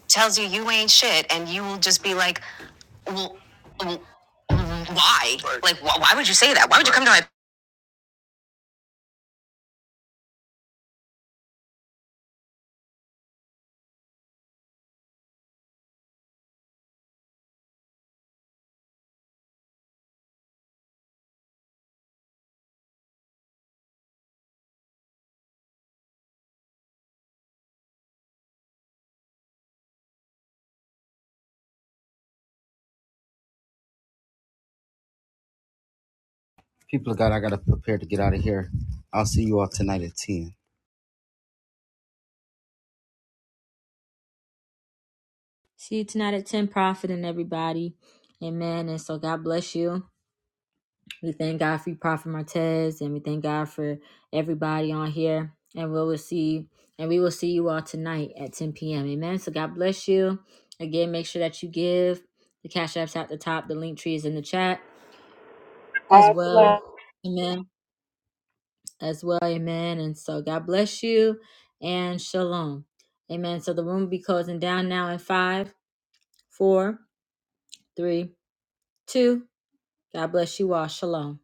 [SPEAKER 1] tells you you ain't shit, and you will just be like, well, well, why? Right. Like, wh- why would you say that? Why would right. you come to my People of God, I gotta prepare to get out of here. I'll see you all tonight at ten.
[SPEAKER 4] see tonight at ten. Profit and everybody. Amen. And so God bless you. We thank God for you, Prophet Martez, and we thank God for everybody on here. And we will see. And we will see you all tonight at ten p.m. Amen. So God bless you. Again, make sure that you give. The cash app's at the top. The link tree is in the chat. as
[SPEAKER 6] I
[SPEAKER 4] well. Amen. As well. Amen. And so God bless you and shalom. Amen. So the room will be closing down now in five, four, three, two. God bless you all. Shalom.